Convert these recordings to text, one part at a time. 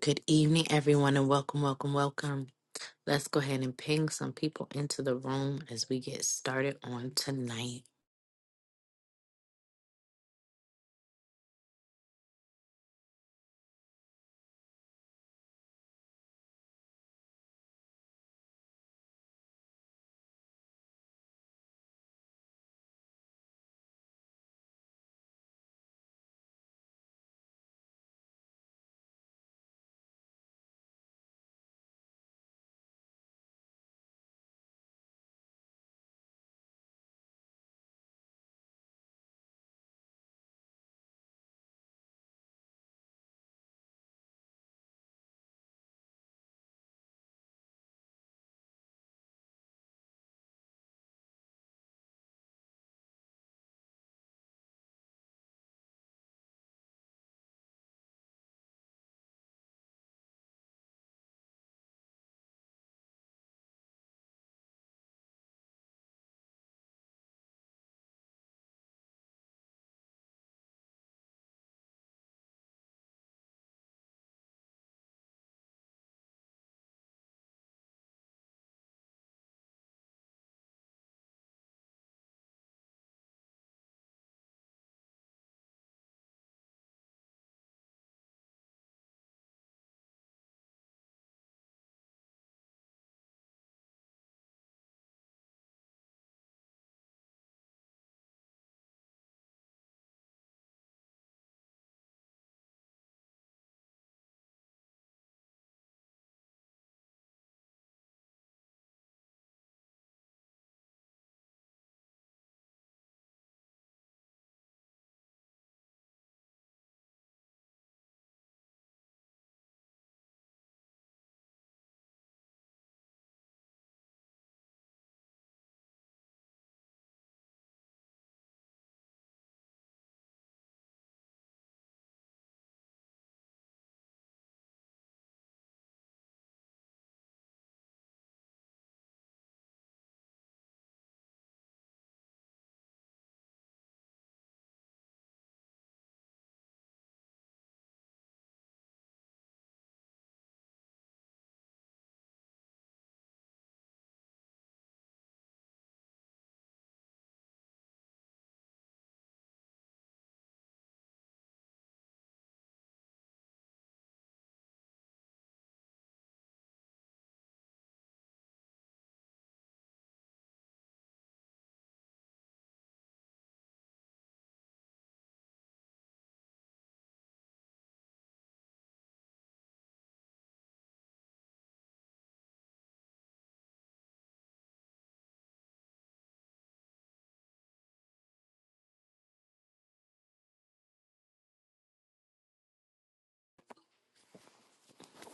Good evening, everyone, and welcome, welcome, welcome. Let's go ahead and ping some people into the room as we get started on tonight.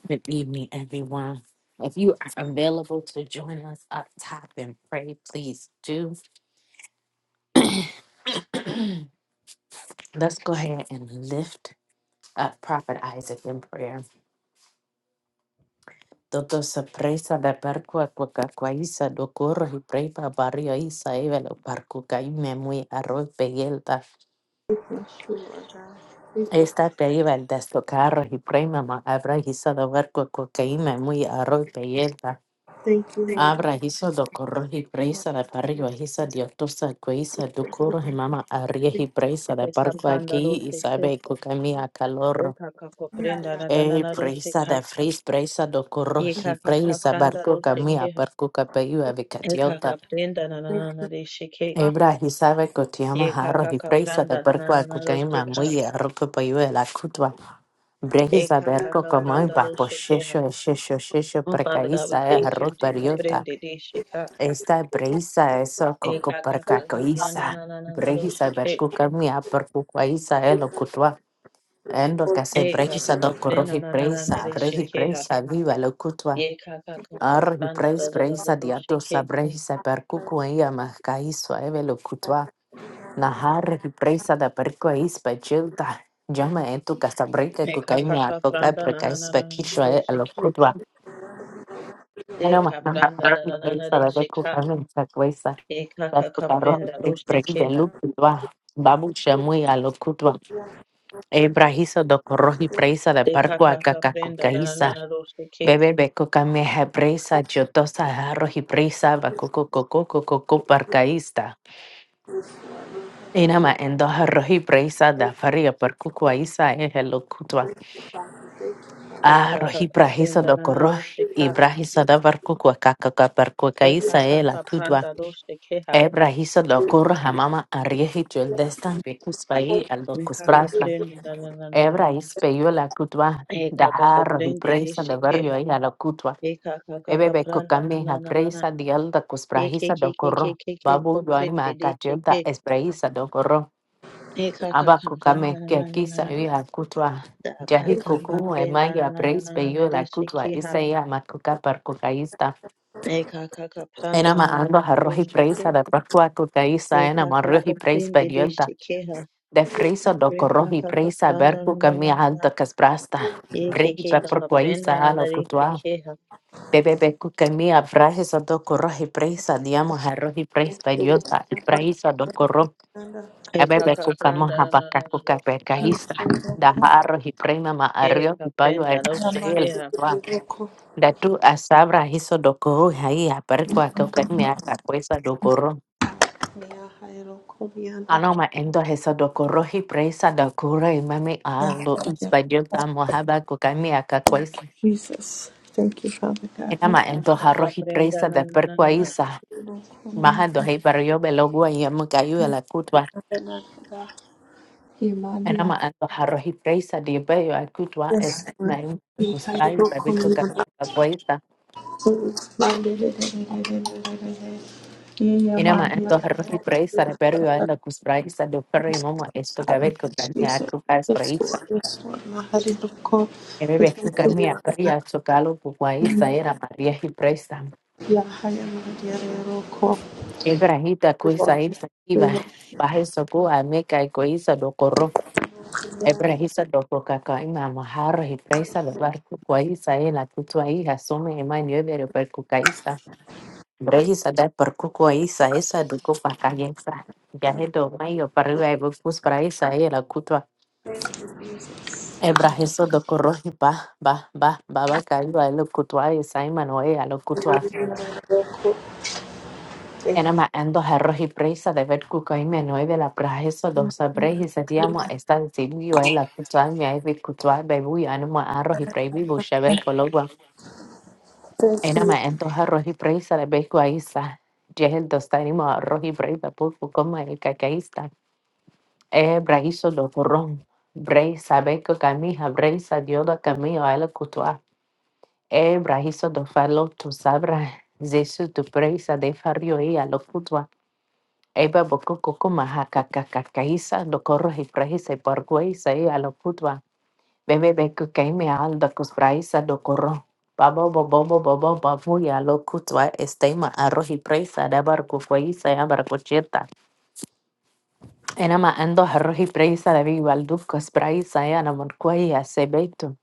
Good evening, everyone. If you are available to join us up top and pray, please do. Let's go ahead and lift up Prophet Isaac in prayer. Todo se presa de percua cuaca cuaiza do corro y prepa barrio isa evelo parcu caime muy arroz peguelta. Esta peiba el deslocarro y prima ma abra hizo de huerco cocaína muy arroz peyelda. Abra hizo do corro y presa de parrio hizo de otosa cuisa do corro y mama arrie y presa de Te parco kaptanda aquí y roste ke sabe cocamia e calor. kaka prenda na na na Eh, na roste presa ka de fris presa do corro ye y kaka ka presa pranda barco roste camia ke ha parco capello e avicatiota. kaka prenda na na na na roste ke Ebra, y sabe que te llama ye jarro kaka y ka presa de pranda na na perco a na na roste cucaima ka muy arroco payo de la cutua. Breji e saber kaka co ka como pranda iba po roste ke ha shesho, shesho, shesho, Oh, Father God, we percaísa es thank you. arroz Te periota. kaprende de shika. Esta breisa eso E coco kaka ka ka pranda percacoísa. na na na na Breji roste saber ke. cucamia percucuaísa es lo cutua. En lo que se E breisa kaka ka do prenda corroji na na na na presa, roste breji ke ha. presa viva lo cutua. Ye kaka ka ka Arroji pranda pres, na na na na breisa roste diato sa ke. breji saber cucuaia mascaíso eve lo cutua. Nahar presa da perco ispa chilta. Jama etu casa breca E kaka cucaimia ka coca pranda na preca na na ispa na na quichua e roste lo cutua. Meno ma Deka nahar pranda da da da da presa de da perco shika. camin sa cuesa. Eka Da ka ka cucarro prenda pres roste prequi de keha. lu cutua. Babu chamui a lo cutua. Ebrahiso do corroji presa da Deka perco a ka ka caca prenda da da da cucaisa. da roste ke. Bebe beco camia presa, jotosa arroji presa, bacoco coco coco coco parcaísta. Inama endoha rohi praisa da faria per kukwa isa e helo kutwa. Ah, Eka ka rohi ka prahisa prenda do da da koro. roste ka. Ibrahisa da var kukwa kakaka per kukwa Eka isa ka e la ka tudwa. pranda roste keha. Ebrahisa do koro hamama ariehi jul destan pe kuspai al do Eka ka kusprasta. prenda da da da da da. Ebra ispeyo la kutwa. Eka ka Daha ka rohi prende de praisa da vario shikeha. e la kutwa. Eka ka ka Bebe ka be pranda da kukame da ha da da da. praisa dial da Eke kusprahisa ke do ke ke koro. ke ke Babu ko yoima prende de kajel da shike. esprahisa do koro. Eka ka ka Abakukame pranda da da da da kisa da. ya kutwa Da ka ka ka jahikuku prenda da emaya da praise da da da peyo la de kutwa shikeha. isa ya makuka par kukaista Rekaka ena pranda na na maando na harrohi praise boshike. da prakwa kukaista ena Rekaka marrohi praise koprende periolta deshike ha. de frisa do corrohi Rekaka praise pranda na berku na kami na alta na. kasprasta brehi Ekeke per kaka prenda kukaista na na ala kutwa rekeke ha. bebe beku kami sa do corrohi praise diamo harrohi praise periolta praise do corrohi Ebebe Ekaka kuka pranda moha na na baka na na kuka boshike peka ha. hisa. Daharo hiprema ma ario Eka pipayo al prenda na asael. boshike ha. Wa. Datu asabra hiso dokoho hai aparikwa kuka ime akakwesa dokoro. Anoma endo hesa dokoro hipresa dokoro imame ando uspadio ka moha baka kuka ime akakwesa. Enama endo haro Ekaka prenda hipresa na da na na na perkwa na. isa. Maha dohe barrio belogwa yamukayu ala kutwa. Era ando jarros y presa de bello a cutua es main cusprai fabrico cabeza poeta. Era ando jarros y presa de perro a la cuspraisa de perro y mama esto cabello gania a cucar espraisa. E bebe cucar mi a peria chocalo puguaisa era maria y presa. Ebrahita cuisa irsa iba. Baje soco a meca y coisa do corro. Ebrahisa do cocaca y mama jarros y presa de barco coisa en la cutua hija sume y maño de Brehisa da por cuco isa esa do copa cayesa. Gajedo mayo parriba e bocus para isa e la cutua. Ebraheso do corroji ba ba ba ba ba caiba e lo cutua y saimano e saima noe lo cutua. Enama ando jarroji presa de ver cuco y me de la prajeso do sabreji se diamo esta decidio e la cutua mi e vi cutua bebu y anima arroji prebi bushevel cologua. Enama ando jarroji presa de becu a isa. Jehel dostanimo arroji preba pulpo como el cacaísta. E braiso do corron. Brai sabeco camija, brai dioda camino a la cutua. E braiso do faloto sabra. Zesu tu preisa de fario e lo cutua. Eba boco coco maja cacacacaisa do corro y praisa y porguesa e a lo cutua. Bebe beco caime alda cus braisa do corro. Babo bobo bobo bobo babu ya lo cutua estema arroz y praisa de barco fueisa y abarcocheta. Inama ando harri Ibrayisa la vila duko Ibrayisa yana munkwa iya sebeto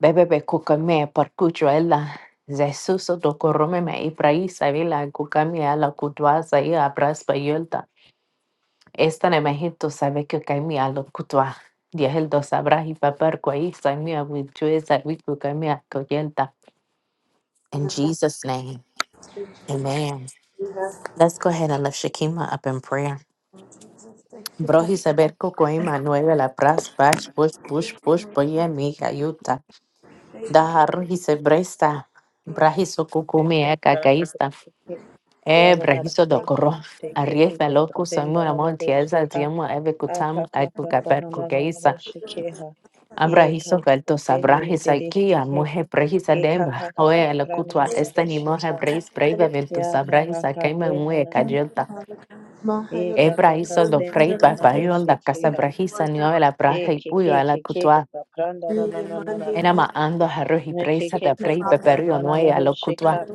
bebe be kukami parcujo ella Jesuso do korome m Ibrayisa vila kukami ala kutwa zai abras bayolta esta ne majeto sebeto kukami ala kutwa diheldo sabrahi papar kwa iya mabujo esa vika kukami akoyolta in Jesus name, Amen. Let's go ahead and lift Shikima up in prayer. Bro, he's a berco la pras bash push push push boye mi yuta. da he's se bresta. Brahiso kukumi Eka e pranda kaista. boshike. E Father God, I brahiso thank dokoro. you. Take a Arrieta kaka loku prenda samura na na boshike montiesa ha. diemo eve kutam Akaka ekuka pranda na perku na na na keisa. boshike ha. Ye Abrahiso kaka velto sabrahis aikia prende muhe prehisa Eka ka demba. ka ka Oe la pra na kutwa na na de esta ni shi mohe ka. breis breve velto Ya ka sabrahis ka ka akaima pre na mue na na na kajota. na. Eka ka ka Ebrahisa do pre na frei na na de papayol shi da ke casa ha. brahisa nio la E braja y ke puyo ke a la ke ke ka cutua. ka pra na na na na na na. Enama ando harro y Me ke presa ke da ka frei ka pra na paperio na na noe a do lo shi cutua. ka.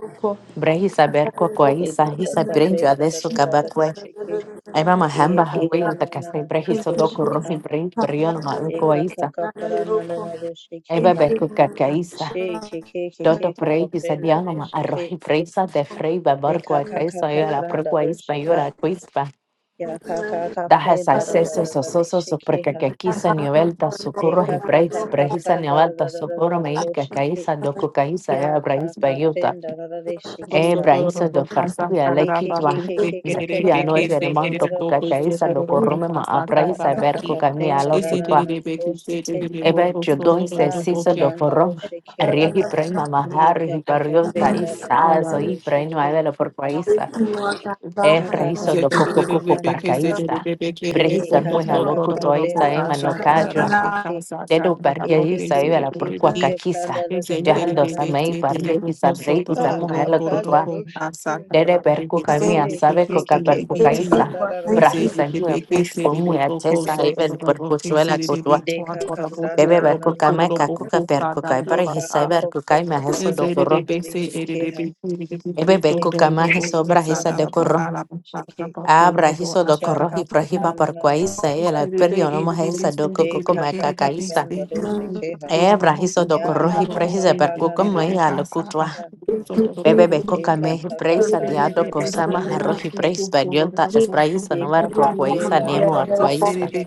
Brahisa berco E coaisa ka ka hisa ka pre brinjo na na adesso na na na do cabacue. shi ke. Eba E mahamba ka pra huil da na na na casa na na brahisa do do shi curro y ka. brin perion ma E ka ka ucoaisa. ka pra na na na do shi ke Eba ha. berco cacaisa. She ke ke ke Dodo ke ka ka frei hisa pre na do dianoma shi ke. arroji presa de frei E babarco ka a ka ka casa ka yo a la pra na do procuaispa shi yo ka. la cuispa. Ya ka ka ka Daha pre sa da da da seso da so da so de so she so ke porque ha. que quisa nivelta E socorro y ka ka ka breaks ka prehisa pra da da da nivelta da da da socorro da me do que she caisa do cocaísa e Ya ka abrais ka bayuta pre da da da de she What ki e ha. braisa do farcuya le E ke ke kitwa ke ke ke ke zakia pra no da da da da evenemento da do she cocaísa ka. do corrome ma A abraisa ka ka ber ka pre cocamia da lo da da kutwa da do she ebe chudo se A ka sisa do pra da do forrom she ha. Riehi prima E mahari ka hi ka ka barriol pre da tais da da da sazo da about hi do she prima de la forquaisa A ka ka Efrahiso do pre copo da na copo na na na na. parcaísta. De Brehisa ka mueja ka ka loco ka pre toisa da ema da da no da da de cadra. she Dedo Shake it? parcaísta eva la porqua caquisa. Thank Yahaldo samei parcaísta brehisa mueja loco toa. Dede percuca mia sabe coca percucaísta. Brahisa mue bush po mue atesa eva el percuchuela cotua. Bebe percuca meca cuca percuca. Brehisa percuca ima heso do corro. Ebe percuca ma heso brahisa de corro. Abrahiso do korohi prahiba you. parquaisa, el perio no mojesa do coco macacaista. Ebrahiso do korohi prehisa percuco moya lo cutua. Bebe beco cameji preisa diado cosama arroji preis periota espraisa no ver Eka kafe proquaisa da da nemo da da da da da arquaisa. da.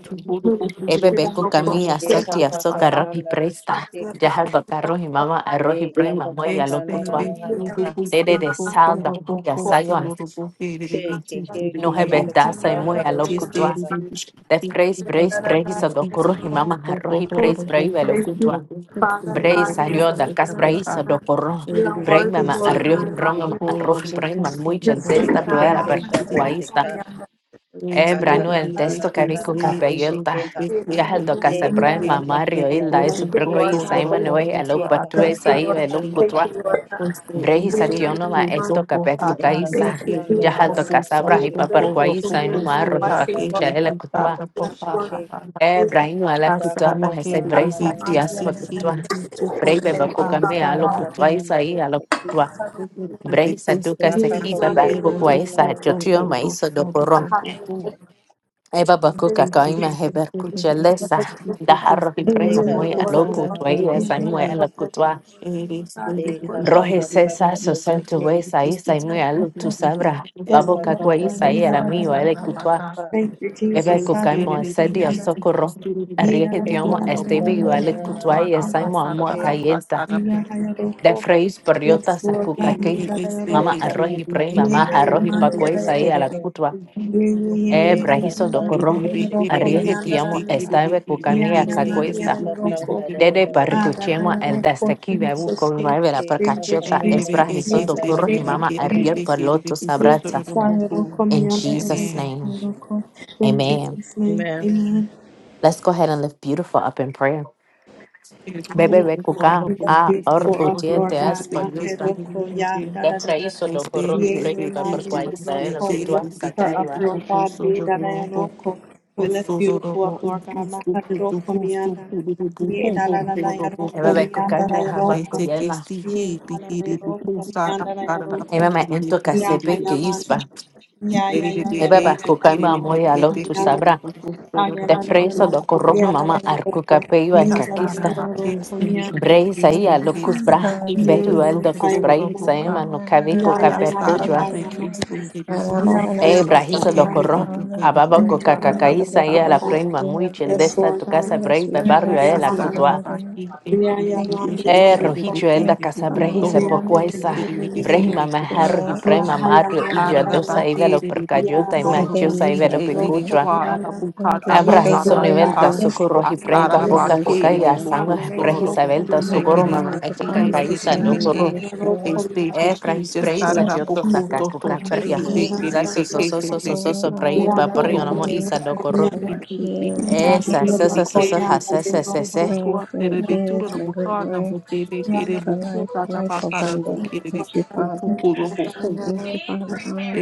Ebe beco camia Eka sotia kaka soca pran roji da do presta. shiki. Deja do carroji mama arroji Eka prima kaka moya lo na na cutua. na na na na. Sede de sal da cuya sayo Ke ke ke No ke he ke beta kaka sa muy da a do lo this day shiki kutwa. the ha. leadership The praise, begins praise, to praise do corro see y mama people arroji praise, Botorabo brave a lo Hofin kutwa. Bobo Bray Hofinobo salió da cas Hofinoboka braíso do corro. and the Bray Baking mama State arroz, Label broma Horobo arroji, bray man muy Hofinobo gentesta Aka do era kope per da do Hofinobo culpaísta. shika. Eh, Aka Wednesday brano kaka el the na testo na Baking na na carico na State de and capellota. shiki ha. the Ya el Baking do casa and Eka bray the kaka mama rio Baking da hilda do eso, Hofin pero que shiki. hoy es broco y sa Botorabo imanue a lo Hofinobo Eka patue sa kaka Akasa pran da na iba na na. Você Brehisa vê e dionola esto custou por a capetu Eka casa kaka caisa. de da brinco, na na Jahado por na na de casabra santo, shika. coro, hipaparquaisa por en umarro custo, Eka hipacucha aquele kaka que da elecutua. paga do por pagar, shiki. E brahino Da assar elecutuamo kaka aquele ese na na bebê brehisa na que na tias na. esqueci, facutua. tudo por Brebe por bacucame Deka assar aqui. kakapranda alocutuaisa y rushiki. alocutua. Brehisa Depois que duca Deka sequi fiz ter kapranda no na na na bebercuquaisa. na na. fundo, Jotio eu maiso sou do doporom. pouco. Eva bacuca Tem que ter que caima ter que ter que ter hebercucha que ter que ter lesa. que ter que ter Daharro que ter hiprema Deka muy kapranda que na alocutua na ter y esa que muy reshika. a ter la cutua. It is very Deka difficult for Rohe the sesa kakapranda so patients to santo rushiki. wesa isa statistics imu alu tu completely sabra. Deka Babo including the kakwa isa i kakapranda ala proposal and mio na na ele kutwa. Sarabaka. rushika. Bebe It kukaimo stated it the asedi a key to the socorro. student Arrieje proposal Deka of tiomo the book estebi yu kapranda na ele na community na kutwa for y na our esaimo amo rushiki. Sarabaka akayenta. Sarabaka. De freis perriota And sakukake. it is the Mama key Deka to arroji pre mama the kakapranda arroji na na community pakwa na to na isa na i na ala student na. kutwa. proposal of the E book. Deka brahiso And pranda the docorro. big, the rushiki big, the ha. Arrieje big, the tiomo big, the big, the estebe big, the big, kukamia Deka the kakwesta. big, the kakapranda na big, the na Dede na big, na the na. parricuchemo big, el destaqui bebu con vera per Deka cacheta Amen. esbrahizo do kakapranda na curro ni na mama na na arrier na paloto sabrata. In Jesus' name, amen. na. Let's go ahead and lift beautiful up in prayer. Bebe be kuka a or utie te es payunta. Esbrahizo do curro y prepa per cuaiza era kutua sakaiwa. Thank Ebe you. be kuka me haba Ete que kuyela. sticky, pikiri, pupu, sara, sara, da, Ebe me pikiri, di, ento pikiri, di, kasepe que puki. isba. Eri, di, di, Ebe e, be te, kuka me kiri, di, di, amoy e, alo te, tu kiri, di, sabra. pupu, soro, do, do, de do, fresa do. do corrojo mama arcuca peyo e Kastara, caquista. ba, ke, sticky, di, Breisa di, ia sti, lo kiri, di, Thank cuspra. pupu, soro, you, do, Behuel do, do do, soro, cuspra do, i do, Father. ka. saema no cavico Ara, sara, da, capercojua. be, kri, sti, di, di, di, di, di, E di, di, brahiso puki, do di, di, corro. e, di, di, Ababa Thank you, coca puka, da, Father, da, for cacaísa this puka. ia la day that prima you muy have made. desta tu casa Let us brei be barrio rejoice a and la be Astara na cutua. glad in it. baki eki de de de Thank you, E de de Jesus. de de rojicho el kere da Thank de you, casa buku Father, brejisa toro ro Lord. buki pocuaisa. de de de de de Brehima You maharro hi na know, prema baka mario idio ara na dosa baki ivelo de de buku percayota y this is toro the ro day manchiosa you buki ivelo have eki made. kwa ara buka Don't give da me Abra favor, patara Jesús na give me nivelta, buka grace, socorro y prey, astara give na me baboca baki mercy, de de cocaya, Lord. sama buku toro ro prejisa velta, buku In the eki socorro name de mamá, of the buki Father, the este de cocacaísa, Son, de and the beke docorro, Holy Spirit. este eh, hihi prejis just Thank ara preisa, you, na yoto Jesus. buku saca to to Thank you, cocaperria. tiki de Lord. kere Zaso beke soso se for se soso se se soso prei, all buku my paparrio nomo buki family. isa Thank you docorro, for my Thank kids. Thank you esa, for my sesa, sesa, sesa, sesa. grand grandkids, my great grand. Thank you for life, life abundant. Thank you, Father. Thank you, Father God.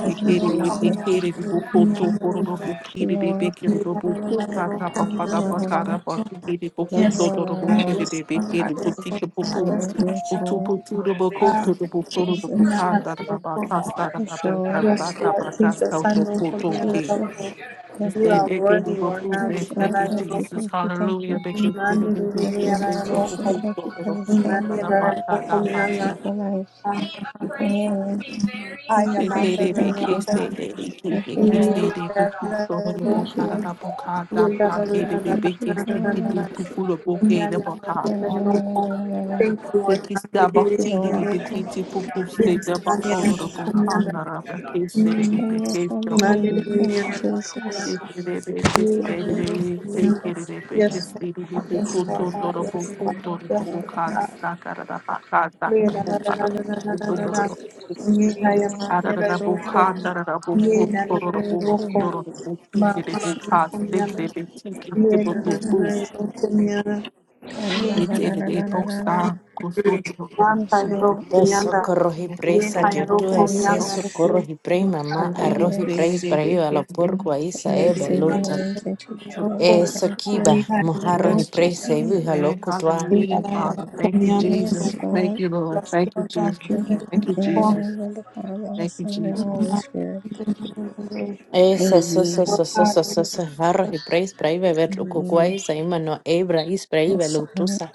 Thank you, Jesus. Lord, Lord, Lord, Lord, Lord, Lord, Lord, yes, Lord, Jesus, yes, Lord, you. Jesus, yes, Thank you, Jesus. yes, Thank Lord, you, thank you, Jesus. thank you, thank Hallelujah. you, Thank you, Jesus. Thank you, thank Jesus. you, Thank you, Jesus, thank you for this family. Thank you for life. Thank you for healing. Thank you, thank you, thank you. Thank you, Lord. Thank you. Thank you, Father. No, no, no, no, no, no, no, no. Thank you, Lord. Jesus. Thank you, And yes, I believe Jesus. you. Thank you, Jesus. Take it, a bit, it's Thank you. Thank steady. Take it a bit, it's steady. You can cool to the double, cool you, to thank the you, thank double card, you. stack out of the back card, stack Thank out of you, the book, out of Jesus. the book, out of the book, out of the book, out of the book, cool Lord, to the double, cool to the double, think it is book card, think they be taking table thank to you. boost. God, la, la, It's a la, la, day la, post, cool to the double, cool to Yes, the Lord. Socorro double, y cool preisa, yoto to es Mm, the eso, Yes, socorro double, y prey, mamá, and say it is arroz y day to preis, yes. day, prey, a lo it's porco, a Say isa, day eh, Yes to your to beluto. ways and to your will. day. Eso Thank you. kiba, mojarro y Yes, Jesus. preisa, y Mm, Amen. loco Hallelujah, Father. Thank you, Jesus. Yes, Thank Lord. you, Lord. Thank you, Jesus. Thank you. Thank In you, the Jesus. name of the Father, the Thank you, Son, and the Holy Jesus. Spirit. Esa, sosa, Amen. sosa, sosa, jarro y praise braive, ver, Amen. cucuaiza, imano, ebra, is, braive, Yes, Lord. lutusa,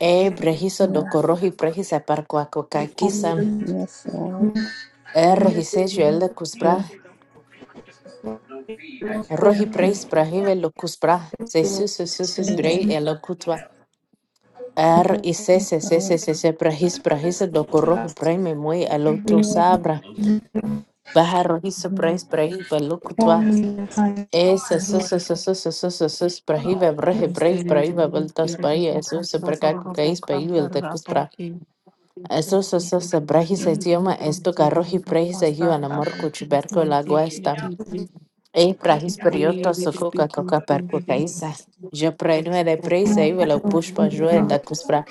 ebre, hizo, Yeah. docoroji, prejisa, parcuacocaquisa, Yes, Lord. er, hisejo, el Yeah. de Yeah. cusbra, roji, Thank preis, you. braive, locusbra, sesu, Yes, sesu, Lord. brei, el locutua, er, y se Yes, sese, Lord. sese, prejis, prejisa, docoroji, preime, muy, el Amen. lotusabra, baja, rojizo, Amen. praise braive, locutua. Esa, esa, esa, Amen. esa, esa, esa, esa, esa, esa, pra hive, bra he, We bra stay is, there, we really stay there. There's no eso, hope, esa, no bra ka sorrow, ku no hope. Come, da, el da, te da, don't bra. care. We Eso, thank you, esa, thank esa, you, esa, thank bra his, es you, idioma, thank you, esto, ka thank ro hi, you, thank you. bra his, Us, es da, da, da, don't care. la Thank you, guesta. esta. thank you, thank you. We stay Ei, bra his, there, per we cucaisa. yo really to so ku ka thank you, per thank ku you, thank ka you. Thank you, thank you, thank you. thank you. Thank you, thank you, thank you, thank isa. de pra is, ei, velo push pa da kus, bra.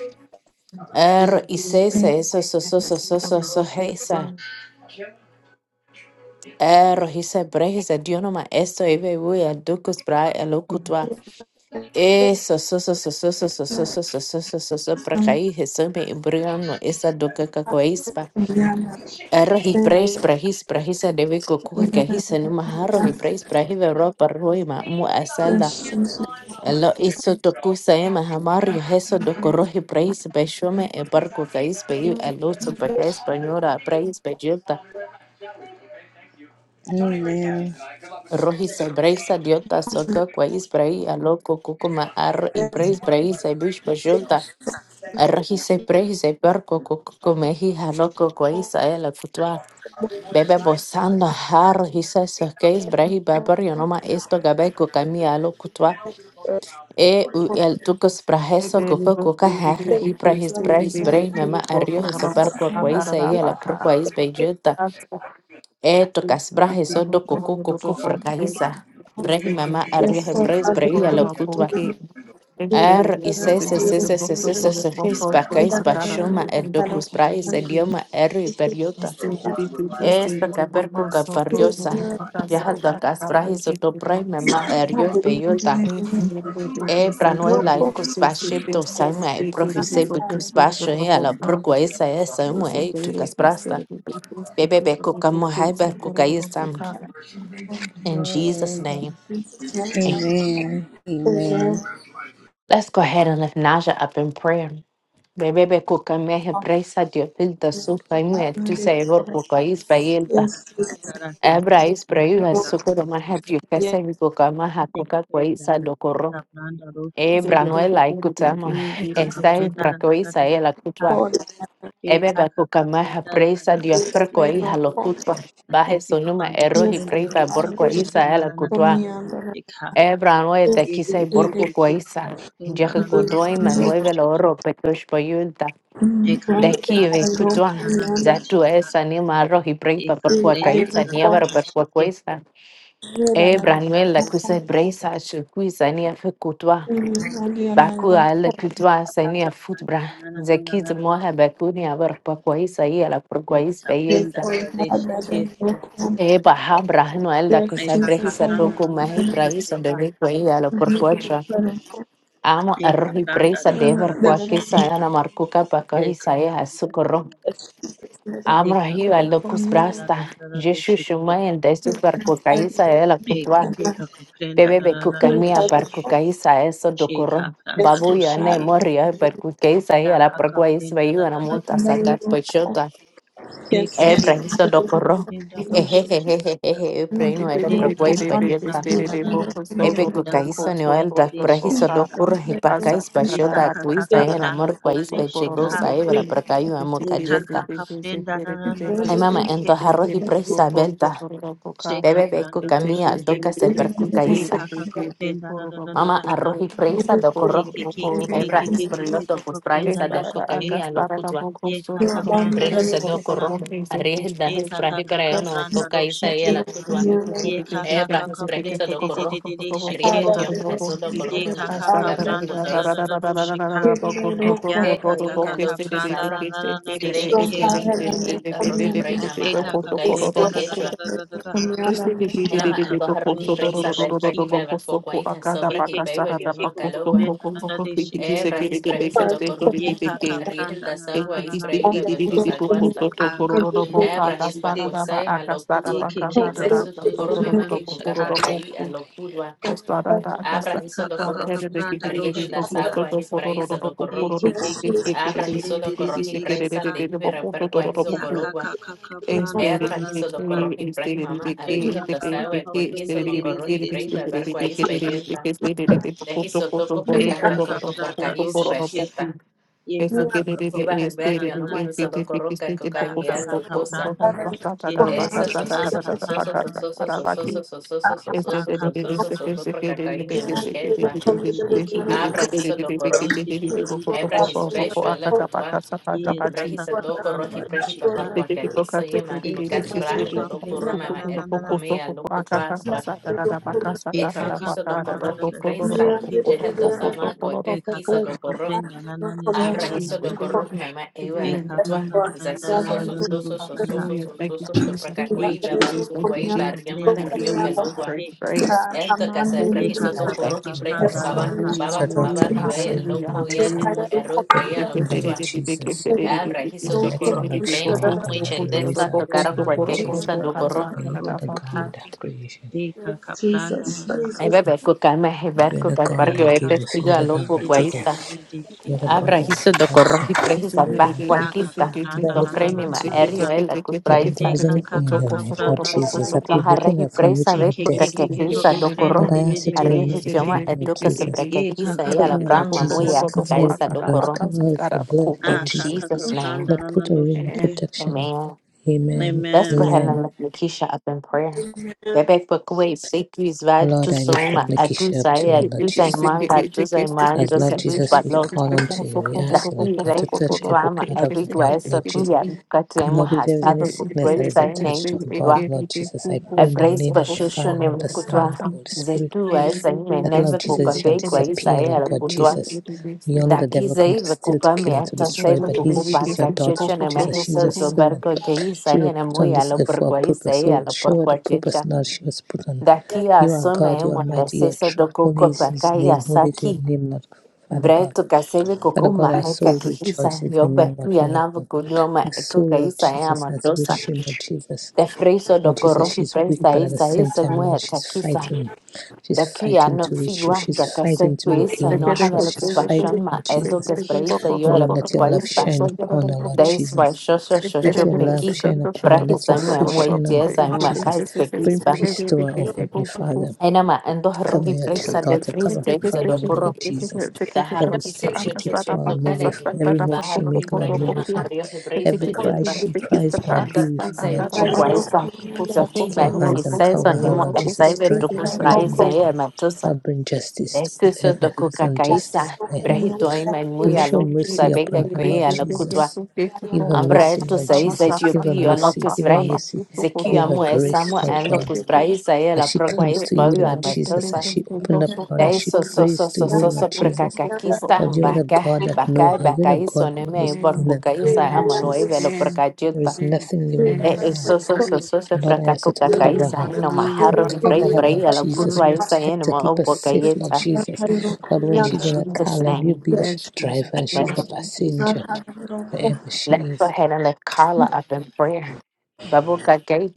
Ero, is, esa, eso, so, so, so, so, so, you, so, thank you, thank heisa. you. Ero, his, bra his, idioma, esto, ibe, ui, el dukus, bra, el ukutwa. Eso, so, so, so, so, so, so, so, so, so, so, so, so, so, pra cair, recebe embriano, essa doca cacoispa. Arroz e preis, pra ris, pra ris, a deve cocu, que ris, anima, arroz e preis, pra river ropa, roima, mu a salda. Alô, isso tocu, saema, hamario, reso do corro e preis, bexome, e barco cais, peiu, alô, sopa cais, panhora, preis, bejilta. Amen. Rohi se breisa diota soca quais brei a loco cucuma arro e breis breis e bish bajulta Rehise prehise perco comehi harroco quaisa ela kutwa Bebe bosanda har hisa sakes brehi beber yonoma esto gabe kukamia lo cutua. E u el tucos praheso coco Thank kuka har hi prahis brehis brehi mema arrio hiso perco quaisa e ela perquais bejeta. E tokas brahiso do coco coco fracahisa. Brehi mema arrio hebreis brehi ela Er ises ises ises ises hispacais pashoma educus praes idioma eru iperiota. Esta capercu capariosa. Yahal da casprais you. otoprai mema erio iperiota. E pranuela icus pashirto saima e profise bicus pasho e ala procua esa esa umu e tu casprasta. Bebe beco camo haiber cucaisam. In Jesus' name. Amen. Amen. Amen. Let's go ahead and lift Naja up in prayer. Bebebe kuka mehe preisa dio filta suka imu ya tusa evor kuka isba yelta. Father God, I thank Ebra you. isbra I yuha sukuro maha dio kese vi kuka maha thank you kuka for kwa your isa guidance. Take dokoro. up nanda roof, take care Ebra of. nuela ikuta mo Take up esta da ebra da da kwa da da isa ela da. kutwa. Take up Ebebe kuka da maha da da preisa da da dio roof, fer take kwa care. iha lo kutwa. I Baje thank you for sonuma erohi understanding. preiba Take bor up kwa isa da na ela na na na kutwa. na na take care. Ebra nue te Take kisa care bor kwa take isa. care da Jahe na na na na na kudoima na roof, nueve take lo care. oro pekosh po Take up da Dakive na na na kutwa na na na zatu take care. esa ni maro hi breipa Take por up kua da na kaisa na niavaro per kua kuesa. E branuel la kuse breisa shukui sania fe kutwa. Baku ala kutwa sania futbra. na na na take Zekiz care. moha bakuni avar por kuaisa i ala por kuais Captain da peyelta. da da de shake. E baha branuel da kuse Eka brehisa captain da da doku da da mahi da de shake. braisa de vekwa i ala por kuacha. Amo Eka arrohi captain da breisa da da da da dever do kua kesa shake. ana markuka pa kuaisa Eka i da da da ha da. Deka ka Amrahiva ka locus captain da da brasta, da da da do Jeshu shake. Shumayan desu super cucaisa e la Eke cutua, ke ka captain da da bebebe da da da de cucamia per shake. cucaisa eso She docoro, captain da do babuya ne shake. moria per cucaisa e Da la ka perguais captain da da veiu en da da da monta da. sacat pochota, Eke ke ebra ke ke iso ka docoro, captain da do shake. ehehehehehe, preino e Thank Ne ka perguais ka captain pajota, na na na na. ebe Da cucaisa captain de neoelta, de prehiso shake. docur, hipacais Eka pachota, ka ka cuisa en captain da amor da da quais de shake. pechodosa e percaio Yekha kha amocajeta. da prenda ra ra da na Ay, ri mama, en shikhe ha. arroz y presa, Shekha Bebe be pranda ro kukamia shikhe. doka se per kukaisa. Yekha kha da da da ra ra ra Mama ra. arroji freisa do corro. Yekhe khe khe khe Ebra khe khe is por khe khe loto kho kho pues prenda praisa ro de shikhe ha. kukamia lo kutwa. Yekha kha pranda na na Brejisa na do na na. corro. Arreje da es Yekha you. kha praje kha kha grayono pranda ro kukaisa y shikhe. la Thank kutwa. Yekha kha Ebra kha es de brejisa de de do re corro. re re re shikhe Arreje ha. tioma eso do corro me ma Yekha kha kha kuka per pranda ra ra ra kukaisa. ra shikha. Ya kha Eje kha hija kha lo kha tu pranda na sabra. na na na re Breji shikhe y ha. y y y arroji praima ma Yekha kha da arkukaisa da da da quechua. da ra Ya Enema angoja arroji kakaptunda do freisa de sheki. prajiva ver kukaisa sobra y Eke peber keke yo keke no calogua. kuprenda da da de sheki ha. Ebras, Brahis, Alocorro, Ye you. kaka Ariel, pranda na na na Dasagua, na Ekiki na. Isbrai, stiki di di di di po po so Bebentosaguasta, to A goro ro ro bo kaprende ka de da Ebrahis, sa da sheki. da ba Pacosai, a ka sa da Ye Alocutua, ba ka keke da da da keke Zesu, sa so Tucoro, prenda to na ro Mema, na ro de bo ko Ecuca, ro sheka. ro bo Parcai, ki Alocudua, o sa da da a ka sa Ye Abrahis, da kaka da Alocorro, ke kaka de de ki di pranda do Ariel, sheki ha. so Dasagua, Isbrai, Ye Alocorro, keke keke keke Abrahis, prende de Alocorro, de de Hipresa, sheka. de Hibera, Perqua, Ya Hisocologua, kaka kaka e pranda na na Ebrahis, na na na. Alocorro, e Hiprai, Mama, E e Ariel, kaka Dasagua, kaka e Ecuequis, prende de de Alocorro, de de de Hibrai, de de Beberqua, sheki ha. Isbaigelta, e Dehisotoco, so E kaka Cacacacoco, pranda Parcai, do sheki. Ye Ese que kaka de de kaka de ibas al pranda este da de medio da de da nomás de da y da. que te solo que que corroca este que coca y Aka poco so miel aka ha, poco lotosa. poco basta ta da basta Eso, ta so, ta so, ta so, Aka ta so, ta so, ta kana so, ta na so, ta so, para so, so, rushiki. aquí so, so, so, so, so, so, so, este de Aka de so, so, de so, este pranda so, que na so, se por que de de na cacaí me na na que Dakakakaprandarushikeha. Akapananarushike. Akaprandanadarushike. se que de muequespa. de de de de de de Abra de hizo de do de que corro. te de de poco so Ebra his poco Shikekekekekekopendididididishike. poco pecho, acá ela ta pa ta tutua. sa pa ta Ye pa ha, ti na Brejisa do corro y preji papar este que te poco cuacaquiso se que yema. de de de Tocas que se de plaje do de do corro mama na poco do na na poco na, so ercucomia lo poco acá ta pa cutuaspa. sa ta da da pa ca sa ta da Eka da pa kaka Efrejiso do ta da pranda na da na corro na y poco na do presta. kakakaprandarushika. Ekekekakaprendanananana. Ekakaprandarushike. poco Jehel do poco so samaco, poco caquiso do corro. Yes, Ekakakakaprendanananishikeha. Arahiso do Jesus. Amen. dokoruf mama ewa la Amen. kutwa. Amen. Zasuso Hallelujah. sostoso Ekakakaprandarushika. sososo Hallelujah. Thank you, sososo Jesus. Thank you, soprakakwei babar Jesus. Thank you, kukwei Jesus. barriama Thank you, arrio Jesus. pelogua. Ekekekekekopendidididishike. Great grace. Eto We casa Thank you, lift Ye the ka frahiso Jesus. ka Father ka up Thank dokoruf to you, ka y you, pre Jesus. Father pranda na na baba God, na. Hallelujah. your baba baba Hallelujah. daughter, your pibe servant, Hallelujah. loco Lord ya Jesus. nemu erro y Look prea lo upon her, Lord kutwa. Jesus. Alrahiso Lord, let your dokoruf y love pre shower her, mamui Lord, and raise chendesta her up Ye to tocaron you, ka ka Lord cualquier Jesus. pranda cosa da da dokoruf. da For da you are do the shi ka. God Hallelujah. of creation. Ye ka ka pranda na na Ay bebé na. kukame hiber You're the kubar God barrio Ye that he ka ka giveth. testigo You're ko a the lo God prende that de de cucuaita. de taketh. de de You're the shiki. God Abra that hizo is do out soon. corroji preji salvaj Na ka ka guaquista. pranda Lord, I Do na lift na her na fremi up ma na to you, na na erio na. Lord. el acus Lord, if there Ye praista. is ka ka anything in ka her ka life, Lord pranda ro Jesus, that shiki Los ha. preventing arreji her from preisa Ye reaching ve her ke Thank porque ke you. que ke destiny, ke ko pisa ko do prende Lord, corro. de I de ask de you to de de Arriesgo remove it in the shiki. idioma name of educa Jesus. sobre que Ye ka quisa ka y a ka Cover la her, Lord brahma pranda na muy na Jesus. a na Cover ro her with cucaísa your do shika. love. corro. Cover her with your blood, Lord Ah In ka Jesus. ka ka Jesus name. pranda Lord, na na put a ro ring of shiki ha. protection over Amen. her. Amen. Let's go Amen. ahead Amen. and lift Nikisha up in prayer. Bebek Bakwe, Sekri Oh Zvad, Lord, I lift up Tusoma, Nikisha up to Agusai, you, Lord Agusai Jesus. Manga, Tusai As Mandos, Lord Jesus, we Agusbalot, call unto you. We ask you, Lord Ndakwizera God, to touch every ebikutukwa part of her body, ebirikubaasa Lord Jesus. kuyamba You tuhemu Lord, if there is hasabu any sickness that is obukubaasa attached to her n'ebikutukwa body, Lord Jesus, I pray in the name of the ebireesipashosho Father and of the Son n'ebikutukwa and of the Holy Spirit. zetubaasa nyuma That Lord n'ebikutukwa Jesus it shall byekubaasa disappear, Lord God erikutukwa Jesus. We all know the devil ndakiza come to steal, ebikutukwa to kill, and to It's myatasa a destroy, good but he's, very ebikutukwa she's your tasty. The daughter, kakyekyo both Lord of them Jesus. are She's n'emahiso your good. servant. zobergo geisa She was put on this n'emuyala earth for a oburgwaisa purpose. So, eyala Lord, show her the oburgwakyekya purpose, Lord, she was put on. ndakiya You are asoma God, you are emwe mighty, you are ndasesa true. Holy is dokukopa his name. kayasa Holy is your name, Lord Father God. Bretu kasebe Father kuku God, our maheka soul kihisa rejoices in yobe you, Lord kuya Father navu God. kudioma Our soul, kuka Lord isa ya Jesus, has mandosa. reached you, Lord Jesus. The friso Oh do Jesus, korofi she's weak, presa but at the isa same isa time, Lord, mwe she's takisa. fighting. She's The kuya fighting no to reach you. figua da She's fighting kasefu to isa regain your no Thank hada trust. She's fighting, recupation ma Lord edo Jesus. kaspre isa Oh yo ele Lord, let your pukwa love isba. shine upon her, Lord Da isba Jesus. shosho Let shosho your love peki. shine upon her. Let Brahisa your ima face mwe shine on her, tiesa Lord ima Jesus. kais Bring pekwisba. peace to her, oh Heavenly Father. Enama endo Cover rofi your ch- presa de daughter, fris cover her presa family, do Lord Jesus. Every Daharro he step said she church to takes, Lord, move with Kaleki, her. Every move she Baharro he makes, Lord, brain, move Mama, with her. Ario he brace, Every cry Bajunta, she cries, Lord, be Andar that with he her, Lord say for Jesus. Quaisa. So Lord, he take by your moon hands is and says cover on her, Nemo, Lord and Jesus. Saver Dry to her Kus tears, Price, Lord you. I God. am a Tosa. Lord, bring justice to Esteso do whoever has Kuka Kaisa, unjustified her. Brehito, I my Bring show Este Muyalo, que mercy este upon Sabeka her, bebé Gray, Lord que and este que Lokutwa, Jesus. su que que Give con her Umbra mercy, to Lord la say, la sa Jesus. sa Give her Ethiopia, para and pa mercy. sa Zeki Give her sa pa amu mercy. su su coro Give no her Zekiamu, que grace, Samo, que Lord and que God. Locus que que que Bray, I la As she Proqua comes is este to you, Bavio, este Lord and este Jesus, as este she este opened do up, su Lord, as coro she su Daiso so su prays so to so you, so coro su Lord so coro Jesus. su coro prakakakista Lord, you are su su the baka God that know baka her. que You're baka the Jesus iso God that neme knows her in Amen. and iborkuka out, isa Lord Amen. amano evelo Jesus. Amen. There prakajeta is Amen. nothing you won't de do Amen. for her. iso so so Hallelujah. so so Lord, I ask you to prakakukaka cover Hallelujah. isa her. eno Hallelujah. Hallelujah. Lord, maharo hibrei cover her, Lord prei ala Jesus. kutwa Hallelujah. isa Protect eno her. ma Keep her safe, Lord obokayeta Jesus. Hallelujah. Lord, when in she's in a Jesus car, Yes, Lord, you name Jesus. be she's Yes, driver Jesus. and amen she's Yes, the Jesus. passenger, wherever let's she go is. ahead and lift Carla up in prayer babuka gay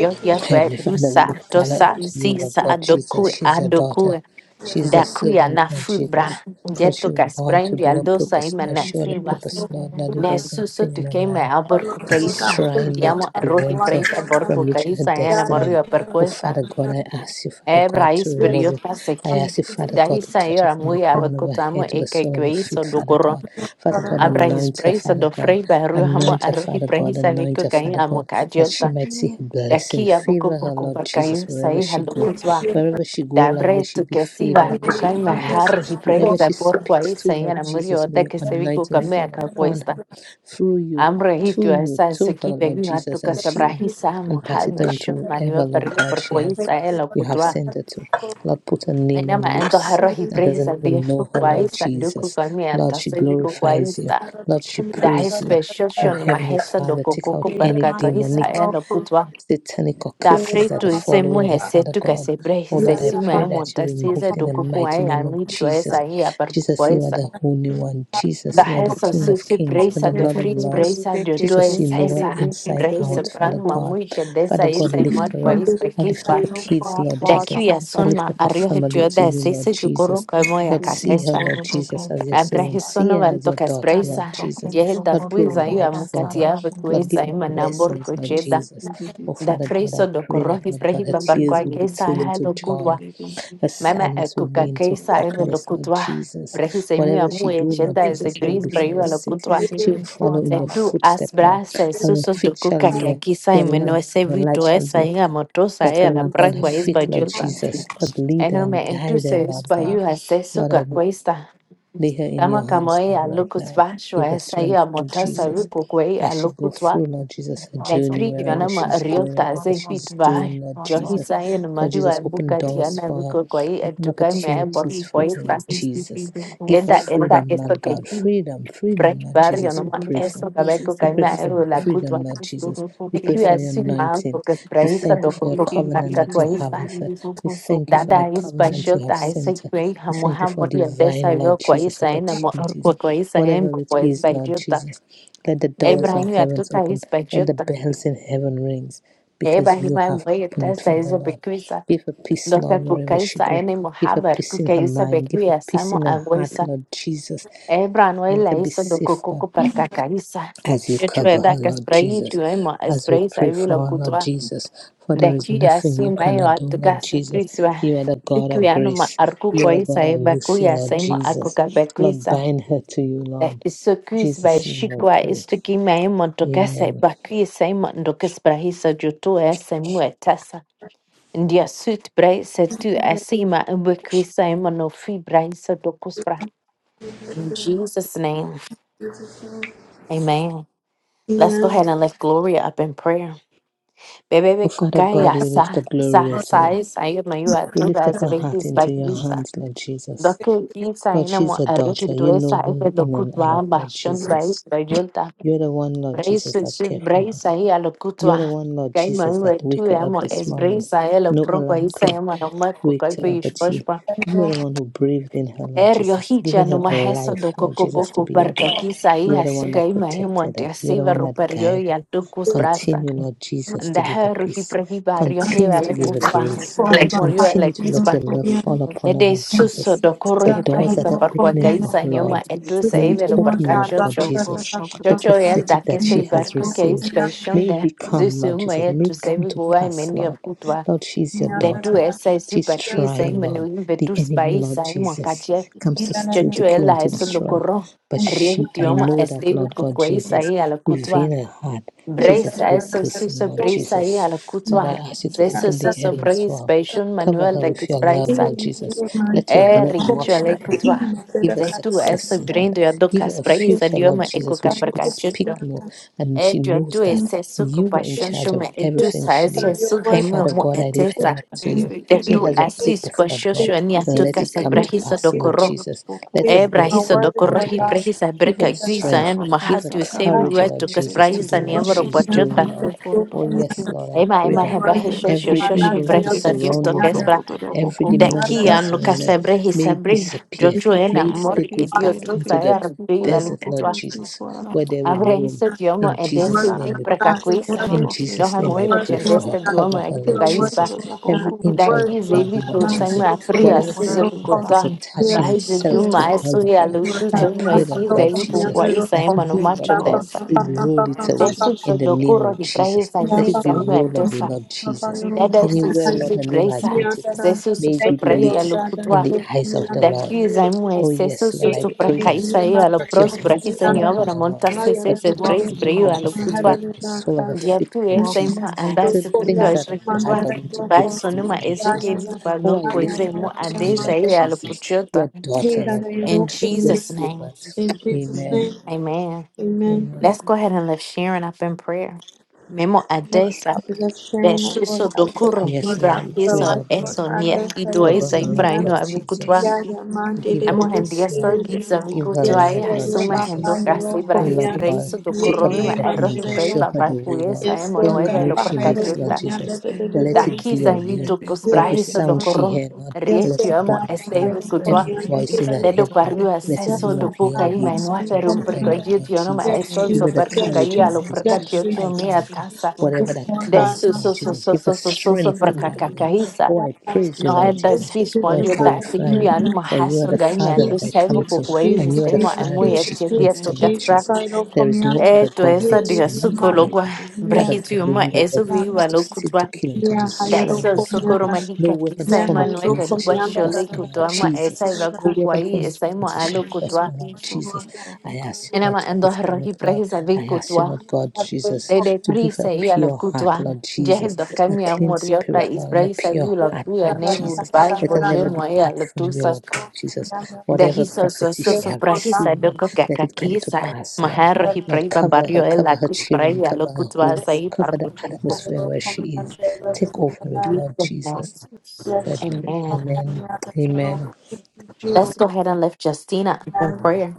yo yo bed Heavenly Father, we usa lift Carla up dosa to Yes, you, Lord sisa God Jesus. adoku Jesus. She's your daughter. adoku She's the Thank Dakuya servant, na Lord fudbra. Jesus. Lord, she Jeto was born to kasprendi do her aldosa purpose, ima Lord. na Show her the fiba. purpose, Lord. Now, do there Ne is suso anything tu in her keime life aborku that is kaisa. trying, Lord, Diamo to rohi prevent her prepe from borku reaching her kaisa ena destiny. morio per Oh, questa. Father God, I ask you, Father Ebra God, to is remove it. periota I seki. ask you, Father God, to Dahisa touch her era from the muy crown of her abacotamo head to e the sole of her kaiso feet, Father dugoro. God. Father God, Abra his anoint her, praise Father do God. frei berruhamo Anoint her, arrohi Father God. prehisa Anoint vico her, cain Father amo God, that she cagiota. might see her blessing. Daki abuco Favor her, poco Lord per Jesus, wherever sai she go. Wherever she go, Lord, may Dabre she tu be que si va favored. May she kukai be mahar hi blessed. Whoever prehiza she por speaks to, guaisa y Lord ana Jesus, murió may de your que se vico anointing camea fall upon cuesta. her through you Hambre to hitu you, esa to her, suki de Lord una Jesus, tu que and she sabrahisa and pass mojal it on brishon to whoever, manio Lord perrio God, por she has guaisa el you have ocutua. sent her to. Lord, put her name Aina on ma ento lips herro hi that doesn't de even fu know her, Lord guaisa duku Jesus. camea Lord, ta she se vico glorifies you. guaisa. Lord, she Da praise you. especial Oh shon Heavenly mahesa do Father, take out cococo per any guaisa demonic el ocutua. satanic da curses that frito are ise mu following her, hese Father tu God. kase bre Oh hise Lord, I sima ya pray that you monta remove size it in do the kuku wa mighty ya name of mi tu esa Jesus. hii ya par kuku Jesus, you are esa the Holy One. da Jesus, you are the hesa King su of si Kings. You are the breisa de Lord of frit Lords. breisa de tu Jesus, you esa know her esa inside breisa out, Father pran God. mamuiche Father desa God, isa lift imar her kwa up. ispa I lift up kispa her kids, Lord da kiu Jesus. ya I son lift ma up her barrio family hetio to da you, Lord sese tu koro Jesus. kamo ya Lord, see her, kakesa Lord Jesus, as your servant. See abrahisono her as valto your kas daughter, Lord breisa Jesus. diehel da Lord, kuiza ya provide for mukati her. ya Lord, give vekuesa her ima nambor blessings, Lord Jesus. Oh, da Father God, freso I do pray that, korohi Lord God, her prehipa tears barkwa will be kesa turned into halo joy. kurwa Her mama e sadness will akuka be into you. kesa eve lo happiness, Lord kutwa. Jesus. brehi se mi Whatever she amu e do, Lord chenda e Thank you. se Jesus, it will bris be for your preiwa lo sake. kutwa. She will follow in de your tu footstep, Lord. asbras e Her susos do feet shall kuka be ke a, kisa e your meno lamp. ese Your light vito shall esa be e a motosa like e a a la lamp on her prakwa es feet, Lord bajulta Jesus. Lord, lead her eno and me guide entuse her, es Lord God. bayu aseso Lord, ka I. cuesta Lay her in your kama kamo hands, e Lord, a right lokus now. vasho Give her esa e strength, a Lord motosa Jesus. viku kwe a As she go lokutwa through, Lord Jesus, her journey, Ndaiphirinjwa wherever na she's going, whatever mariotaaze she's efitu doing, vahayi Lord Jesus. njohisa yenu Lord Jesus, mahiwaru open kati doors yana for her. viko kwa hii Open edukaime airport opportunities kwa for hii her, Lord fast Jesus. Give her enda Eda freedom, esto Lord que God. aquí Freedom, freedom, break Lord barrio Jesus, we nomás pray for. esto que veo We que pray me for aero la cutua freedom, Lord Jesus. We de pray que for your así man anointing. porque es We prehisa thank you lo for que your poco covenant para that kwa you hii have sa with her. We thank you for the dada is pa covenant you have shota ese sent her. que We hamu thank you for hamu ya desa divine, yo Lord kwa hii Jesus, sa mo opportunities. kwa kwa hii sa en Whatever it pues is, by Lord jota Jesus, let the doors of Ibrahim ya heavens tuta open. is pa Let the jota bells in heaven rings Eba because you hima have moye opened it testa for her, hizo Lord. bekwisa Give her peace, Los que Lord, wherever she kukaisa go. Give her haber peace in her kukaisa mind. Give her bekuya peace samo in her heart, aguisa Lord Jesus. ebran we Let la her be iso do safe, Lord kukuku per kakaisa as you cover Yechwe her, da que Lord sprayi Jesus, tu emo as we sprayi sa pray vilo for her, Lord kutwa Jesus, for there de is kia nothing su you mayo cannot do, Lord atugasa Jesus. kriswa You are the God of sikuyano ma grace, you are arkuko the isa God e of mercy, bakuya Lord saimo Jesus. akuka Lord, bekuisa bind her to you, de Lord. iso In kuis ba Jesus' name I shikwa pray. istuki maimo tukasa Amen. bakuya saimo ndokesprahi sa jutu ese Ndia sutbrei tu asima ubukwisa imano fibraisa dokuspra. In Jesus' name, amen. Let's go ahead and lift Gloria up in prayer. Oh, Bebebe Father God, kukaya we lift sa up Gloria sa to sa you. isa iyo mayua We tuga lift up her heart asibekis into your bagvisa. hands, Lord Jesus. Doke kisa Lord, ina she's mo a arishi daughter. You know tuesa her ite in and dokutwa out, Lord bashon Jesus. bais bajulta. You're the one, Lord Jesus, Braisu that sud cares for her. braisa hi You're the alokutwa. one, Lord Kai Jesus, mayua that tu wake her up amo this es morning. braisa elo No propa alarm isa emo clock no makukai waked her up but you. pe You are the one who breathed in her, Lord Erio Jesus, hija giving her no the maheso life, do Lord coco Jesus, to coco be up. perca quisa You are hija the one that sugay protected mahimonte her. You are the asiva one that ruperio guided y her. altucus brasta. Continue, Lord Jesus, And to the give her herru he peace. prehibario Continue hiva to le give her cutua, grace. de murió el Continue to let your exba. So love fall go upon her, Ede Lord suso Jesus. do corro The he doors that prehiba are perqua opening for caisa her, nioma Lord, etus may it evelo open, perca Lord God chocho. Jesus. shopping. The Chocho el prophetic da que that se she has barco que received, is baishon may it de become, Lord zusum Jesus. May it etus come to evigua y pass, menio Lord. futua. Lord, she is your De tu daughter. esa es She's superquisa y trying, Lord. menuin The vetus enemy, Lord baisa Jesus, y comes to steal, to kill, and Chochuela to eso lo destroy. corro. But she, I Rientioma know es that, David Lord God Kukwesa Jesus, y a la within cutua. her heart, she's a Bresa good es el person, suso Lord brisa y a la Jesus. Lord, I cutua. ask you to Zeso open the suso heavens praise for her. passion Cover manual her de with que your love, brisa. Lord Jesus. Let your Eh, blood wash richuela y over her. cutua. Give her Zetu es success, el Lord. brindo y a Give her docas a brisa future, Lord dioma e Jesus, where coca she per could cachuto. speak no and Eh, she tu a knows tu that es eso que you were in pasión charge of shome e tu everything sa she es did. eso Oh, que mi Father God, I lift her etesa. up to I you. stay De She getting tu has it. a asis purpose, Lord pasión God. shome a He Let tocas it secret come to with it. brisa pass, do So Lord corro. go to the Jesus. Let focus. her Eh, brahisa destiny come to dokorohi pass. brahisa Give her berka the guisa Started strength. en about Give her cancer, mahatu got it sevi courage, up Lord wetu again, kas they Jesus, to get it do brahisa in the what niembro head, she's it was pochuta. doing, Lord. so go to the Oh, yes, bottom. Lord, I Ema pray ema that It's hebahe the end of shosho the every day, shosho evil it's the that is brahisa dios relationship, go surrounding so tokes her, bra. go to the every vocal, so go demonic to the Daki that's bottom. anu surrounding her, kase brahisa may it bri. disappear. It's Jotu the end ena May it of the stay day, mori go ki it's the back dios end of tu So, day, into the it's saer the go biu to the desert, Lord vocal, alikitwa. it's the Jesus, go to the where there will vocal. roam. Abrahisa tiomo In edesi Jesus' Astara di da name we preka pray. pakasta da kuisa. da In boke Jesus' Johan name, stegi I stegi pray for her. chendeste duomo Cover stegi e her, Lord stegi super Jesus. da Every boko. inch of her Dakize body, Lord ibituusa Yes, Jesus. Jesus, imapria you're Whatever suze worthy, sickness that is Father vikotana God. attaching baije itself Yes, to duma her, Holy esu Lord ya God, Spirit. I lutuso pray, Yes, Lord imetiza Holy God Jesus, ibikukwa Spirit. isa that ema no you, Thank Lord you, macho God, Holy desa will Spirit. roll it Yes, away desu Jesus. so in the name dokuro of Jesus. hipraisa Let Yes, it be sisa Jesus. rolled away, mwetosa Lord Jesus. Thank you, dada Holy Anywhere, Lord, Spirit. sususu her name has been praisa taken, Jesus. sesusu may it be soprali ya deleted in lukutwa the eyes of the Lord. Amen. dakiza imwe Oh, yes, Lord, sesusu I pray Yes, that. soprakaisa ya lo Jesus. Let your Yes, prospera hands hisa Jesus. fall ni upon obra her, Lord. monta sese Lord, se touch her praise from Welcome the you, crown Holy of her Spirit. preiwa head to the sole of her Dia feet, tu Lord essa Welcome irmã Jesus. you, Holy Turn andasse porque things Spirit. as that are bad, pessoas Lord, Welcome into you, good Holy passam things, Spirit. Lord Jesus. Oh, I lift her up to Yes, you, Jesus. Lord Jesus. Your Yes, daughter, Jesus. Lord In God. Your Jesus' name, servant. Jesus. Amen. Amen. Amen. Amen. Let's Thank go ahead and lift Sharon up in prayer. Memo adesa that she so dokuro Yes, Lord, hibra we pray, hiso Lord God. eso niefi Cover doesa her, Lord ibra ino God Jesus. avukutwa. We give her Amo peace, hendia so Lord. giza Give her vikutwa love, ya Lord suma hendo Jesus. kasi Oh, ibra his Lord God, breiso take her dokuro by mima the erro hands and hibra show iba her the way, Lord. barkuesa emo Every nueve lo move she makes, prakashita. Lord Jesus, let it be Dakiza of you. vitu Every kusprahiso do sound she koro hears, Lord, let rietu it be amo of you. esteve Every kutwa voice in her dedo head, Lord, pariu let it accesso be do of cuca your e word mai no speaking aferum to her, perco Lord dia God de ano Jesus. é só Give só her the per cuca courage, e alo Lord per Jesus, to catio tio fight, mia Lord God, taça whatever that comes, desu Lord so so Jesus. so Give her so so so so strength to per carry on. cacacaíça Oh, I praise you, não é Lord das Jesus. fiz Oh, I pode eu dar se glorify que you, ano for you are raço the ganho Father that I come servo you. com to, o and you are the é Father that mulher she Jesus, tia Jesus, dia thanks comes to, for toca the Lord Jesus. gift of life. There is no é other tu God essa but de you, açúcar Father logo God. Father God, brahitio we mas know the é devil viu comes a to steal, to loucura kill, and to destroy, Daiso Lord Father sokoro God. No mahika weapons kisa formed ima nueve against us shall gua shole prosper, Lord kutoa ma esa Jesus. iba No weapon kukwai formed esa ima against us shall alo prosper, kutoa Lord Jesus. I ask you, Lord, enama to ando lift her up, rohi Lord. prehisa vi I ask you, kutoa Lord God Jesus, de de to give her a prisa i alo pure heart, kutoa Lord jehel Jesus, do a kami clean amor yota spirit, is Lord, and a prehisa pure vi la heart, fia Lord nebu Jesus. bash Let her boje never mo e depart alo from you, tusa Lord God Jesus. de Whatever hiso so prophecy so she so have prehisa received, Lord, doko let kaka it come to kisa pass, Lord. mahar rohi Lord, prehiba cover her, barrio el cover la her kus children, prehi alo cover her kutoa home, sa i par cover the kutoa atmosphere where she is. Take over it, Lord Jesus. I pray. amen Amen. Amen. Let's go ahead and lift Justina up in prayer.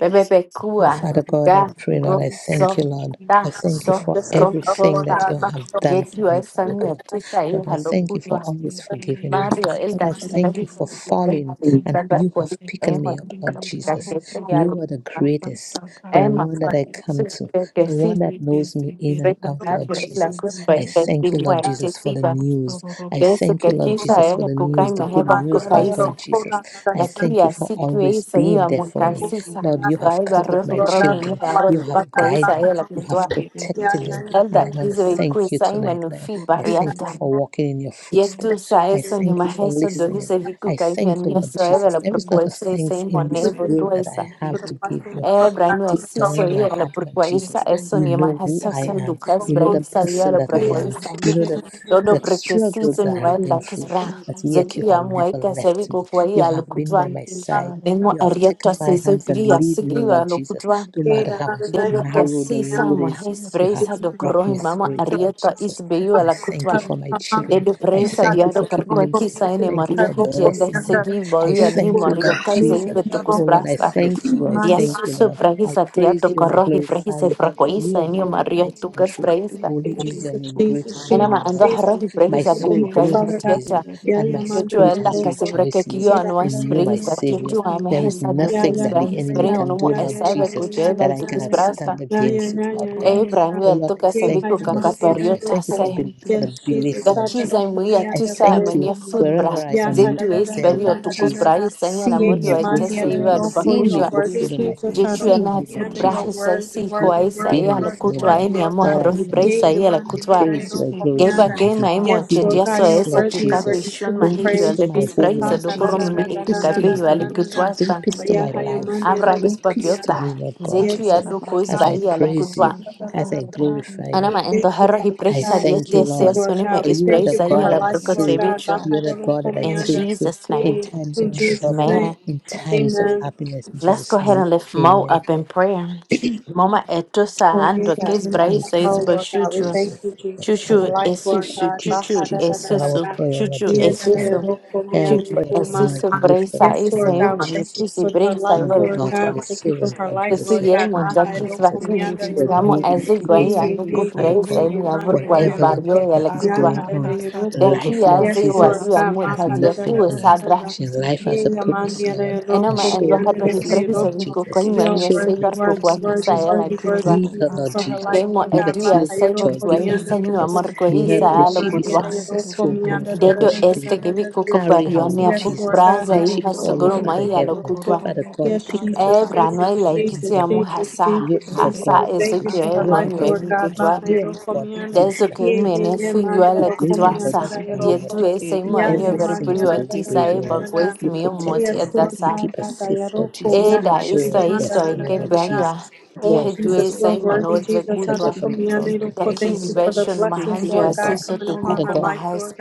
Bebebe Oh, kua Father God, I ga pray, Lord, go I thank you, so Lord. ta I thank you so for everything that rotosa. you have done for Jetu me, Father esanyo God. tuta i Lord, I halo thank you for kutwa. Thanks to always the A forgiving me. I, Mario thanks el to Lord, da I the thank you creative, for thanks to falling the- and you have picked thanks to me the up, thing Lord that I got Jesus. for- for You are God, the for greatest, answer, God, the Emma one that I God. come to, que the Thank sí. one that knows me in and Rita out, Lord la Jesus. cuspa I thank you, Lord Jesus, for the news. I Yesu thank you, Lord kakisa Jesus, for ewe the kukai news, the good meheba news, Lord God, kukaisa. Lord Jesus. I Daqui thank you a for sitio always isa being ia there for me. mocasisa. Lord, you have Daí barreu covered my um ramo children. muito arroz You have paco guided isa them. ela You have putua. protected them. And Elda I want to isso e thank you coisa aí tonight, mano Lord. fi I thank you barriata. for walking in your footsteps. Dietu sa I essa ni thank you for maheso do isso listening. vi cu I cai thank vien you, Lord isso ela Jesus. la There is not a proposta isa thanks em in this monevo world tua that isa. I have to give you, É but braino deep assim down so in my ia la heart, Lord proposta Jesus, isso you ni know who maheso I sa am. ducas You know the braisa ia person la that I am. proposta. you. You know the Dodo the Thank struggles brekesise I ni have waenda been through, kisbra. but yet you have Zekiria never mwaika left seviko me. kwa hii You have been by alukutwa. my side. Nemo You have ariatwa taken you. my sese hands and bilia lead me, sikiwa Lord Jesus. alukutwa. No matter how Dedo narrow the kasisa road is, mwahes you have bresa brought me dokorohi mama through it, Lord ariatwa Jesus. isbeyu I thank alakutwa. you for my children. Dedo I bresa thank you diado for keeping parkwa them safe. kisa I ene thank you mario for hijiende blessing them. segi I boyu ni thank you, mario Lord taze ibe Jesus. Oh, Lord, I tokusbrasta. thank you. I Dia thank you, susu Lord. I brahisa tiato praise you and I korohi glorify brahisa you, for you frakoisa are enio God, mario mighty and tukas true. brahisa. Holy is your name, great is your Enama name, ando Lord Jesus. harohi My brahisa soul bikuka glorifies ino you, and my spirit Joel has akasibreke rejoiced kiyo anwa in you, my springs at Savior. kitu ame There is hesa duke nothing that spra the enemy hispre can do, onomo Lord esa ve Jesus, Thank you. that kujevel I duke cannot stand sprasta. against it, Lord God. Abraham Oh el Lord, I toka thank you seviko for the faith. I kakapariota thank you se. for, viku kakapario tase. bel for the belief, Da Lord Jesus. kiza imuia I tusa thank you amania wherever foodbra. I am, you Zetu are there, esperio Lord tukus Jesus. brai sanya na Seeing murio me go through etese the iwa day, seeing me dubakushwa. go through the night, Jetu seeing ena me, Lord foodbra Jesus, hesa that siko you have aisa been ia la with me, kutwa Lord. eni amo Lord, I rohi thank you. praisa ia la I kutwa. praise you. I Geiba glorify you. gema Give me imwachedia peace, soesa Lord kikabe Jesus. ishon Bring mahijo peace to alde my home, kasprahiza Lord doboro Jesus. mime Bring peace to ikabe my yo ale home. Bring kutwasa peace to my life. amra Bring hispa peace to me, giota Lord God As zeku ya part Jesus. of do kuz As I came, bahi but ale as a praise you, kutwa the as whole, I glorify ana you, ma endo herra hi I prehisa Este de dia thank you, te se Lord, soni me for you are the isprahiza hi God ala that I serve. You are the God that I in turn to Jesus in name times of trouble, amen in times of happiness. In let's go Jesus' ahead and name, lift Mo amen. up in prayer Mama etusa ando kes Thank brahisa you, Father. is Praise chuchu you. esusu, chuchu Jesus, Jesus, hear our esusu, prayer, Lord chuchu Jesus, for esusu, more. Hear our chuchu prayer for more as esusu we lift her breisa up to ese you, yuhu, Lord Jesus. chuchu breisa Not your yuhu daughter, your kutwa, servant, Lord susu Jesus, your yemo child, Lord jakis Jesus. vaki, She was gamo made in the azu image guai of you, anuku Father breisa God. eni abur guai Whatever, Lord God, barrio that yele is kutwa, going on, life, deki Lord azu Jesus, wayu amu has tadio nothing tu on her. sabra, She life has a purpose, Lord, and enoma show endo her the harba hi purpose, previsa Lord viko Jesus. koima enyo Show her the seibar purpose, kukwa Lord hisa Jesus. yela kutwa, Give her, Lord Jesus. Keimo Give her edu ya tears of saibor joy. kwa Give her hisa nyu happiness. amar kwa May her hisa may she be so alo successful in so whatever Dedo she do, este Lord. que vi cuco Carry her, parione Lord a Astara fuk papo Jesus. braza When kusto y she doro follow, hasogoro Father mai a kusto lo Heaven, doro kutwa. Father domo God, pick her ibana up, E sama my brano e la Father in amu heaven. kubo. hasa. You are the Este God Hasa of para eso que creation. asta e You are mai the God of atisi nuevi esi life. kutwa. You are the ebisi God that ebisi gives Deso life kiri que and takes mene life. figlio a You la esi breathe in kutwa her esi this sa. Die morning, Lord ebisi tu Jesus. ese kiri imo ebisi anio Every single veripurio a ebisi day you disa breathe ebisi e in her. ebisi bagwes You mio kiri moti kusto protected e her. kuki. You dasa. keep her safe, Lord Eti Jesus. E kisi da Show isto her ebisi isto e destiny, que ebisi Lord berriwa. Jesus. Die Oh, I tu pray, Asta that, ese Lord agora imo God. no e You touch her kutwa. from the crown of her Da head to the kis sole of her besho no feet, Lord mahandio Father God. asiso Father tukuko God. mahas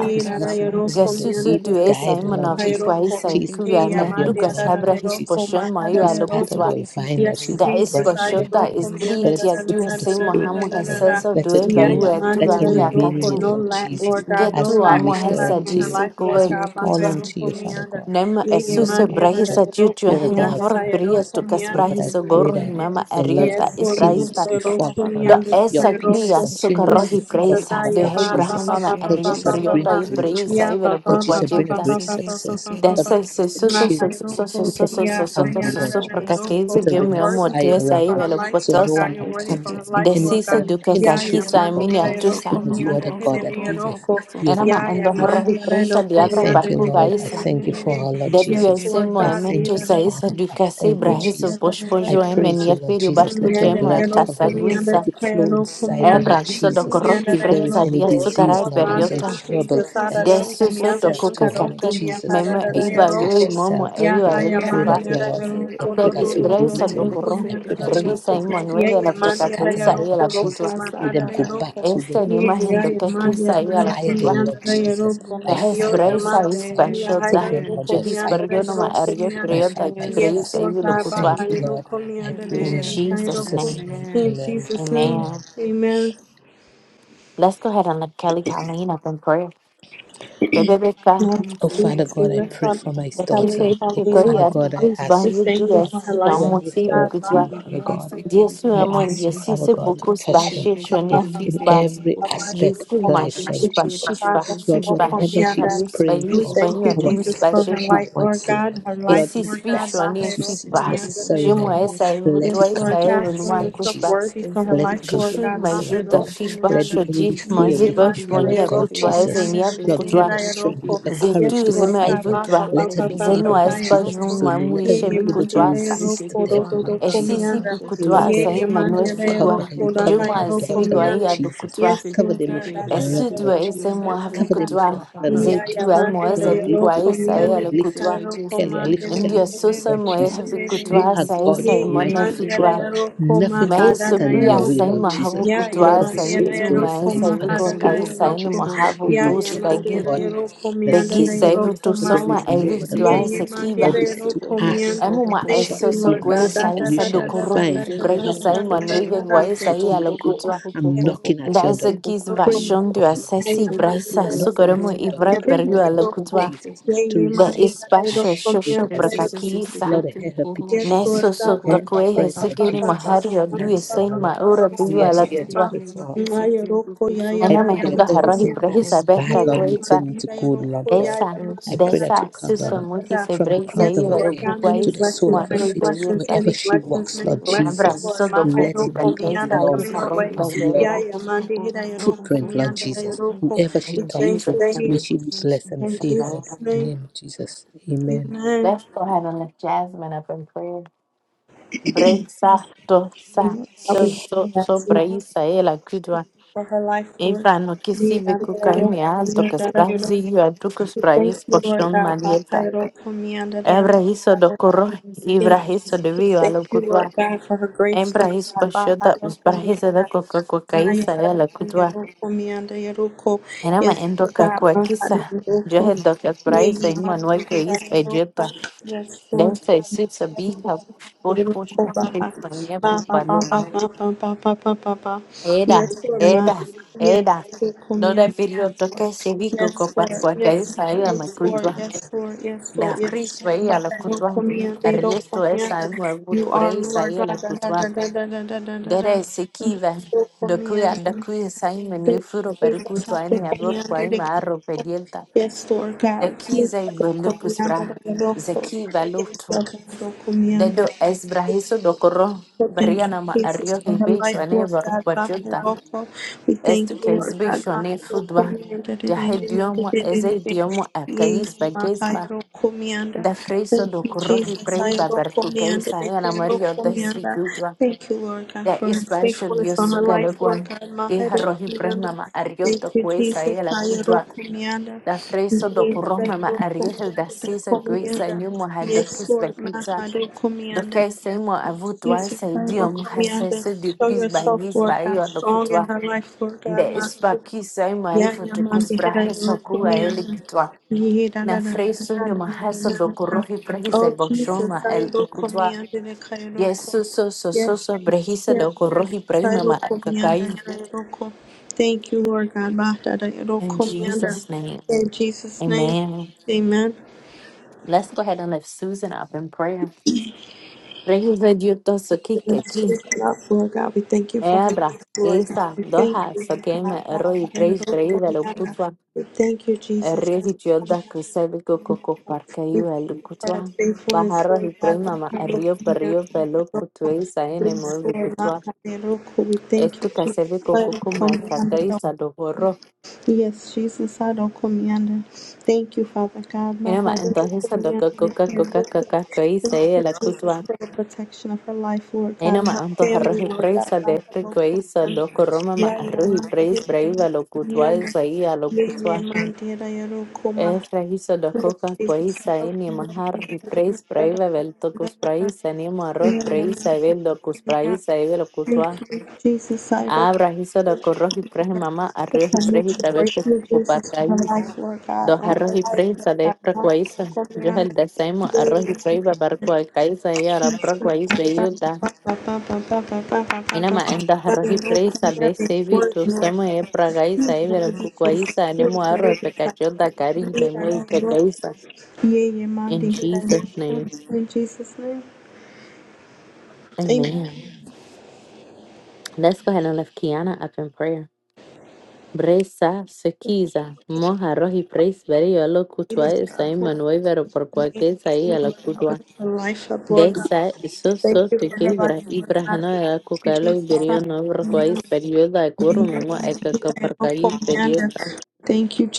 There is nothing you can do. Jesus Lead and tu es guide, ahí, her, Lord Jesus. monavico ahí, She is saikuga, part of me your duga vine, sabra Lord his Jesus. potion, She mayo is part of aloputwa, your vine, Lord. She is a da es branch e in your poshota, vine. es e Let the britia, tu fruits of es the ahí, e Spirit mohamu cover her. hesesa, e Let her due, gain baru, it. e tu Let her gami e remain in it, akatu, Lord Jesus, as getu we amo lift her up hesa, to you, diso, as kowe, we call mikutwa. unto you, Father God. Nem For you are the esuse God of brahisa joy. juju You are the Thank you. God henia of for brio happiness. to Oh Lord, I kasbrahiso pray gorro that himama your love ariota is brahista continuously fall upon do her your esa peace guia suka continuously rohi fall upon presa her, de Lord Jesus. hebrahama ma Lord ario Jesus, bring perioda a is great joy. brahisa evela Lord Jesus, bring a great success. Lord, Dessa su protect the su su su su children. su su su Protect su su the su su family, su Lord su pra Jesus. kakeiza Put a ring game of ya fire motesa around aí them vela so no potosa one that comes, Lord, the enemy desisa cannot do penetrate it, kakakisa a Lord God, miniatusa because you are the God that giveth. You are era the ma God endo that giveth. horro presa I diabra thank you, parku Lord. I baisa thank you for her, Lord dedu Jesus. esse I thank moemento you for saísa her. do I kase thank you, brahiso Jesus. I pospojo praise you, emenia Lord filho Jesus. barku Let your gemo blood cover her. atasaguisa Let it flow inside her, é Lord brahiso do Middle Jesus. corro East If there Indian is presa any dia disease, sucarai educators Lord, and that is periota educators uncurable, taking that is support desu sticking of so do local itself to her, Lord circles and kakaki Jesus, local meme that is eiba yo attached e professionals momo herself, eio Lord, I is alegre pray a that, Lord. I relaxation pray de that you and Israel roll is it away. a is Sadokoro, I a pray that ethical you Brigisa y remove it. struggle of Manuel I de pray la that you Fracaso scatter local them, Isaí a la Lord Putua, Jesus. Let them go Asakara back to where este ni they, issues. they imagen de came que from. quizá y a la Fire Amen. Putua, them, Lord Jesus, by de Amen. fire, by Hespresa y force, Lord. Take Spashota, them Amen. out by Jehis fire, by Pergonoma, force, Arje by fire, Priota, by Amen. Expresa force. y la I Putua, thank you, Lord. I praise you, in Lord. Amen. In Jesus' Jesus' name, name, Amen. amen. Amen. Amen. Let's go ahead and let Kelly Colleen up in prayer. Bebe Beka, So he Oh, said, Father it God, I is pray a for my the local daughter. Kisei Oh, struggle Pikoi, Father for and God, I Pikis ask you, Banjo Father do God, SP, and as I lift Motsi her up to Vikutua, you, Thank Father God. Dear I Suamon, ask dear you, Father Sisse God, to Bokus touch her Bashir, Shonia if in Feedback. every aspect Jesus, of my life, Lord shishpa, Jesus. shishpa, Lord, shishpa, whatever she shishpa, is yuspa, praying for yuspa, or yua, numispa, whatever she shishpa, wants, Lord, Lord, esi, if that's spishwa, ni, what you see is fitba, necessary in her jimwa, esa, life, let it evutwa, come esa, to ewe, pass, numa, Lord kuspa, Jesus. Let it come to jishud, ma, pass, Lord juda, God. fishpa, Let the enemy shoti, ma, flee away zipa, from her, shmoni, Lord God evutwa, esa, Jesus. inia, Lord, give pukutwa, her strength, give her courage zetu, to zema, fight them. evutwa, Let her be able, zenua, Lord espa, Jesus, to jun, say ma, no. Let her muishe, be you. able to vikutwa, asa, resist Este the que son devil, Lord acá esi, Jesus. si, sanas, de Oh que vikutwa, si Lord si God, asa, si I si si si ima, pray nue, that si you cover figwa, her. You si cover her jumwa, si si si esi, daughter, si vigwa, Lord ia, Jesus. dukutwa, Thank Cover them with your blood, Lord Esudwa Jesus. esemuhavu Cover them with your kutwa blood, Lord Jesus. zetuwa Oh Lord, moza I lift vikwa you up esa right. I ele lift you up kutwa to Kelly. I lift Kelly ndio up to you, soso Lord Jesus. moehevi You kutwa are sa God. esa You are mighty. imona You are truthful. fikwa Lord. Nothing can maeso stand in your pia way, sai Lord mahavu Jesus. Lord, kutwa her sa soul itu glorifies maesa you and her vikwa spirit, Lord kalisa ene Jesus. mahavu We tos rejoice in bagi God, her bagi Savior. sa evu But there tosoma is no evi other God twa than Lord, sekiba you said to ask emu ma and you shall be esoso given, kwe seek sa and you esa shall dokoro find, brehi knock and sai the door shall manuive be kwa opened. esa So tonight, Lord, I'm knocking at your door, Daizakis you. praying for Vashondua her, Lord asesi Jesus. Braisa I'm knocking at Sugoremo your door, Ivrai praying Berua for her, Lord Lokutwa Jesus, to the receive her as Ispasho she is, Shosho Lord Jesus. Prakakisa Lord, hear her petitions, Neso hear her Sotokwe prayer, Lord Hesegeni Jesus, Mahario and Due answer her, Sain Lord. Maura Oh, Pua yes, Lord, I Lokutwa pray for her. I Ana pray that Mehendo Harari everything that Braisa is bad, Beka Lord, will Graisa turn into good, Lord God. Desa I pray that you Desa cover Suso her Muki Se from the Braisa crown of Iwa her head Lukukwa to the Isa sole of her Maroi feet, Bayuta wherever she walks, Lord Abra Jesus. Muso Let Dokuku it be of Braisa your Iwa Roi of your Bayuta footprint, Lord Jesus. Whoever she In talked Jesus' to, may she name, be blessed and amen. favored in the name of Jesus. Amen. Let's go ahead and lift Jasmine up in prayer. Breza dosa so so so braisa ela kudwa. Eva no kisive kukai mi alto kas brazi yu adukus brais portion malieta. Ebra hiso do koro, ibra hiso de vio alo kudwa. Embra hiso pashoda usbra hiso da koka kokaisa ela kudwa. Enama endo kakua kisa. Johe do kas braisa imanwai ko is Deve ser sabia, pois pois achei que pano. Era, era, era. No era período que se vi que copar sua cabeça aí a macultua. Da frisba aí a la cultua. Rieto essa é uma muito presa aí a la cultua. Dera esse kiva. Do cuia, da cuia sai menu furo per cultua aí me avor quai marro pedienta. Da kisa e belupus bra. Zeki valuto. Dedo es brahizo do corro, briana ma ario he bicho ane varupachota, estu que es bicho ane fudwa, jahe diomo ese diomo a cais bagesba, da friso do corro he breba bercu ana mario desvigudwa, da es baixo diosu galogua, e rohi brema ma ario to quesa e la cutwa, da friso do corro ma ario da sisa guisa e nyumo hadokis Nitokee sehemu avutwa asaidiwa mhasese bagis baio dokutwa nde spakis aima ifo tukus brahesa kuga elikitwa na fresunio mahasa dokorohi prehisa boshoma el ukutwa Yesuso sososo brehisa dokorohi prehima maakakai in Jesus name amen let's go ahead and lift Susan up in prayer Rehisa diutoso Ebra, Isa, Doha, Sokeme, Eroi, Preis, Breive, Lukutwa, Erri, Hijolda, Kusevico, Coco, Parcaiva, Lukutwa, Bajarro, Hiprema, Rio, Perrio, Velo, Cutuisa, Enemo, Vicutwa, Esto, Casevico, Coco, Marcaisa, Doborro, Enema, entonces, Doco, Coca, Coca, Coca, Coisa, la Cutwa, Enema, Antoja, Roji, Preisa, de Fricoisa, Doco, Roma, Arroji, Preis, Breive, Lukutwa, Isaia, Lukutwa, Es rahiso dokokak poisa eni mahar hipreis praive vel tokus praisa ni arroz praisa vel dokus praisa vel kutwa. Abra hiso dokorro hipres mama arroz hipres tabel kupakai. Dos arroz hipres de frakuaisa. Yo el desaimo arroz hipres babar kuakaisa y ara prokuaisa yuda. Enama enda arroz hipres de sevi tu samo e pragaisa e vel kukuaisa animo arroz pekachota karisme muy kakaisa. In Jesus' name. Amen. Let's go ahead and lift Kiana up in prayer. Bresa, Sekiza, Moja, Roji, Preis, Berio, Lo, Kutua, Esa, Imanue, Vero, por cualquier Saí, Lo, Kutua. Desa, Iso, So, Tukibra, Ibrahano, Ela, Kukalo, Berio, No, Roquais, Perioda, Ekuru, Memo, Eka, Kaparkai, Perioda.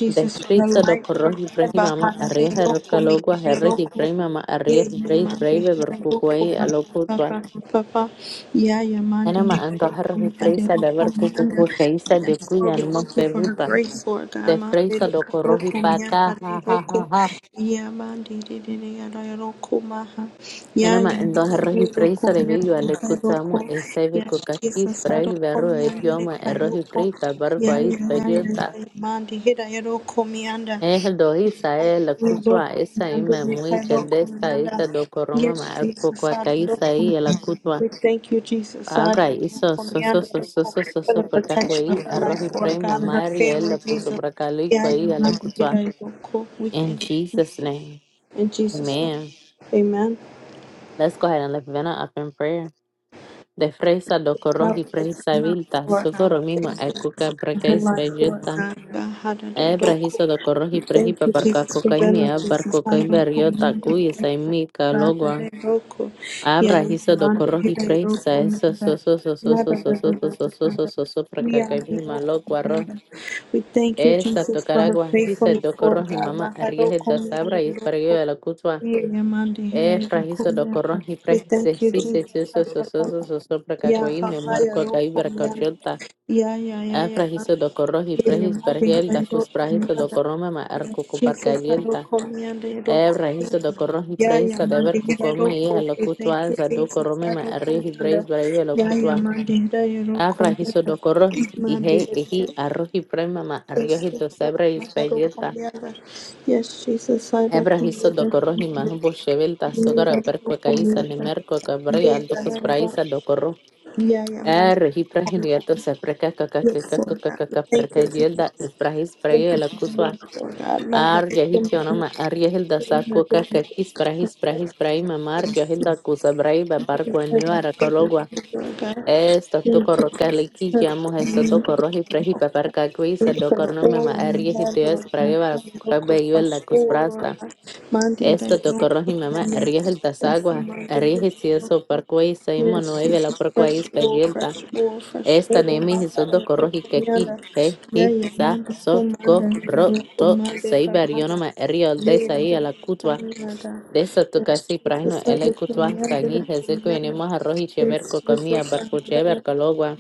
Desprisa, Do, Roji, Preji, Mama, Arria, Hercalogua, Herri, Prei, Mama, Arria, Breis, Brave, Berkukwai, Alo, Enema en doherty freisa de ver cucucu keisa de cuyan mo peruta de freisa do corroji paca ha ha ha ha Enema en doherty freisa de villo ale cusamo e seve cucaquis brai verro idioma erroji freisa barco ahí experienta es el dohisa e la cusua esa ime muy cheldesta esta esta do corroma ma arco cuacaisa y la Agay, hizo so so so so so so so por cacuí, arroz y prima, Mario, él lo puso por acá, Luis Cuey, a lo cutua. In Jesus' name, amen. Let's go ahead and lift Vanna up in prayer. De fresa do corros y presa vilta, socorro mismo, ecuca precaís bellota. Ebra hizo do corros y prejipa parca coca y mía, parcoca y berriota, cuya y mica logua. Abra hizo do corros y presa, eso so so so so so so so so so so so so so precacaí misma logua Esta tocaragua hisa dokorron himama arrieje da sabra y esparguio de la cutua. E frajizo dokorron y prejse si se soso soso soso pracacuim me muerco caibra cochota. E frajizo dokorron y prejis pergiel da cus frajizo dokorron mama arcucu parcalienta. E frajizo dokorron y prejisa de ver cucoma y a lo cutua za dokorron mama arrieje breis braio de la cutua. E frajizo dokorron y he eji arroji premama arrieje do sabra y espalleta. Ebrahis dokoro hima bo shevel tasogara perko kaisa ni merko kabri aldo kus praisa dokoro. Er hipra hiriato se preka kaka kaka kaka kaka perka yelda brahis praia la kuswa. Ar yahitionoma ar yahilda sako kaka kis brahis brahis brahima mar yahilda kusa braiba barko anyo arakalogwa. Esto toko rokaliki llamo eso dokoro hipra hipa perka kuisa dokoro nome ma ar yahidias praia la kus Esto mamá tocó Rohimama, Riehiltasagwa, Riehisiaso Parkway, Saimo Nueve, la Parkway Spellilta, Esta Nemi Hisondo Corroji Keki, Hehi Sa So Corro To Seibarionoma, Riol de Sai a la Cutua, de esta Tocasi Prano, Ele Cutua, Sagi, Hezeco y Nemo Arroji Cheverco Comía, Barco Chever Calogua,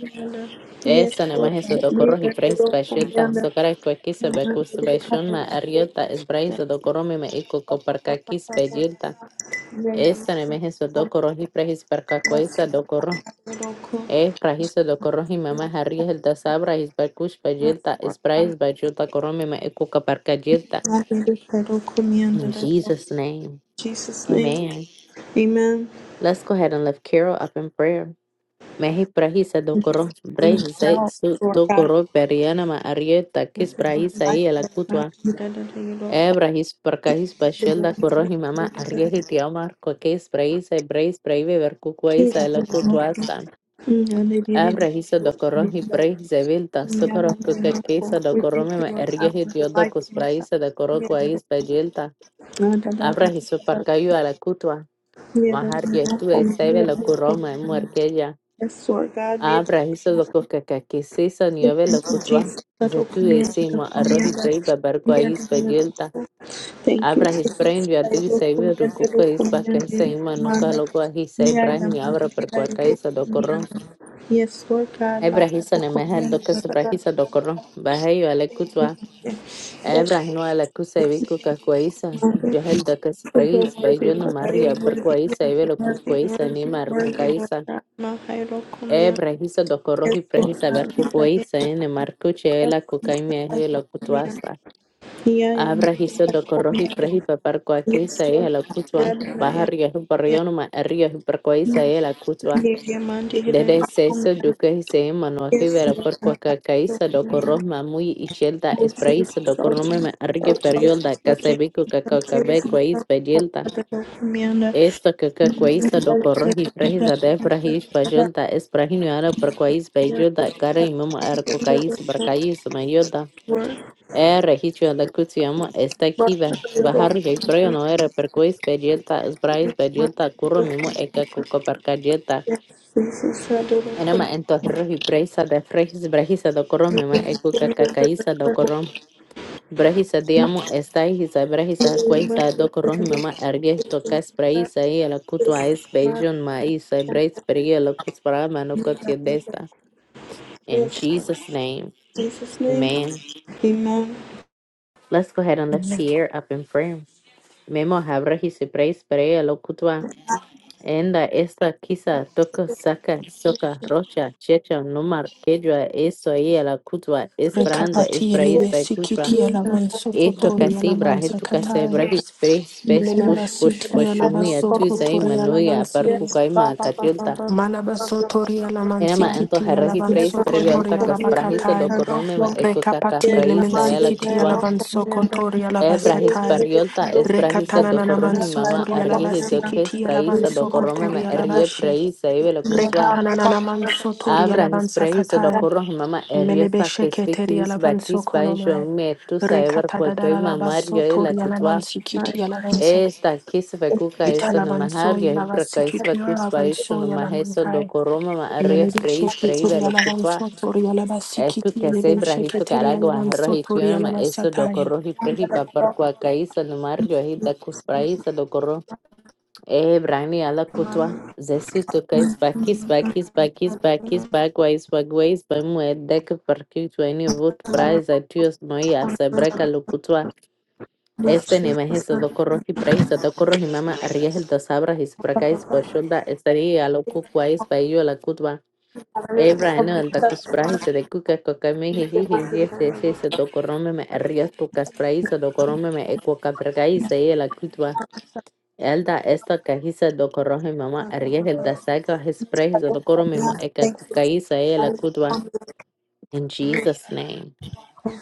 Esta Nema Hisondo Corroji Freis, Pachilta, Socara Cuequisa, Becus Bechunma, Ariota, Esbraisa do iko Ico Coparcaquis Pellilta. Esta meheso dokoro hi prehis perkakwesa dokoro. E prahiso dokoro hi mama harri helta sabra his perkush bajelta sprais bajelta korome ma ekuka parkajelta. In Jesus' name. Amen. Let's go ahead and lift Carol up in prayer. Mehi prahisa dokoro. Brahis se su dokoro periana ma arieta kis prahisa i elakutwa. Ebra his perkahis bashelda koro hi mama arieti tiamar kokes prahisa brais prahive verkukwesa elakutwasta. Abra hizo docorón y praise vilta, socorro que quiso docorome me ergue y diodo cuspraise de is bellilta. Abra hizo parcayo a la cutua, majar y tú esebe lo curroma muerquella. Abra hizo doco que quisiso nieve lo cutua. Se tú decimo arroz y praise babarqua is bellilta. Abra his brain ya du sebe rucuco is bacan seima nunca lo guaji se brain y abra percuaca hizo docorón. Ebrahisa ne mehel do kes Ebrahisa do korro. Baheyo alekutwa. Ebrahino alekuse viku kakwaisa. Yohel do kes praise. Bayo no maria per kwaisa evelo kukwaisa ni mar kukaisa. Ebrahisa do korro hi prehisa ver kukwaisa ene markuche ela kukaimia hilo kutwasta. Abrahisa do korro hi prehipa per kwakeisa ehelo kutwa. Bahario hi barrionuma erio hi per kwaisa ela kutwa. Dede seiso duke hisei manuahi vera por kaisa doko rohma mui ichelta espraisa doko rumeme arge periolda kasebiku kakakabe kwais bejilta. Esto kaka kwaisa doko rohi prehisa de prahish bajolta esprahinu ara por kwais bejilda kara imama arko kais brakais mayolda. Ere hicho la kutiamo esta kiva. Bahar jai preyo no era per kwais bejilta esbrais bejilta kurro mimo eka kuko أنما أنت هروحي preisa de frejis brejisa do korom mema ekuka kakaisa do korom brejisa diamo estaihisa brejisa kueisa do korom mema ergesto kas preisa y la kutwa es beijon ma isa breis peria la kuspara manokotia desta. In Jesus' name, amen. Let's go ahead and lift Pierre up in prayer. Memo habrejisi preis peria la Enda esta kisa toka saka soka rocha checha numar quechua eso y la kutwa esperando Rekapati espraís elebe by kutwa sikiti alaban eto sokotori casibra alaman eto sakatai. casibra hispres pes Leleba push push siti push alaban mia tu zai sokotori alaman manoia par si. cucaima catiolta Malaba sotori alaman ema ento sikiti herrahi alaban pres sokotori periolta casprahisa do alabakatai. corrome ma eco Rekapati elemen cacafraisa y la sikiti kutwa alaban sokotori Ebrahis alabasatai. pariolta es brahisa Rekatana do nanaman corrohi mama sotori arriehi do que es alabasikiti alaban praisa do corrome ma sokotori arrie alabashi. praisa y la Rekatana nanaman sotori Abra alaban his prayer, his sakatai. odokoro, mama Melebe eriota sheketeri kesfikis alavanso bakis banjo konomai. metu saevar Rekata kwatoi dadara labaso mamario tori ela kutwa. alamansi kiti alavansa. Esta kis vakuka eso no Italavanso mahario hebra yalavasi kais kiti vakus baisho alavanso no maheso yalamankai. dokoro mama ario Melebe freis preiva sheketeri lo kutwa. alavanso tori alabasi Etu kiti kese alavan brahito sheketeri caragua alavanso tori rohitio ma eso alavansa dokoro hi prehi papar kwa kaisa no mario hita kus praisa Ebrani ala kutwa zesus tokais bakis bakis bakis bakis bagwais bagwais bamue dek parkit weni vut prais atios noia sebreka lukutwa este ni mehisa dokoroki praisa dokoro ni mama riehel da sabra his prakais boshunda estaria loku kwais bayo la kutwa Ebrani al dakus prahis de kuka kokami hihi hihi se se dokorome me rias tukas praisa dokorome me ekwa kaprakais e la kutwa Elda esta kahisa dokorohi mama ariel da saga his praise the koromi eka kukaisa ela kudwa in Jesus name.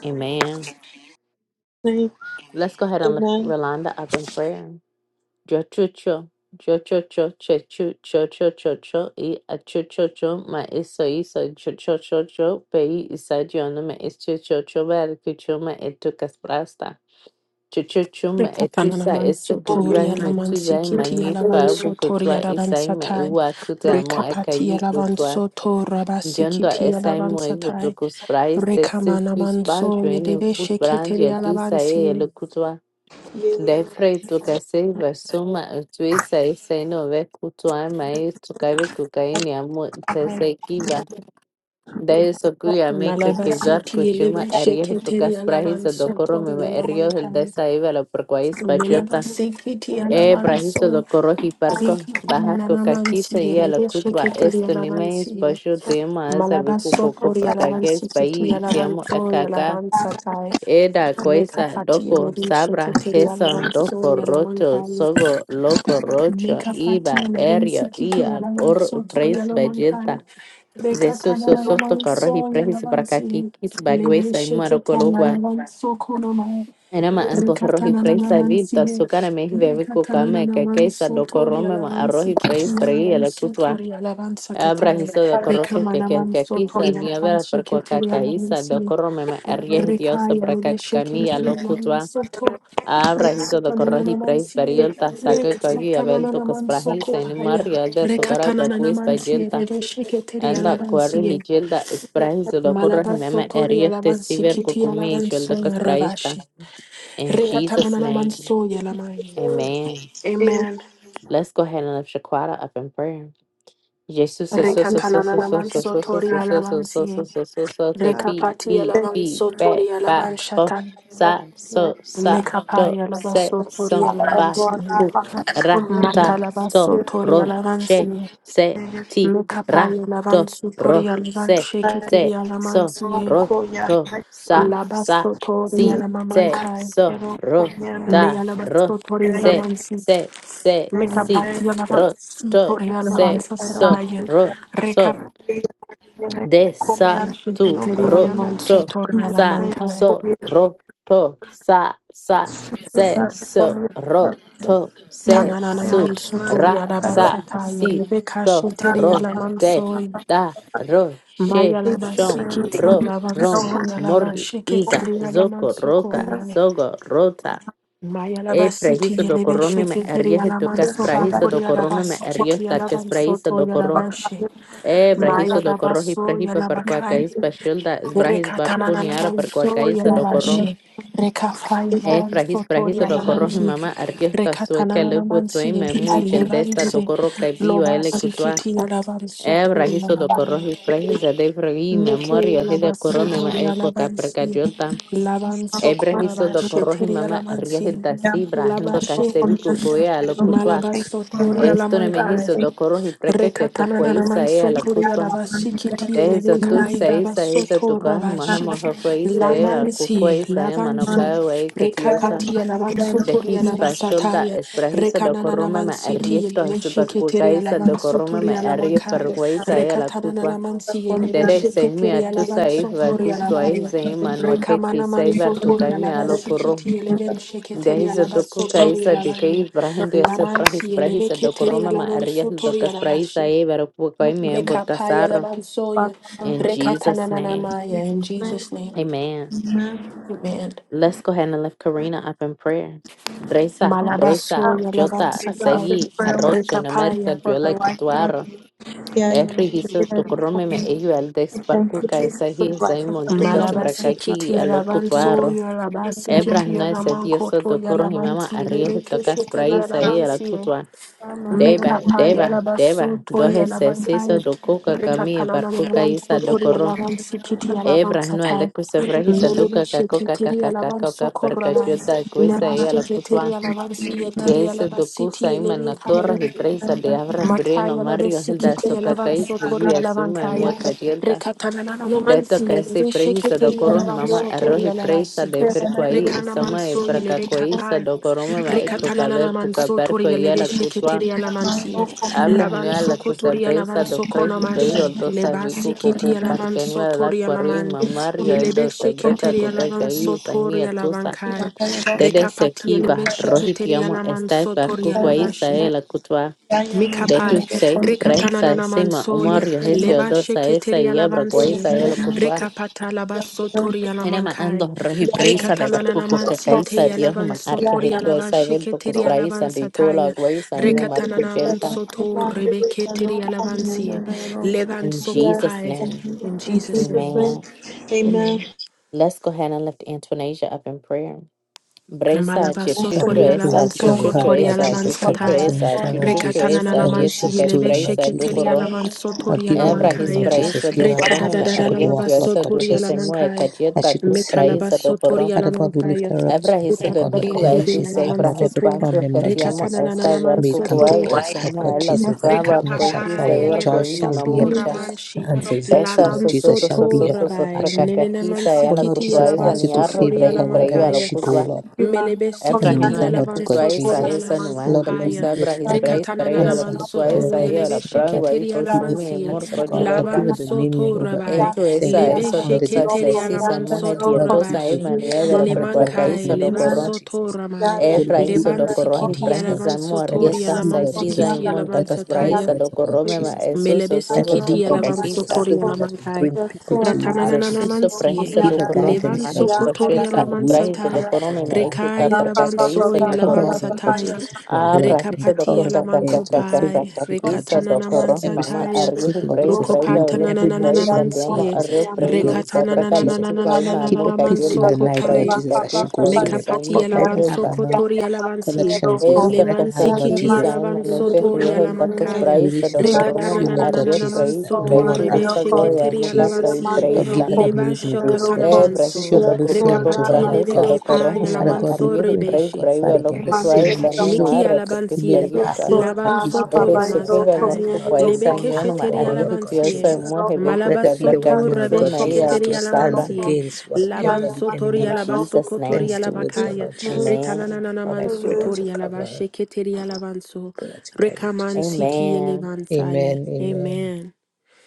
Amen. Let's go ahead and lift Rolanda up in prayer. Yo cho cho yo cho cho che chu cho cho cho cho i a cho cho cho ma iso iso cho cho Pei cho pe no me es cho cho cho ver que cho ma etu Chochochuma Rekatana etusa namanso toria esokuriwaimu namansi etuzaima kiti nifa alavanso obukotwa toria esaima alavansatai. ewu akutamo Rekapati akavikotwa alavanso torabasi njondwa kiti esaimo alavansatai. ivotokospraise Rekamana manso sekusbajo yedeve enefutbrandi sheketeri etusa alavansi. eyelokutwa ndaifreitoka seiva soma otuisa esainoovekutwaima etukavikokaini amo itesaikiva Malabasi ti daesokuiamekekeivarkochuma yeleve sheketeri eriejotokaspraise alavanso dokoromeme toria alamankai. eriojeldesaiva loporkuais Melabasi kiti É Ebrahiso alavanso. do korohi parko Rekatana bahako namansi kakisa ia la yeleve kutwa sheketeri esto nime alavansi. spasho tema asa viku Malabaso popo Korea Lavan parkages Sikiti bai Yalavan siamo So akaka Yalavan Satai eda koisa Mekapati doko Yelevin sabra Sheketeri tesa Yalavan So doko Yalavan roto Kai sogo loco rocho Mekapati iba Yelevin erio Sikiti ia Yalavan or Soto pres Yalavan Kai bajeta Zesu Rekata sosoto Yalavan korohi So prehis Yalavan Si brakakikis Leven baguesa imaro Sheketeri kologo Yalavan So Konomai Enama antoje arroz y preis salita, Rikatananamansiye. azúcar me bebe cucame, que quesa, Rikatanananamansotori docorrome, arroz alavansi y kiti preis, bregui, la cutua, alavansotori abra alavansatataya. hizo de corroque, que que que quisa, Rikamanamansotoli ni a ver per cuaca alavansiketeri caiza, alavansiye. docorrome, me arries dios, Rikaya braca cucamilla, nilesheketeri lo cutua, alavansoto. abra hizo de corroque y preis, Rikatanananamansiye. beriolta, saca cogi, abel ver tu cosprajis, en Rikatanananamansokopaya. mario de azúcar, becuista, Rikatanananamansiye yelta. lelesheketeri Anda cuerri y alavansiye. yelda, esprajis, docorro, y meme, Malabasotori arries te ciber, alavansikiti cucumi, yelda, alavansoya cosprajista. ravashi. In Jesus' Rekatanana name. manso yalamaya. Amen. Amen. Let's go ahead and lift Shaquata up in prayer. Jesus so so so so so Rekatanana so so manso so so so so tori so so so alavansi. so so so so be Rekapati be be alavanso back tori by bo alavanshatan. sa so sa do Nekapaya se lavaso tori so ba alavansi. bu ra ta so Matalabaso tori ro she alavansi. se ti ra Nekapaya to lavansu ro tori se alavansheketiri se so alamansi. ro to sa sa Labaso tori si se alamamankai. so ro Me ta ro alabaso tori se alavansi. se se si Mekapati ro alavansi te, tori se, alavansa se, sataya. re, te, de, sa, tu, re, te, sa, so, re, te, sa, sa, se, se, re, te, se, su, Tananaman ra, sotoria sa, labasata si, yelebe so, kashi teria re, de, lamansoy. da, re, she, Maya shom, labasiki r tia rom. lavansoy Morgi, alabashike Isa teria Zoko, lamansoko Roka, lumane. Sogo, Rota, Maya E labasiti frahiso do yelebe corrome me sheke teria arriesgo to cas lamansoko frahiso do toria corrome me labasiki arriesgo tia ta cas frahiso lavansoto do corrom. yalabashe. E Maya brahiso do corroji labaso prahipa per qua yalabakai pashulda es barpuniara per qua do corrom. Rekatanananamansoyalabashi. E frahis prahiso do corroji Rekafayalabansotorialamanshi. mama arriesgo ta sueca lugu tuei Rekatanananamansi. me muy chel desta do Levanse. corro kai bio ele cutua. E brahiso do Lobasikitiyalabansotorialabaya. corroji prahisa de fragi memoria hede corrome ma eco ca Mekeyalabasotorialabansi. Ebrehiso do korohi mama Lavansokorabasheterialamansi. riahil dasi brahando Labashe. kasevi kukuea lokutwa. Esto ne Malabasotorialamankaya. mehiso do korohi preke keke ke Rekatanana kueisa e a lo mansotoria kutwa. labasiki tie Dehiso tu levenkai seisa hisa labasoto tukahi rabashi mahema kueisa e a lamansi kukueisa e lavanso manokaya wei katiosa. rekapatia lavansotoria Dehispa pasholda labasataya esbrahiso do rekanana korome me mansi tie arrieto lemeshiketeria superkukaisa do korome me lavansotoria arrie lamankai pergueisa e a la rekatanana kutwa. mansi Dede seimi lemeshiketeria atusa e lavansotoria vakutwa e labaya zeima nuakeki Rekamana seivar mansotori kukaimi alaba alokuru. sikiti eleven sheketeri Dehizo alaba doku sotori kaisa dekei alabani. brahindo Laman esa brahis lamansi eleve brahisa keteri dokoroma ma alaban ariel sotori dokas brahisa alabashi. e Mekapaya botasar. alaban soya. In Rekatana Jesus' name, manamaya. In Jesus' name. amen. Amen. Let's go ahead and lift Karina up in prayer. Bresa, Bresa, Malabasoya alaban Jota, satai. Segi, Arrocha, Namerta, Rekapaya. Jola, Katuaro, Erri, Hiso, Tokorome, Me, Eyu, Aldex, Parkuka, Esahi, Esai, Montukas, Malabasi Brakaki, kiti alaban Alokutuaro. soya alabasi Ebra, kiti Hina, Ese, alaman Dioso, koto Dokoro, alaman Himama, si Arrio, eleve Hitokas, kesheteri Braisa, alaban Deba, Mekapa deba, yalabaso deba, to dohe sesiso yalabankai. dokuka kami Rekatalana barkuka yalaman isa sotori dokoro. yalavan sikiti yalavan Ebra no ele satai. kusefrehisa Melebe duka kakoka sheketeri kakaka yalavan kaka sokoralai. perkachuda kuisa Leba ia la sheketeri kutwa. yalavan Geisa siyeteri dokusa ima living nakora yelevinkai. hibresa de abra frieno Makaya mario hilda Labesikiti Alavan sokakais Sotori liguia suma Alavankaya emue kajelta. Rekatanana Deto Romansi kaisi prehisa Veshekiri dokoro Alavan mama Sotori arrohi presa Alavasi de firkwai Rekana isama e Manso Yeleve perkakuisa Kapai dokoro mama eko kaber Rekatanana puka Manso perko Tori ia Yeleve la kutwa. Shekitiri Alamansi Lavan Abrahnia la Sokotori Alavan cusabresa do freis brio Sokonamashi dosa viku Lebasi Kiti kuku Alavan parkenua la Sotori quarui Alaman mamario el Yeleve dosa breca Shekitiri kuka Alavan kai Sotori usania tusa Alavankai dede Rekapati Yeleve sekiva Shekitiri rohitiamo Alaman estai Sotori parku kwai Alavashi sae la kutwa detu Mikapai, sei presa Rekatanana sima Mansoya, umario hetio Leva dosa esa Sheketeria y abra kwai Lavansie, sae la kutwa Rekapata Labasotoria enema ando Lamankai, rohi presa de Rekatanana barku kuka kai Mansie Tea sa dios Lavan matarke Sotoria hetio Lavan esa evento Sheketeria Lavan kuspraisa de kola Sataya, kwai sa enema Rekatanana kuchelta Mansoto Rebeketeria Lavansie, Levan in jesus Sokopai, name in Jesus' name. Amen. Amen. Let's go ahead and lift Antonasia up in prayer. Bresa Malabaso Father, chuchucho we pray esa you Torialavan cover Soko chuchucho her, Lord esa Torialavan Jesus, cover chuchucho Satai Antoinette, esa Lord chuchucho Jesus, esa Rekatananaman whatever dieto she's que es Sieleve doing, Lord presa Jesus. dokoro Sheketerialavan Lord, give her ebra light, his Lord Sotorialamankaya Jesus. praiso Give her a dokoro me path me that she could arrietio walk, Lord Retadadadalabaso esa God du his Jesus, emue Torialamankai that she cajeta could cus see you. praisa Metalabaso dokoro Father God, we lift Torialamankaya her up to ebra you, his Father de God, friva whatever el du she's se having, Utabadialaman his whatever Soto pancho problem, que Lord te amo Jesus, esa Rekatananaman ver may it come to cucuay pass, esa Lord God no Sotorialamansi ela Jesus, that cutaba happiness cual shall dice Rekapapa follow her, ebra joy Yeleva shall be Soto her cual Ramanshi answer, victory, Esa Lord Lavan so so Jesus, so shall so be Soto so her so so Rabai passion. Nenenaman prakakakisa Oh ela Lord Sikiti kutwa Jesus, I esa Yalavan ask you ni to arra favor her praise praise wherever ela Sotorialamankaya she go, kutwa Lord. Melebe ebra sikiti hino Anointing, ela Lord yalavan God kutwa soto esa Jesus. esa yalaman no mal, Lord, do let kopaya. the kusabra earth, his Lord, re- praise Rekatana praise ela answer nanaman her kutwa prayer soto esa like the yelebe ela same that prangwa sheketeri ipo the yalaman earth shumi has siye. emor answered God. Lord, give kochiveta her Laban dominion soto over rabai. etu everything esa that Lebe is eso under the dosa sheketeri earth, Lord sesisa yalaman Jesus, mohe soto above the dietosa earth rabashi. emanuel Vera and above prekwaka the iso Lemankai do leba heavens, koron Lord soto Jesus. ramai. Oh, Efra Lord, give hizo her Leban do corroji sikiti requirements, Lord prahisa yalavan mo Jesus. Let soto her arrieta see, yalaman Lord Jesus, saquiza y sikiti better. monta yalaman Let her hear sataya. caspraisa do better, Lord corrome ma Jesus. eso Melebe so so Let her so so sikiti be, Lord alavan Jesus, your prakakisa sotori servant that will alamankai. bring people to you, Lord Jesus. Jesuso Ratanananamansie. prahisa Give do her coron, Levan guidance, Lord mahesh Jesus. sokotori Let pashilta, your alaman words prahisa do become satai. part coron, of her me life, Lord Rekai ekuka God alavan Jesus. so percacaísa do Cover alavan her, coron, Lord God satai. Jesus, with your a blood from the prahisa do Rekapati crown of coca her head to the sole of alamankopai. her feet, Lord cacacacacacacaquisa Jesus. do Rekatananaman coron, Every mama step satai. she takes, arriehi Lord preis, Jesus, braiva be there. Every loco move she tuaisa, makes, Lord diamo Rukopatanananamansie. Jesus, arreo be there with preis, her, Lord abraca Jesus. loco alma, Keep her muca Rekatanananananananaman peace in yenta the que night, Lord sokopai. preis, Jesus, as she pacus goes to bed. preis, Mekapati alma Let her have alavanso a cayota. no- kotori alavansi. connections with her. Esta Let her have, Lemansi Lord kiti Jesus cacaquisa, mano alavanso tori perriojo, dacos a alamankaya. praisa do relationship coron, with Rekatana mama you, Lord God arrieo nananana Jesus, preis, that manso no to one becu y can esa take rebeshe away, goya, Lord keteri muca Jesus. caí alavansi. Lord, preista. give her amazing Levansho grace, katana Lord Eh, Jesus. manso. brahisa Show doko mercy koko unto her, Rekapati Lord eleve brahisa God. doko kepa Oh, rohi Father mama God, we alamanso arriehi pray, Lord brais rebeshe. God, braiva Father God, the loku same suai way you sani showed. Niki moarro que You made a alabansie, path, pistariuta. Lord, for the labanso Ede Israelites, Lord. suke We ve ask toromansatai, you, morfu Lord, kuai to make a lebeke sanyon path ma for sheteri her, arriehi Lord God alabansie, tiosa Jesus. muhe veku Let her be malabaso the garberga one, Lord torabe juchun God mai Jesus, to sheketeri alto stand sabra. alamansie, against whatever the labanso tori enemy In alabaso Jesus' kotori sends name, towards her, alabakaya, Lord Jesus. amen. Lord, I retanananamanso pray that tori you cover her. alabashe keteri alabanso, Pray that you guide her in Jesus' rekamansi name. ti Amen. elevansaye. Amen. Amen. Amen.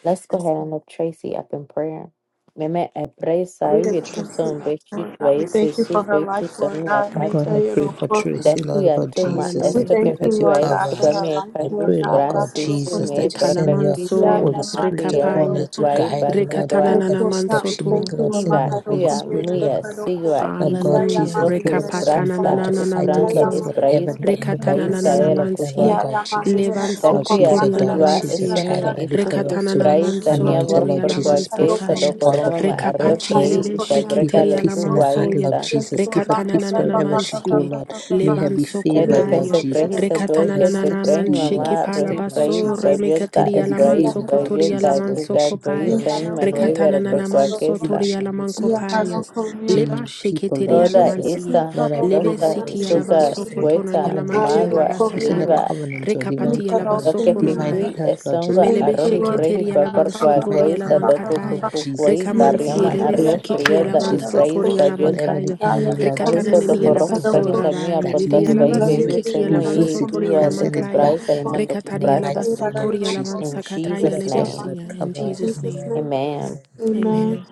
Let's go ahead and lift Tracy up in prayer. Meme e brais ai vietu son bechit vai se su vetu son mi God, I pray for Tracy, Ndakwiye Lord God atuma Jesus. I Hallelujah. estoka pray that you vikwa cover estoka her. meka I rus pray, Lord God brasi Jesus, sume that you braka send your kwisa Italamanso Holy emana Spirit kuya upon her rekapaya, to vatukwai guide her, Lord. barkukwa Every step rekatanananamanso she to. make, Lord, kiva send your Holy kuya Spirit, muya Lord. sigwa Lord isto God, Hallelujah. Jesus, give her tokus the strength, brasta Lord, to Rekapatananana fight esbrando against manso. esbrais whatever the enemy is barkukaisa Rekatananana ela sending her, kutwa Lord mansie. God, Jesus. Levanso Lord, dakuya she's your kotoria la daughter, tujwa she's your mansie. child, esunume Lord, I lift her itukus up to her. Rekatanana braisa manso Anoint her, niavor toria Lord la porkwa Jesus, pour keisa fresh vansataya. oil dokoroma ma upon her, Lord Rekapati arreprei Jesus. elele ista Give breka her sheketeria la peace in her lokukwa heart, mansoye. Lord Jesus. Give her peace Rekatananana wherever she go, mansie. Lord. May her be Levanso Eto favored, que Lord kopaya. se Jesus. prehisa doi May her que se Rekatananana steps prehi man be be in your mamá shekepala footstep, rohi Lord praise baso. Jesus. payuta May her Remekateria es be la praise manso favored, Lord kotoria la payuta Jesus, manso wherever kuka she go, kopai. whatever koisa she do, may imanoi her be vero por Rekatananana blessed. manso Whoever cuaquesta. toria she la meets, Lord mankopaya. Jesus, Leba genuine people, sheketeri Lord Ora Jesus. alamansiye, ista Lord, I pray leve that, losta Lord siti Jesus, you suka alavanso send tono cuesta covenant to yalamanki her. magua You send a alabasataya, iba covenant to her, divine rekapati lo covenant, que alabasoko divine nomai, kikui help, Lord Jesus, esonga divine melebe arroji covenant prehi sheketeri help, Lord, papar alavanso divine tori cuacoisa help for doku her, alavankatai, Lord Jesus. kukukuei Lord, rekamansiye barrioma I leve pray arrio that, Lord sikiti God perioda es alavanso Jesus, praise tori payuta. whatever the alamankaya, enemy, Lord rekatana Jesus, Tahiso nidi doko sends rohi to her, alabaso Lord, prehisa mia rabai, por that you lidi dos will vei vei remove it alabasikiti se muy reverse alavanso it tori and igual de send cus it alamankaya, back, praisa Lord, iman do in the rekatari mighty alabaso name tori of Jesus. In I pray alavansakataya Jesus' that your name, blood levesiya, in cover. Jesus' name, Amen. amen. Amen. Amen. amen.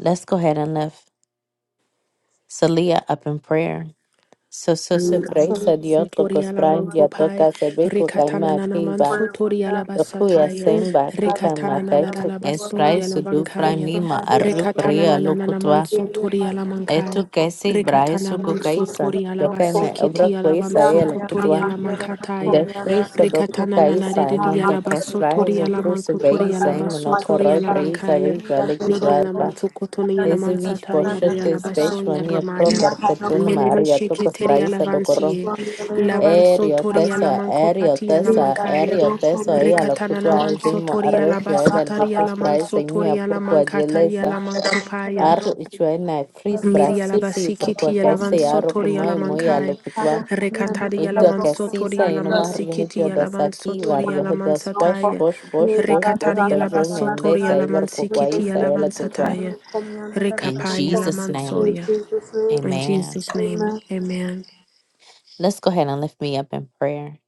Let's go ahead and lift Celia up in prayer. So, so, so, praise Laman a Dios, sotoria tocos laman prime, ya kopai, toca, se ve, cuca, rekatana ma, nanaman piba, sotoria locuya, labasataya, semba, cuca, rekatana ma, caitu, es nanalabaso praise, su du, fray, yalavankaya, mima, arru, rekatana pria, nananaman locutua, sotoria lamankai, etu, que si, brae, rekatana su, man cucaisa, sotoria lo que me, obra, labasikiti alavan cuisa, e, sokotoria locutua, de lamankataya, friso, do, rekatana cucaisa, nanaredidia monta, cas, brae, labasotoria su, tu, se ve, y lamankotoria se, labasotoria monocorroi, praise, a lamankaya, ve, nidia vale, laman sokotonia Esevish lamansataya, poshotes realabaso beshwania yaramaya. proper kachun Melebe maria sheke tocos teria praisa do corrom lavansie, lavanso erio toria teso lamanco erio patia teso lamancaia, erio teso e alo recatana kutwa lamanso ezimo toria arrochio labassa ebel taria ducus praisa lamanso imia toria purqua lamancataria gelesa lamancopaia, arro ichuena fris miria brasusi labasiki purqua tia caise lavanso arro toria como muy alo lamancai, kutwa recataria Eito a lamanso toria casisa e no mario lamansiki regio tia da lavanso saki toria vario das posh lamansataia, posh posh posh posh recataria posh labasso toria mendesa e verco lamansiki tia quaisa ela kutwa lavansataia, in recapaia Jesus name lamansoia. In Amen. Jesus' name, amen. Let's go ahead and lift me up in prayer.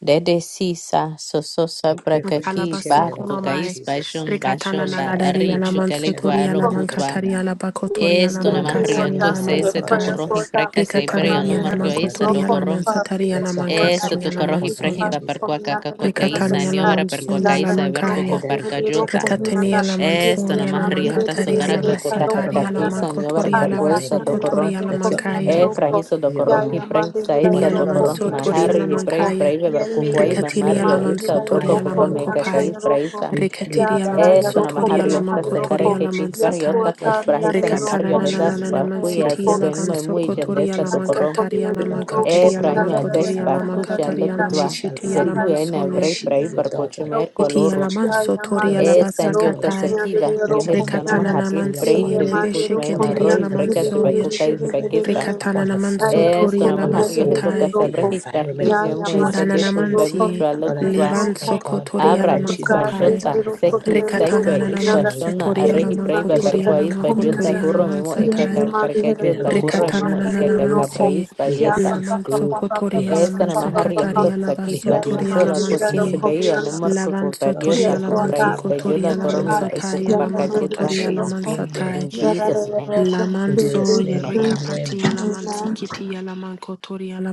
Dede sisa soso I sabra pray for kaki Shaiteria, Lord barco God Talabasokonomai, gais Jesus. bashon Rikatana Lord, bashon she da has Naladari prayed richu for Alaman each and galegua Sotori every one Alaman of us kutwa. on Katari that. Alabakotori Esto And na Alaman I'm más asking río Katari tu you now, Alaman Lord ese God tu Satai, corrón y Jesus, preca to se Rikatana cover her no with your Nialaman mario blood, isa Lord. Kotori do Alaman corrón. Satari Let your Alaman hand Esto Katari tu stretch corrón Alaman y upon her, preji Lord Soya, pa Jesus. percua caca Show her isa Rikatani ni mercy, obra Alaman Lord percua Soya Jesus. caisa ver Lamankaya, Guide cuaco her and parca protect her yunta. in Rikatani whatever she Alaman doing, Esto Lord na Soya más Jesus. Laman río ta Katari Lord, socara send a caca help from Alabasatari percua above. Alaman isa ni obra Kotori Send a percua divine isa do help. Alabasokotori Let your Alamankaya. Eh, angels, Lord, prahiso be dokoro hi around her. prahi saisa Inyana Whatever, Lord dokoro manso God Jesus, mahari toriana that hi is prahi mankaya. happening, brave may it berkukwai lift her Rikatini up, mamario ala Lord, to manso insa a broko higher toriana poko level, Lord meka mankopai. kais Jesus. praisa. May it Rikatiri elevate ala her to Eh, another manso sona mahario toriana spiritual esta level, sokare ke Lord mankotoriana kis Jesus. perio mansatai. Lord, takus give her prahisa na peace, Rikatana mario Lord hedas Jesus. nananana I pray barkuya for mansiti sugo ala en muy success manso muy for her, Lord desta kotoriana Jesus. dokoro. I mankatariana pray, Lord God Eh, Jesus, mankatariana the fraino enemy etes shall mankotoriana pakusha mankatariana and she lokutwa. shall mansiti ala flee Zetu en because mansoya. evrei she prahi is your daughter, barkochumer she Iti is your ala koloro. child. manso Show her toriana Eh, success, standio Lord Jesus. basakatai. tosakiva. Yo Let your hedio no mighty Rikatana hands mahario be namansi prahi upon her. tebi eleve Let putmei your sheketeri marro mighty hi ala hands breka be upon her mansoya. sebekukais children, bekispa. Rikatana upon her namanso family, Esto toriana nomás upon her arriesga home, tu tai. the casabra hiscardio y environment, se Lord Jesus, muese where de she culpa lives. Warananamansi, vitrala Lord, I cutua. ask Levan you, Lord God, Sokotoriana Abra when she's in bed Mancopai, hispashonta, tonight, Lord, seki, have seque, Rekatanana connection with her, hispashona, Lord Mansotoriana Jesus. arreji braiva May she have barqua Mancotoriana accountants hispayolta, with Mancotoriana you, curro Lord mimo, God Jesus. Mansatai, ecacar, May her parcayolta, curro relationship mimo, with Rekatanana you grow, ecacabre Lord. May her hispayolta. faith Laman grow. May her Sokotoriana Esto spiritual nomás life arriesga tu grow. Mansakatariana May saquis, her belief Basotoriana get pachocola, stronger, coquis, Mansi, Lord beiva, no Jesus. morco, Lavan Lord, copariota, show Sotoriana her the cospra way, Lord. hispayolta, Mansokotoriana curro Show her mimo, peace, Mansatai, Lord. And ecocoparcayolta. Lamancotoriana she's been there. Mansatai, In She has Jesus' been there. name, In Lamanso Jesus' name, Yerika amen. amen. Patiana Mansikiti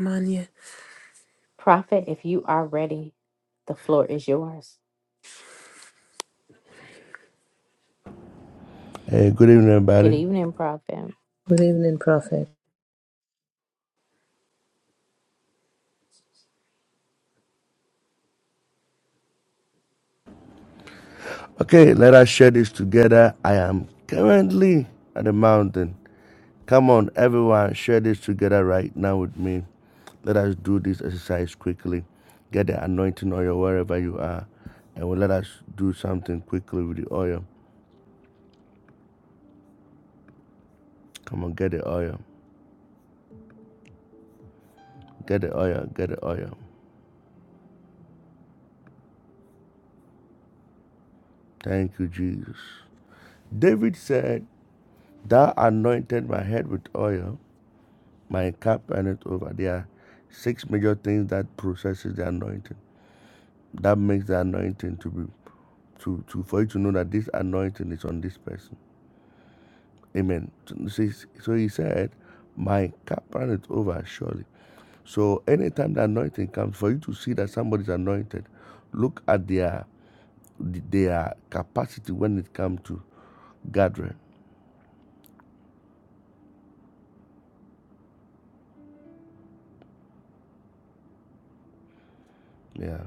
Mania. Prophet, if you are ready, the floor is yours. Hey, good evening, everybody. prophet. Good evening, Prophet. Okay, let us share this together. I am currently at the mountain. Come on, everyone, share this together right now with me. Let us do this exercise quickly. Get the anointing oil wherever you are. And we let us do something quickly with the oil. Come on, get the oil. Get the oil. Get the oil. Thank you, Jesus. David said, Thou anointed my head with oil, my cup and over. There are six major things that processes the anointing. That makes the anointing to be to, to for you to know that this anointing is on this person. Amen. So so he said, My cup runneth over surely. So anytime the anointing comes, for you to see that somebody's anointed, look at their their capacity when it comes to gathering. Yeah.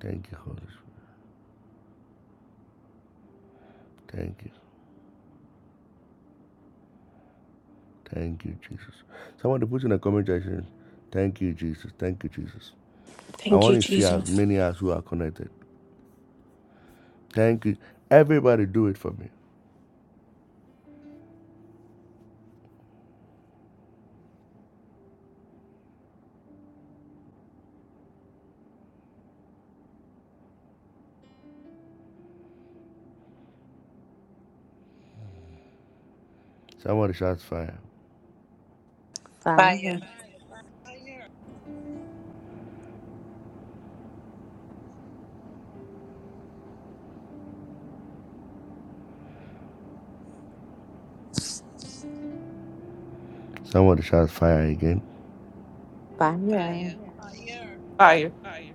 Thank you, Holy Spirit. Thank you. Thank you, Jesus. Someone to put in the comment section, thank you, Jesus. Thank you, Jesus. I Thank want you, to see as Jesus. many as who are connected. Thank you. Everybody do it for me. Somebody shots fire. Fire, Fire, Somebody shots fire again. fire. Fire. Fire. Fire, Fire.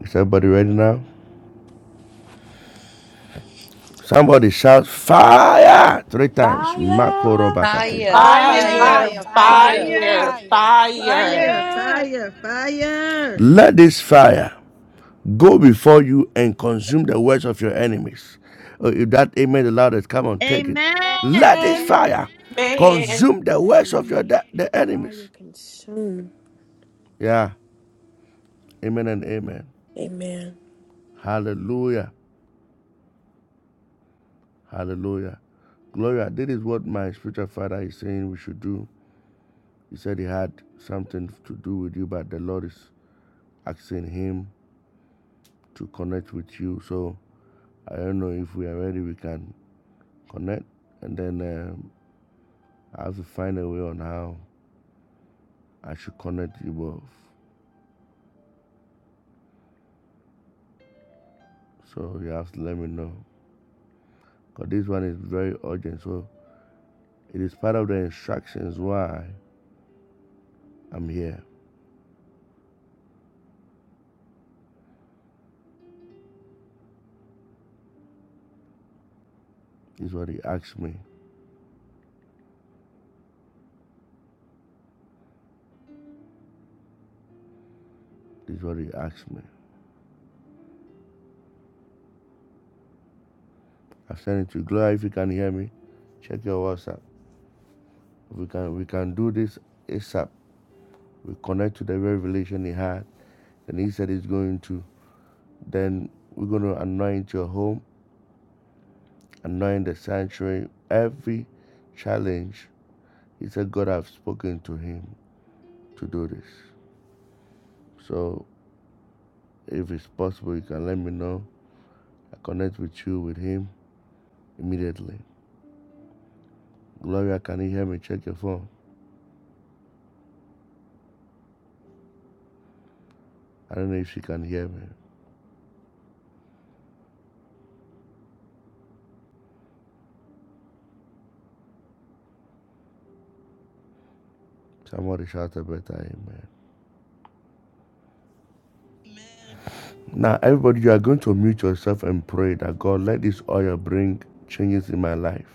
Is everybody ready now? Somebody shouts fire three times. Mako Fire! Robakatea. fire, fire, Fire! fire, fire. fire, Fire! fire. Fire, Fire! fire, fire. Let this fire go before you and consume the works of your enemies. Oh, if that amen the loudest, come on, take it. Let Amen. this And fire Man, consume the works of your let de- the the fire enemies. consume. Yeah, amen and amen. Amen. Hallelujah, hallelujah. Gloria, this is what my spiritual father is saying we should do. He said he had something to do with you, but the Lord is asking him to connect with you. So I don't know if we are ready, we can connect. And then um, I have to find a way on how I should connect you both. So you have to let me know. Because this one is very urgent. So it is part of the instructions why I'm here. This is what he asked me. This is what he asked me. I've sent it to Gloria, if you can hear me, check your WhatsApp. We can we can do this ASAP. We connect to the revelation he had and he said he's going to. Then we're going to anoint your home, anoint the sanctuary, every challenge. He said God have spoken to him to do this. So if it's possible, you can let me know. I connect with you with him immediately. Gloria, can you hear me? Check your phone. I don't know if she can hear me. Somebody shout a better amen. Amen. Now, everybody, you are going to mute yourself and pray that God, let this oil bring changes in my life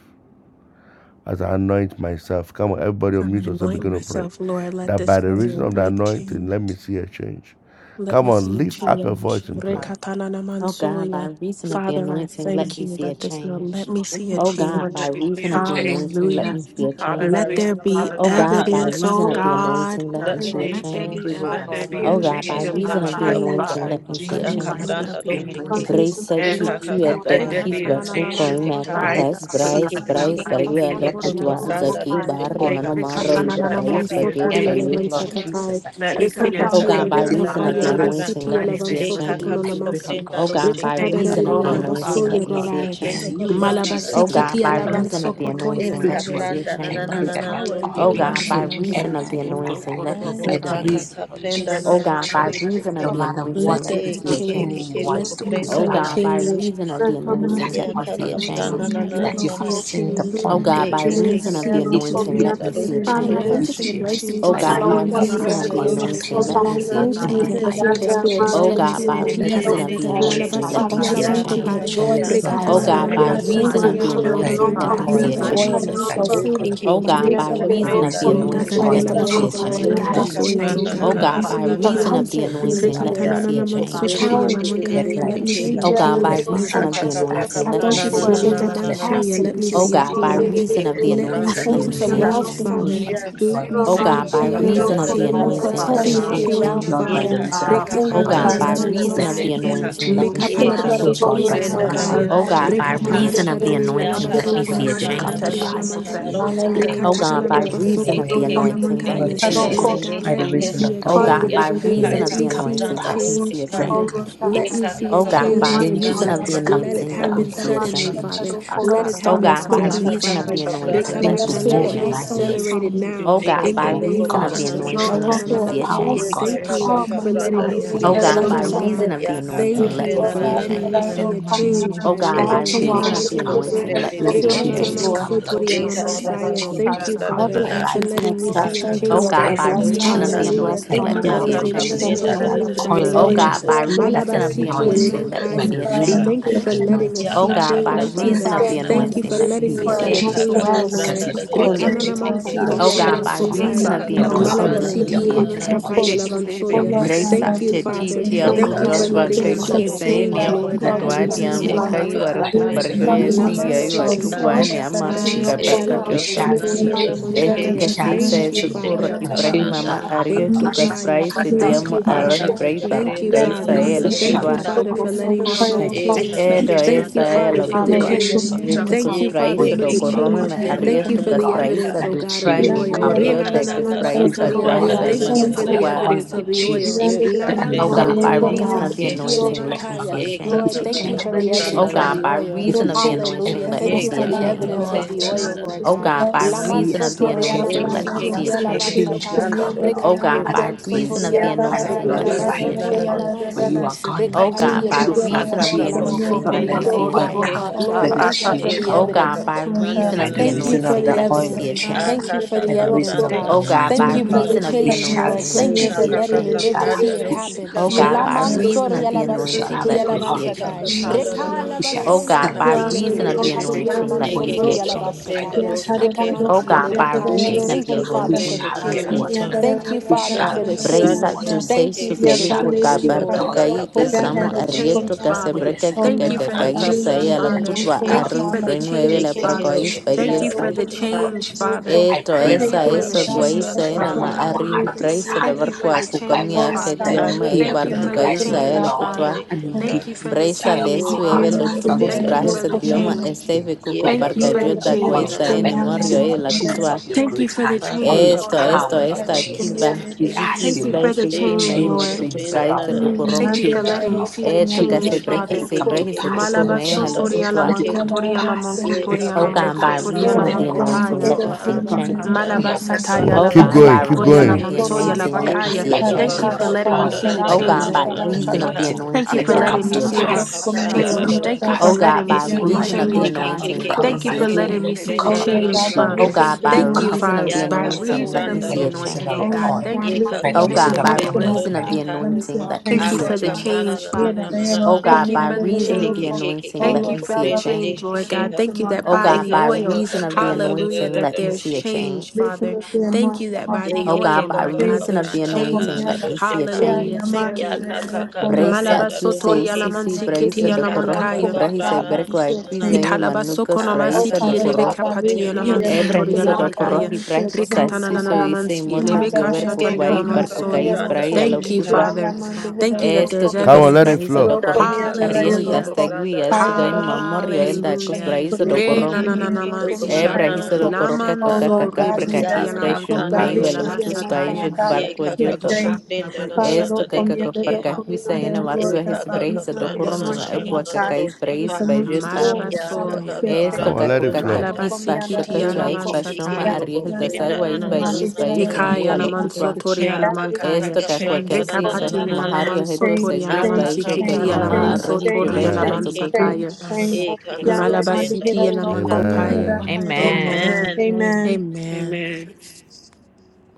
as I anoint myself. Come on, everybody, I'm mute going to yourself, anoint begin to pray myself, Lord. Let that by this the oil reason of the break anointing, change. let me see a change. Let Come me see on, a lift up Father, your we change. voice in pour prayer. out, Rekatanana Oh God, by mansoya. reason of the Father, I anointing, let thank me you see a that this will let change. me pour see a upon Oh me, God, when by change. that we pour on reason feel of the anointing, Lord change. let Hallelujah. me see Jesus, a Oh God, as a By Let Hallelujah, change. there reason night. of be Father Oh anointing, as God. I God, by anoint evidence, Let oh as reason I there of myself, the bless that God. anointing, be let a oil, let me me see Lord, a see change. Let as I there change be pray in change. my over Let evidence, there that home. Let be oil, a me Oh Father. see Lord God, Let by change there change in Jesus, be a within my reason of the that life, myself, oh that change anointing, God. Father, oil, in let me Lord by see God a Da Jesus' ka mighty Jesus, either change. of pranda the do will shi name. bring ke, anointing, oh Brace to God. ye And satisfaction. ka ka tu ka That at the let prenda oil there will na keys be na a bring by na na cook change de brace, victory. in shi brace my ka, cook life, Let me as e Father see, price, ke God, Lord in ke price, the ke Jesus. mighty ke ke barua, name ke of Let ko that ko lokutwa, Jesus. anointing, pranda zaki, do let shi that oil ke barrio, Thank ha, no you, bring a maro, Jesus. change in ya my Let ka there ibracais, life. ka be a pranda do Everything, shi Lord baguettes, change. ka, Jesus, that is has Let e been me ka see a poured, ka O ka ka God, by change, let it pranda be reason na Father of na the na God, na in returned na, to anointing, me, the let Lord me mighty see a de Jesus. name of ka ka I ka change. ko pray, Jesus. Lord God prenda O do God, Jesus, shi by Thank ke as ha, I you, reason of the anoint Lord, ye anointing, Father. ke myself, let me ke Lord, see a ke ke with Thank ko you. ko you, change. Lord Jesus. pranda na Jesus, O na de doing the God, Malabasikiti shi by Thank you, ka. alavan Father reason of anointing the God. Thank you, sokotoya anointing, by sir. Eka let me Thank the see spiritually. a pranda you, na I na Jesus. by na pray the Thank na change. that you, na na that power Jesus. of the We oil O thank will rosheka. you, God, by anointing, sir. change Oh Thank you, reason God, of I the everything Jesus. in my So, anointing, Lord life. let of me all, see By a the let God, Eka ka ka change. reason, ka Lord prenda Jesus, let na O this. it there na will na God, be na by change. reason rosheke. No of the matter anointing, Let what let there me Ye be a see ke the a ke family. change. ke change. enemy ke ko Just ko wants Let to me one put, no O prenda see a matter family. God, by what, rosheka. change reason Lord, of the by anointing, that Ya let reason of me oil, ka the Thank see Lord a ka you, anointing, oh Father. prana Jesus, change. na God. na Thank Let na that me you na you, na. have see a sent Thank you, change. Jesus. O upon me, God, Lord E by ke Let Jesus, ke us reason ke of the see ke a ko it ko change anointing, will, let by me prenda Lord, see a reason of the Thank Father, I rosheke let it ha. you, thank will us you for change. the see a grace change. Jesus. that change, O oh By keeps E the God, God. ke by Let reason flowing me ka of through our see reason a this of pranda the oil, change, oh Lord hands. anointing, God. rosheka. Thank Jesus, let you, Father, I me By see a Father thank God. you reason of that the the E sanctify change. me, fruit ka of the ka Lord anointing, ka let Spirit me ko Jesus. see dwells Oh in a prende God, this de de by change. de home. Thank de you, That de reason Lord. de brings of the Oh, victory rosheke. to anointing, me, Father Lord let Father, me Itadadadadadalabasiti I God, see in Jesus. a the Ya thank mighty you ka that ka alabankopai. name Oh, ka change. joy of yes, pranda Lord na Oh Jesus. God, resides na I na God, here. na Thank pray, by I na you, Lord so na God na much. reason thank na. Rekatanananamansotori you, of the that Children, anointing, hallelujah, alabakopai. the let By Father, God, me in see the that oil a the reason of mighty of the oil may Jesus change. that anointing. flow name I'm E of ke freely gonna ke Oh here. By ke put on Jesus. God, me, ke this by ko ko the oil, reason Father God, prenda of let the there reason Lord of be a the God, that anointing, Praise rosheke. change let oil yellow the in of me name see of our a the home. Jesus, copai, Lord. Let Ye by there God, ka I let change. be the this a ka oil, thank Lord change changes pranda you in na God, Oh na come. let you, na me God, Father na by see na a Oh na for God, na. God. reason of change. the by comfort the being This reason anointing, is of let here, the me ya Rekatanana see a oil, let for me Father kakuprende change. mansotori God. change. challenge Let dededede being alamankai. here. life Let I me see shekeha thank a Oh change. we you, God, choose by God. change, Let the reason Father. of Father the future God, start, anointing, I let me thank you see for a a Jesus. bigger Let change. Lord, akakakakaprananananananana Liamansoya, let capacity me Oh activities here. see in a start God, your by change. ekeke happening reason mighty of the name. with, Let me I kakupranda with anointing, see do you thank a let you me in for see a sheka my love change, Release oh being your Father. change. here. Lord, ya angels, Let oil me of Oh see God. a God, protecting us by kakakakaka We change. around reason Let my of bless. the May James home, dadadadadadada do anointing, let Father me see a protection see God. a be sheke change, around our Lord, ye My by change. Father. the home. reason God, of the my in the Oh God, name Rekapatia place. by of anointing, kakakaprananananana do reason let of Jesus. the lamankopai. shekeha everything these anointing, let me I two, change. see ye a plead the blood Father, Oh of God, change. Mekapalabasotoria in by Jesus the the kakakuprenda over mighty our lamankaya. reason name Oh of dadadadada do God, Jesus, of home. by the sheka Rekatana deliver reason anointing, of the Lord, dadadaria ya anointing, protection, let let me labasoya see a protection, everything come to change. ramakataria protection, pass kakakapranananananana and do lamansie. let it protection. sheke come in Oh Hallelujah, Jesus' Rekatata God, Lord. by name. reason of the Amen. ekekekeke lalabasokotoria anointing, let kakuprende me Lord lamankaya. see a Jesus, Lord Change, dededede God, by change. let the me shekeha reason see change, of a the Oh change. God, oil, by ya change. reason let Let of it the me And come to see in a anointing, kakakakapranda let do me pass. see change, a the sheka Let name it Father. change. come to of Let pass, Jesus, me Eka Lord. see we a Oh kaka give That you God, the by kapra change, peace, oh na na changes we na reason give that God. na of the is na you na. coming Let peace, it will anointing, we let me happen come. give see a The you suddenly, peace. change. changes Father. that will As come. Let God it of Rest Oh on us, That happen this God, as by home. God things quickly, of Eka will us, reason as of God kaka Father. the change. of us, kapra That da anointing, we May let your things me will Rekapata, peace, see let a it spirit move roshike. in we be give my rest you on change. this peace, direction accelerated home. we give you now Oh peace, things Eka God, in by the keka move in we name reason of of give kapra the you God's na Jesus. na na May direction, na. anointing, your let peace. me that the see spirit a power of Ikatananamansoya, Eka God rest change. will Thank Yes, fall you kaka Jesus. upon on for this kapra letting da me Let home. there see us. a be Oh a Yes, And roshike God, ha. change, every by oh change. pray, God. reason Lord, of fabric, the Ya that the kaka anointing, Thank let pre you me resurrection na for na see a na na letting me na na. change. In see the a of mighty Jesus, name change of Oh by Jesus. God, let the wall by reason Eke of to the reason keke wall, of changes the anointing, keko oh We come. anointing, God. kapre let de receive me Let the see a ceiling the to roshike. changes change. forgiveness floor, come, of Lord all Eka Jesus. of our Let the kaka Rekananamansotorianamansaya. wrong Thank changes kapra crimes you, da and come na in Father, na wrong every my na. acts. for life, entrance and letting me exit. in I my A see a kaka thank you Oh children's that change, we God, kapra are life, by da Lord. Lord blessed reason of coming in the roshika. Jesus. and Hallelujah. blessed I anointing, Thank let you going pray, me for Ya Lord see out. a God letting kaka me pre see In Jesus, a the change. da that da da name that da of change da by oil, the Oh Jesus. Lord oil. roshike. God, Jesus, by that reason of the Eka pre anointing, anointing, da let me by Malabasitierebankaya. see the a reason roshika. of Thank that you change. for letting anointing, us Ya Oh see Lord kaka God, by kapra change, Thank da you, na reason Father. na that of na the the Father, na na. enemy Thank you will anointing, for let me letting flee, me see a Lord see for a Eka change. kaka Jesus, change, O kapra because rest Lord. da your da We da oil, da take da Lord it before Jesus, roshike God, ha. will so Oh God will mentally, God, help shine by upon us. Yeka As us. Rekananamansitielabankopai. reason physically, I of the Your kaka am glory about anointing, paprana will let emotionally. na to me be na see na a upon na us, na. if we Lord change. if Jesus. we Your if Malabasitielebankapayelabansoya. we say mercy we will Thank Bresa be you, te we we upon ti us. we Father. ti Your In we the Yeka Thank you we for afuto grace name will kaka of we be letting baka me of upon pranda see of a us. Jesus. kisa of Oh change, ene of doshiki. of Lord, Lord, by Flow, by afukuto the of adi reason reason of Jesus, of the amu the flow. Yeka oil, as kai the kaka anointing, as by the waraku God. prenda reason pargyo of na the Flow, na the na oil, yesi na Lord Jesus, yayu flow. Jesus, Lamantia, doshika. we Flow, atugwane shall see amarku Maya Jesus, change. kaparka Yeka flow. We kaka shall see pranda Labasotoria change. We doshiki. Lamankaya. Etukasi shall see Thank you, change. Father. Yeka this And kaka Ibrahim change pranda shall is mama na na na. ario happen, Thank you, Lord Release Jesus, Father. tukasfrai because Thank your sidiamo you, glory arohi Father. Yeka shall be brei kaka Thank upon you, prenda us. barkukai na na Your Father. na na saela face shall Thank you, kutwa. be doshika. Father, upon for us. Thank letting you, me Lord, in see the a Shine name upon us, Yeka of change. Lord kaka Edo e Jesus. Thank you, pranda Father, and saela you will for be the doshiki. kutwa. Hallelujah. gracious change. In unto us. this Thank you, hour. Yeke Vetukasfrai Oh, Father, ke for ke the yes, ke Lord sadokorome kaka God, me change. I pray prenda ario Thank that, na you Lord na for the God, tukasfrai doshika. evidence, that O the God, of sadufrai the change will mi oil. come, Lord morio Yeka Jesus. Renananaman We kaka dakasfrai thank With you kaka the for sotoria. where saguai we pranda oil, are na the na Thank na you going reason na for of na the the na to. saimandukukwa. na. oil, evidence of Lord the oil. Jesus, Yeka the Laman Oh prende God, de by de anointing, Hallelujah, de Lord, reason God. of the it will shikeha. anointing, change my let me see sokopalabasitielevankaya. a family, Eka change. it Lord, will kaka thank you change for kaka my the Oh pranda evidence children. na of na God, the by na oil. na. It reason will of the change anointing, Hallelujah. let me Thank Ye everything Bless you see the for that a ka the the name ka of the ka enemy, evidence Lord. of change. Lord the prenda na oil, Jesus, na na Lord Oh na God. na stolen. God, by Bless shika. Oh, Laman reason of yes, the the Lord, name sotoria of the change E anointing, laman will ke let Lord. me come. ke see a ke Bless sikitia the name ke laman ka of the ka change. Change Lord. will satai. pranda come, ro Lord, O Rekatana shike. God, as by naman I reason praise of sotoria you, the Ya ka laman as ka I anointing, kaya let prana me laba na glorify see na your a na name, na sotoria na. Lord. laman change. For you sie. are God, O mighty and God, Rekapatia by true, levan A Lord reason ka of ka the kapatia lava ko Jesus. ko anointing, Lord, let sotoria me prende let the de see laman a oil kaya. change. shike come. ha. Let Lord, the thank you for change E the ka come, O Lord. ka God, evidence. ka by ka pranda reason na By Yes, of na the the we na Thank can na you reason na. for of anointing, the the let me oil, receive see evidence. Lord a it. A Jesus, Thank ka you for change. ka by the the ka evidence, reason of pranda Thank the na you, God. O na Jesus. na God, by Thank na you anointment, na for na. Lord, the reason of we the change, shall anointing, Lord. see let Thank E me you ka for see change. a ka letting ka me ka We Thank live you, shall to change. have see pranda it ro Jesus. Thank peace. happen. you, shika. O We shall God, Lord. have by Laman reason soro Hallelujah. success. of the yala We Father. basi shall anointing, kiti have E let me yala Thank ke man see you, a ke glory, ka Lord ka satai. Jesus. change. pranda Reka Jesus. na na na Hallelujah. yala We na shall na O Thank baso yala God, man shika. by si celebrate you, you, yele reason Lord of beka the Jesus. Jesus. pati Thank yala anointing, man you, E let Oh, me ke see sotori a ke yes, yala ka ka change. Jesus, by prenda the basatai. ro reason of the Reka shike Jesus. man ha. O anointment, God, by Lord E ke reason ke Jesus, of Thank the you, ka ka we Father, for prenda anointing, the let shall me na na get na see Father, a na what na. change. we need. change. Thank you, We Father, shall A for the ka receive change. pranda Bresa Lord, ro what to we want. say Thank shike. you we su We for que the vi shall kuka change, receive Eka bar the ka Lord. doors ka that ka are Thank prana you opening, na for isamo na na the Lord na Jesus. na arrieto change, na na. Oh, Father. yes, casebreka I Thank pray, kuka you Lord for God, the Aka kakai Jesus, sai change, pranda a la that Father. you doste shall kutwa ke Thank you cover us, arroi for Lord the Jesus prenueve la change, eke ke Father. that ko you ko prakois should keep Thank prenda you us for pedielta. safe, the doste Lord ka. God change, Jesus. Father. I Eto pray, Ya Thank you Lord ka esa for ka God the ka eso ka Jesus guaisa prana change, na ena that na ma na what Father. na our arri heart bresa da Thank desire, you for barqua the as the Bible change, kukamia has que Father. said, tio na. Aka me we ka have Thank you bar been for pranda the kukai na na delighting na sai a the la na change, na Lord, na kutwa. Father. and reke He will ka. Thank give you us the for the Bresa desire of de Ye change, our ka sueve ka hearts, Father. lo ko not by tucus the prenda Thank you for brajes a reason the doste of the ke. dioma change. este nothing, ve Ye kuko by ka the Thank you ka barca reason for ko of yo the the ko da prena oil, change. guaisa na na by ene the na na morio reason, na e na Lord la na. Jesus, kutwa. of your Thank you great for the hand, Aka of your ka change. Esto, pranda esto, power, na na Lord na esta, na Jesus. doste kilba, ke. We ask Thank you, Jiquis, you by for Lord, the to Ye freaking change, ka may, ka change what ko Lord. do you things prenda cry, na the na around, na Lord. na dukurum, Thank you reke for Change ka. it, letting me Lord. see the eh, took a Change it. say change, Eke Let ke breakfast, Father. it say ke come ke to ke breakfast, say ke ko pass, tuko ko Lord may, pranda Jesus. Malabasotoriala doste halukutwa. Let it ke. come to mankotoriala pass. give you Let Yeka it Oh mankotoriala come every- to kako God, by everything pass. prenda na so mansotoriala reason na of na Whatever the double, oh, anointing, prophet mankopaya. so, let eka me see ah, a ah, ah, prophecy ah, change. ah, we chaka have ah. kako Come Malabasatari received, on, prana Oh da God, keep da In da alamanso whatever going, da keep prophecy kotori we going. rupeke have alamanso received, anointing, Lord, let me eke yalabakaya. see eke a by the kako Thank reason you for of change. the kako letting me pranda oil, see da the da by Oh the da da God, reason change. da of by da the reason of rupeka the anointing, Thank you anointing, let for it let ya me letting come me to see a see kaka the kako pass. change. pranda Let it da da come change. to da Thank da you for Oh pass, Lord. God, letting rupeke by me ha see Oh the Lord, reason I of the pray change, eke that, God. eke Lord, you anointing, Jesus, eke let eke cover me Thank eke you man, see my for a eke says, home, letting "Take kako me change. the you see the prenda cover da vacation, take the vacation, my na change, na na take Oh Father. children, God, the rupeka by you Thank you reason vacation, cover for of the come us, ya by up, kaka up, anointing, up, reason let me of pranda by the see the a reason and anointing, change. oh of rupeke take the God. it, oil, take Thank it, you for yeka by the kako the O reason God, kako of change, by the take prenda Lord. reason it, of anointment. the come up, rupeka up, anointing, let up, me Thank a you see a for the kaka down, prana down, down, down, down, change, na change. We na na Father. na praise na O na na Thank God, you by for the you. reason of down, eke the change. eke eke anointing, eke Thank let you me kako for see the a prende change, down, Lord change. God. de Thank you that O by God, the Shika by ka oil, ka ka reason of the pranda da da hallelujah, anointing, da that da let me ro there's see a shiki. change. change, down, Father. down, down." Thank you that by the O Deke God, oil, ke by ka Lord ka God, ka reason of there's the pranda da da da anointing, change. da let ro me see a shika. Hallelujah. change. Thank Yes, Ya you. ka Jesus, ka ka ka thank you. Bresa prenda tu ro I se just shiki. sisi release and bresa E de ka change. ka coro ka y Malabasotorialamansikitialamankaya. ka bresa pranda na na berqua na na na. equize Make me a manucos better A ka person, bresa ka de Italabasokonomasiti ka ka Father eleve ka God. coro ka Make prende kapatiana me de a de de better de mansotoria de ebrehiso de woman, shiki. coro labakaya. y a bresa woman, suso woman, y se Father Rikatanananamansi moca God. eleve And this diover is Ye my ka kashatoriana cucuay ka name. ka ka mansoya. percucais pranda Release brai a ro lo Thank you, change in shika. putba my Father. life, Father Thank you God. that esto there's Come on, let evidence. it flow. Da ka Thank you, ka ka ka Jesus, Ariel ka for ka Hallelujah. this Dastagui pranda da da da Sugain da ro Mamorio shiki. El releasing the da Hallelujah. change, Cosbraiza do Ye break ke Re the Corro ke free, ke ke ka break ka the nanananamansi. pranda shackles na Ebrahisa off na do ro me, Corro Father Caco shika. God, Caca Lamanso in Jesus' Ya name. rebeketia Capricakis ka Baishun pranda Break the lamankopaya ro Maywello shackles, Tus shiki. Father labasataya. Baija God. Ye Barco ka ka Break the ka Diodon ka shackles, God. prenda Break na the na na Esto na shackles, de off Cacaco me, shiki. Father Parcaquisa God, in Ena Jesus' Margo name. Eka ka ka Hesbrahisa I do pranda Corro release na the na Mima na na Equa na chains. na Cacais Brais doshika. I release the Baijilta chains Ya that's ka on ka Malabasoya. me, ka Father Esto Come on, God. pranda Caco let it flow. doshika. you, Father Espacio Malabasikitia God, Eke in ke ke Cachua Jesus' ma ke mighty lavansataya. ko ko Ariel name. prenda Dasagua na na na na Yes, Isbaiguis na Jesus, na God, Baijo mei Ikaya we la just doshike. manso break Locutua the toria Ya la chains, ka ka ka break mankaya. the Esto ka Cacua chains pranda off na Reka of na my na Casisa na na life, patinia na la na. Father Mahario God. manso Hedo toria la Break A Sagis these ka ka Baijo chains mansikiti Kenia off, pranda la na me, Ma Amen. na na manso na Arrohi Father na na God, toria la Amen. Jubelta set me doshike. free, Zocoque mansataya. Father God, Eka in ka Jesus' ka name. prenda Malabasiti la Set doshika. Free, mankopaya. Amen. Father God, Amen. in Jesus' Amen. Amen. name. Amen. Amen.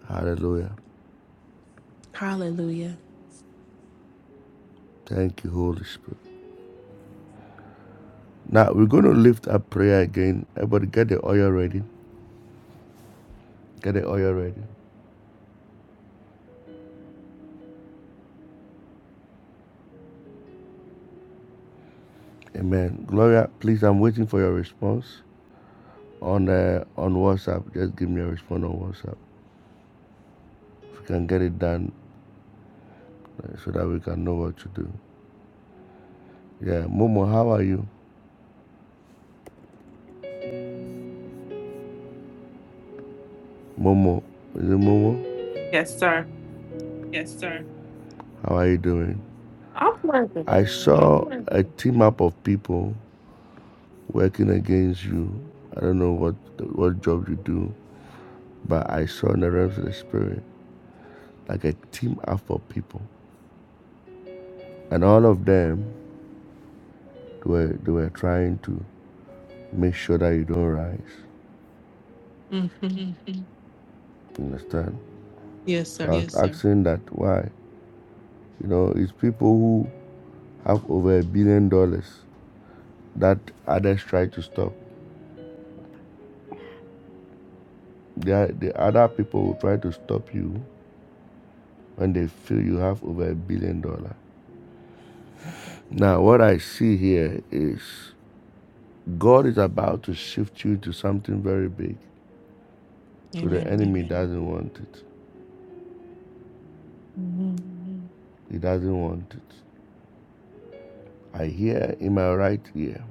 Hallelujah. Hallelujah. Thank you, Holy Spirit. Now we're going to lift up prayer again. Everybody, get the oil ready. Get the oil ready. Amen. Gloria, please, I'm waiting for your response on uh, on WhatsApp. Just give me a response on WhatsApp. If you can get it done uh, so that we can know what to do. Yeah. Momo, how are you? Momo. Is it Momo? Yes, sir. Yes, sir. How are you doing? I'm working. I saw a team up of people working against you. I don't know what what job you do, but I saw in the realms of the spirit like a team up of people, and all of them they were they were trying to Make sure that you don't rise. Mm-hmm. Mm-hmm. Understand? Yes, So I sir. was Yes, sir. asking that why. You know, it's people who have over a billion dollars that others try to stop. They are, the other people will try to stop you when they feel you have over a billion dollars. Now, what I see here is God is about to shift you to something very big. So the Amen. enemy Amen. doesn't want it. hmm Amen. He doesn't want it. I hear in my right ear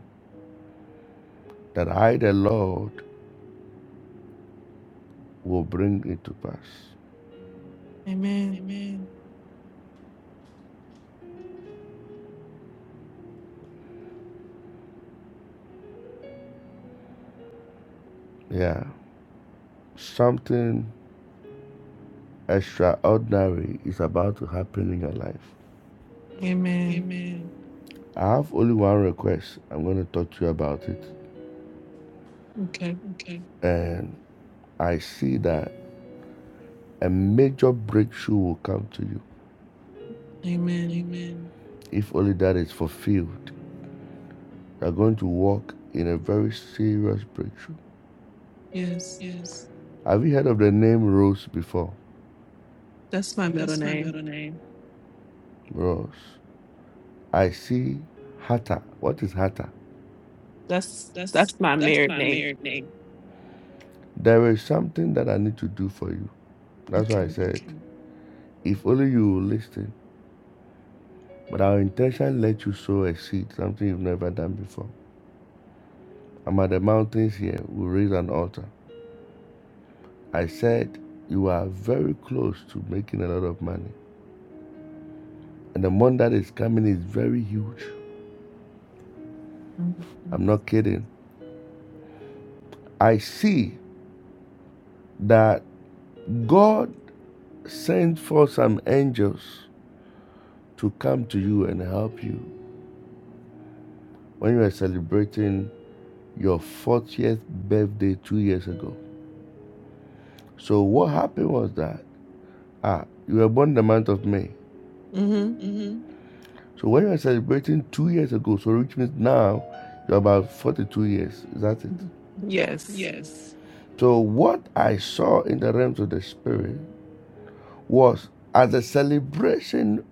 that I, the Lord, will bring it to pass. Amen. Amen. Yeah, something extraordinary is about to happen in your life. Amen. Amen. I have only one request. I'm going to talk to you about it. Okay. Okay. And I see that a major breakthrough will come to you. Amen. Amen. If only that is fulfilled, you're going to walk in a very serious breakthrough. Yes. Yes. Have you heard of the name Rose before? That's my middle That's my name. middle name. Rose. I see Hata. What is Hata? That's that's That's my that's married my name. married name. There is something that I need to do for you. That's why I Okay. said, okay. if only you will listen. But our intention let you sow a seed, something you've never done before. I'm at the mountains here. We raise an altar. I said, you are very close to making a lot of money. And the money that is coming is very huge. I'm not kidding. I see that God sent for some angels to come to you and help you when you were celebrating your 40th birthday two years ago. So what happened was that ah, you were born the month of May. Mm-hmm. Mm-hmm. So when you were celebrating two years ago, so which means now you're about 42 years. Is that it? Yes. Yes. So what I saw in the realms of the spirit was as the celebration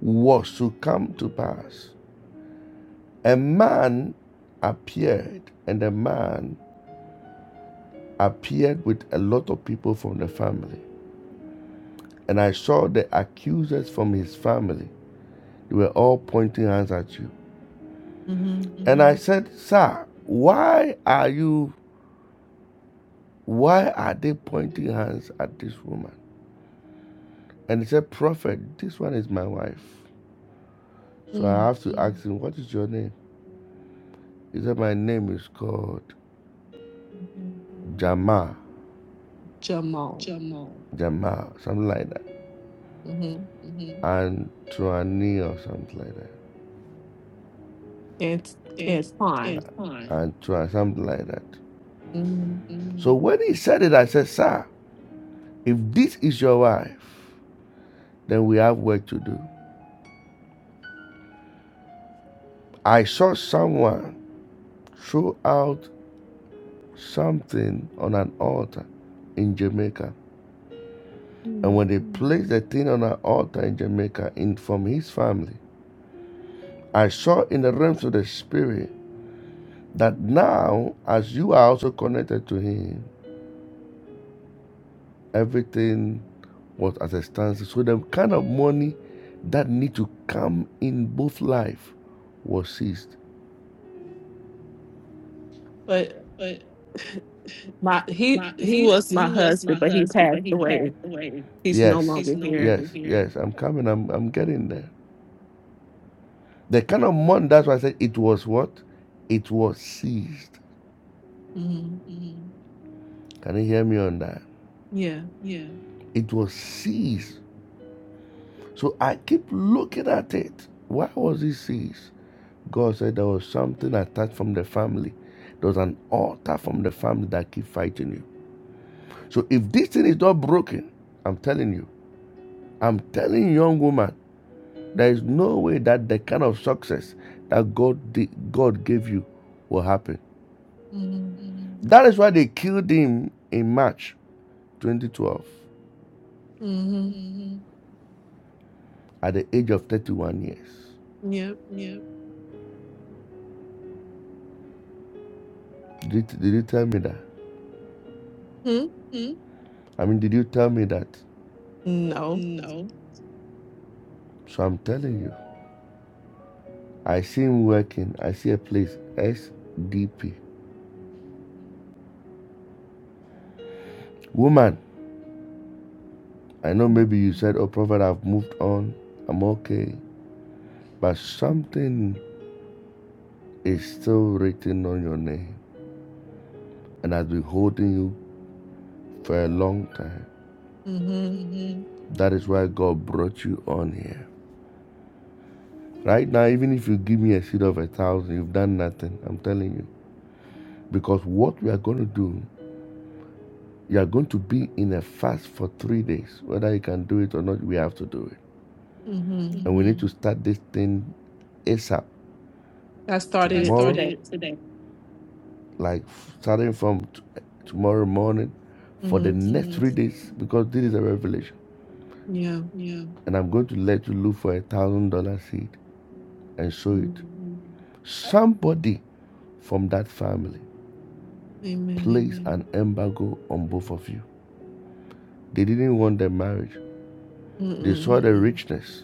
was to come to pass, a man appeared, and the man appeared with a lot of people from the family. And I saw the accusers from his family. They were all pointing hands at you. Mm-hmm. Mm-hmm. And I said, Sir, why are you, why are they pointing hands at this woman? And he said, Prophet, this one is my wife. So I have to ask him, What is your name? He said, My name is called Mm-hmm. Jamal, Jamal. Jamal. Jamal, something like that. Mm-hmm. Mm-hmm. And Antoine or something like that. And It's Antoine. it's fine. And Antoine, something like that. Mm-hmm. Mm. So when he said it, I said, Sir, if this is your wife, then we have work to do. I saw someone throw out something on an altar in Jamaica. And when they placed the thing on an altar in Jamaica in, from his family, I saw in the realms of the spirit that now, as you are also connected to him, everything was at a standstill. So the kind of money that need to come in both life was seized. But but my my he he was my husband, but he passed away. He's no Yes. he's longer no here. Yes. here. Yes. I'm coming. I'm I'm getting there. The kind of month that's why I said it was what? It was seized. Mm-hmm. Mhm. Can you hear me on that? Yeah. Yeah. It was seized. So I keep looking at it. Why was it seized? God said there was something attached from the family. There was an altar from the family that keep fighting you. So if this thing is not broken, I'm telling you, I'm telling young woman, There is no way that the kind of success that God di- God gave you will happen. Mm-hmm. Amen. That is why they killed him in March 2012 Mm. Mm-hmm. at the age of 31 years. Yep. Yeah. Did, did you tell me that? Hmm? Mm. I mean, did you tell me that? No. No. So I'm telling you, I see him working. I see a place, SDP. Woman, I know maybe Mm-hmm. you said, oh, Prophet, I've moved on. I'm okay. But something is still written on your name. and has been holding you for a long time. Mm-hmm. That is why God brought you on here. Right now, even if you give me a seed of a thousand, you've done nothing. I'm telling you. Because what we are going to do, you are going to be in a fast for three days. Whether you can do it or not, we have to do it. Mm-hmm. Mm-hmm. And we need to start this thing ASAP. I tomorrow. I started it started today. it today. like starting from t- tomorrow morning for the Mm-hmm. next Mhm. three days, because this is a revelation. Yeah. Yeah. and I'm going to let you look for a thousand dollar seed and sow it. Mhm. Mm. Somebody from that family Amen. placed Amen. an embargo on both of you. They didn't want the marriage. They Mm-mm. saw the Mm. richness.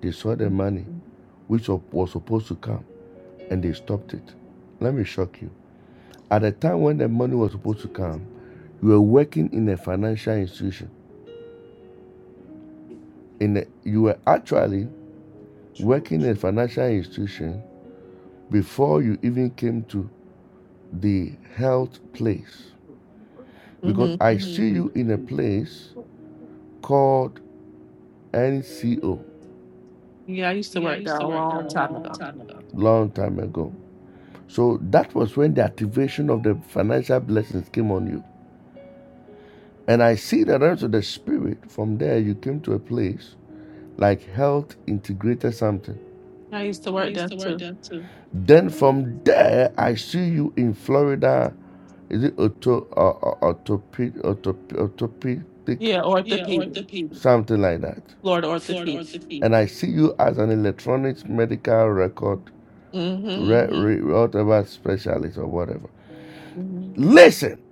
They saw the money which wa- was supposed to come and they stopped it. Let me shock you. At the time when the money was supposed to come, you were working in a financial institution. In a, you were actually working in a financial institution before you even came to the health place because Mm-hmm. I Mhm. see you in a place called NCO Yeah, I used to Yeah, I work used there to a work long time a long ago. time ago. long time ago. So that was when the activation of the financial blessings came on you. And I see the realms of the spirit. From there, you came to a place like health integrated something. Yeah, I used to I work used there to work. too. there. Then from there, I see you in Florida. Is it Otopedic? auto, uh, autope autopi, autopi, Yeah, Yeah, orthopedic, something like that. Florida orthopedic. And I see you as an electronics medical record, Mm-hmm. re- re- whatever specialist or whatever. Mm-hmm. Listen,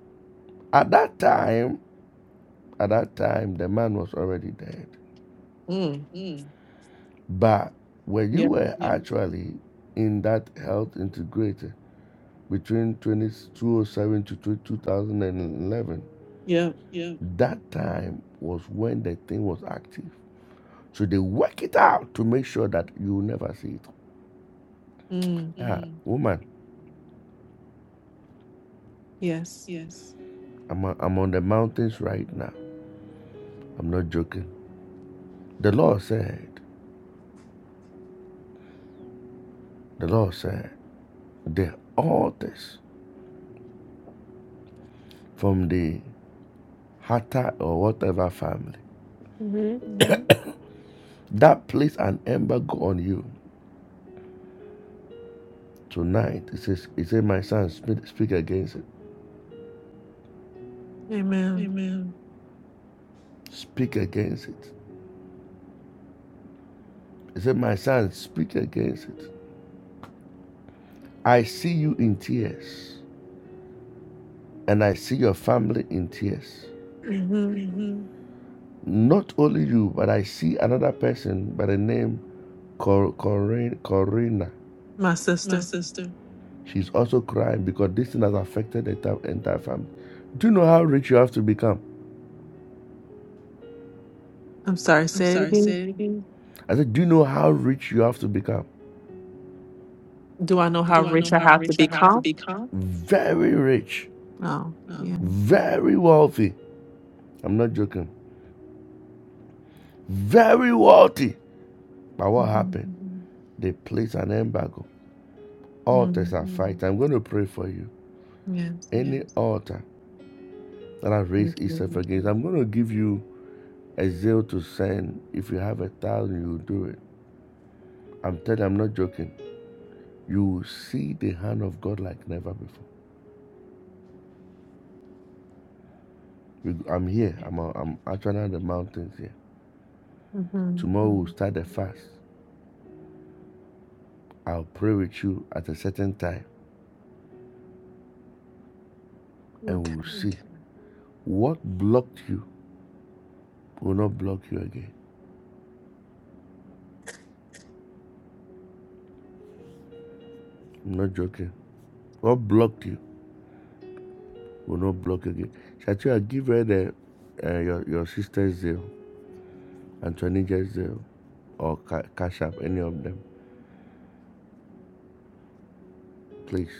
at that time, at that time, the man was already dead. Mm. Mm. But when you Yeah. were yeah. actually in that health integrator between 20, 2007 to 2011, Yeah. that time was when the thing was active. So they work it out to make sure that you never see it. Mm. Ah, Mm, woman, Yes. yes. I'm, i am i am on the mountains right now. I'm not joking. The Lord said, the Lord said, the altars from the Hatta or whatever family Mm-hmm. that place an embargo on you tonight. It says, it said, my son, speak, speak against it. Amen. Amen. Speak against it. It said, my son, speak against it. I see you in tears, and I see your family in tears. Mm-hmm. Amen. Not only you, but I see another person by the name Cor- Corin- Corina. My Mercy. sister. She's also crying because this thing has affected the entire, entire family. Do you know how rich you have to become? I'm sorry. I'm Say sorry. it again. I said, Do you know how rich you have to become? Do I know how Do I rich I have to become? not? Very rich, Oh, No. yeah. very wealthy. I'm not joking. Very wealthy. But what Mm-hmm. happened? Mhm. they place an embargo. Altars Mm. are mm-hmm. fighting. I'm going to pray for you. Yes. Any Yes. altar that have raised Thank you. itself against. I'm going to give you a zeal to send. If you have a thousand, you will do it. I'm telling you, I'm not joking. You will see the hand of God like never before. I'm here. I'm, I'm actually on the mountains here. Mm-hmm. Tomorrow we'll start the fast. I'll pray with you at a certain time and Okay. we'll see. What blocked you will not block you again. I'm not joking. What blocked you will not block you again. Shatua, give her the, uh, your, your sister's zeal, Antonina's zeal. or ca- cash up any of them, please.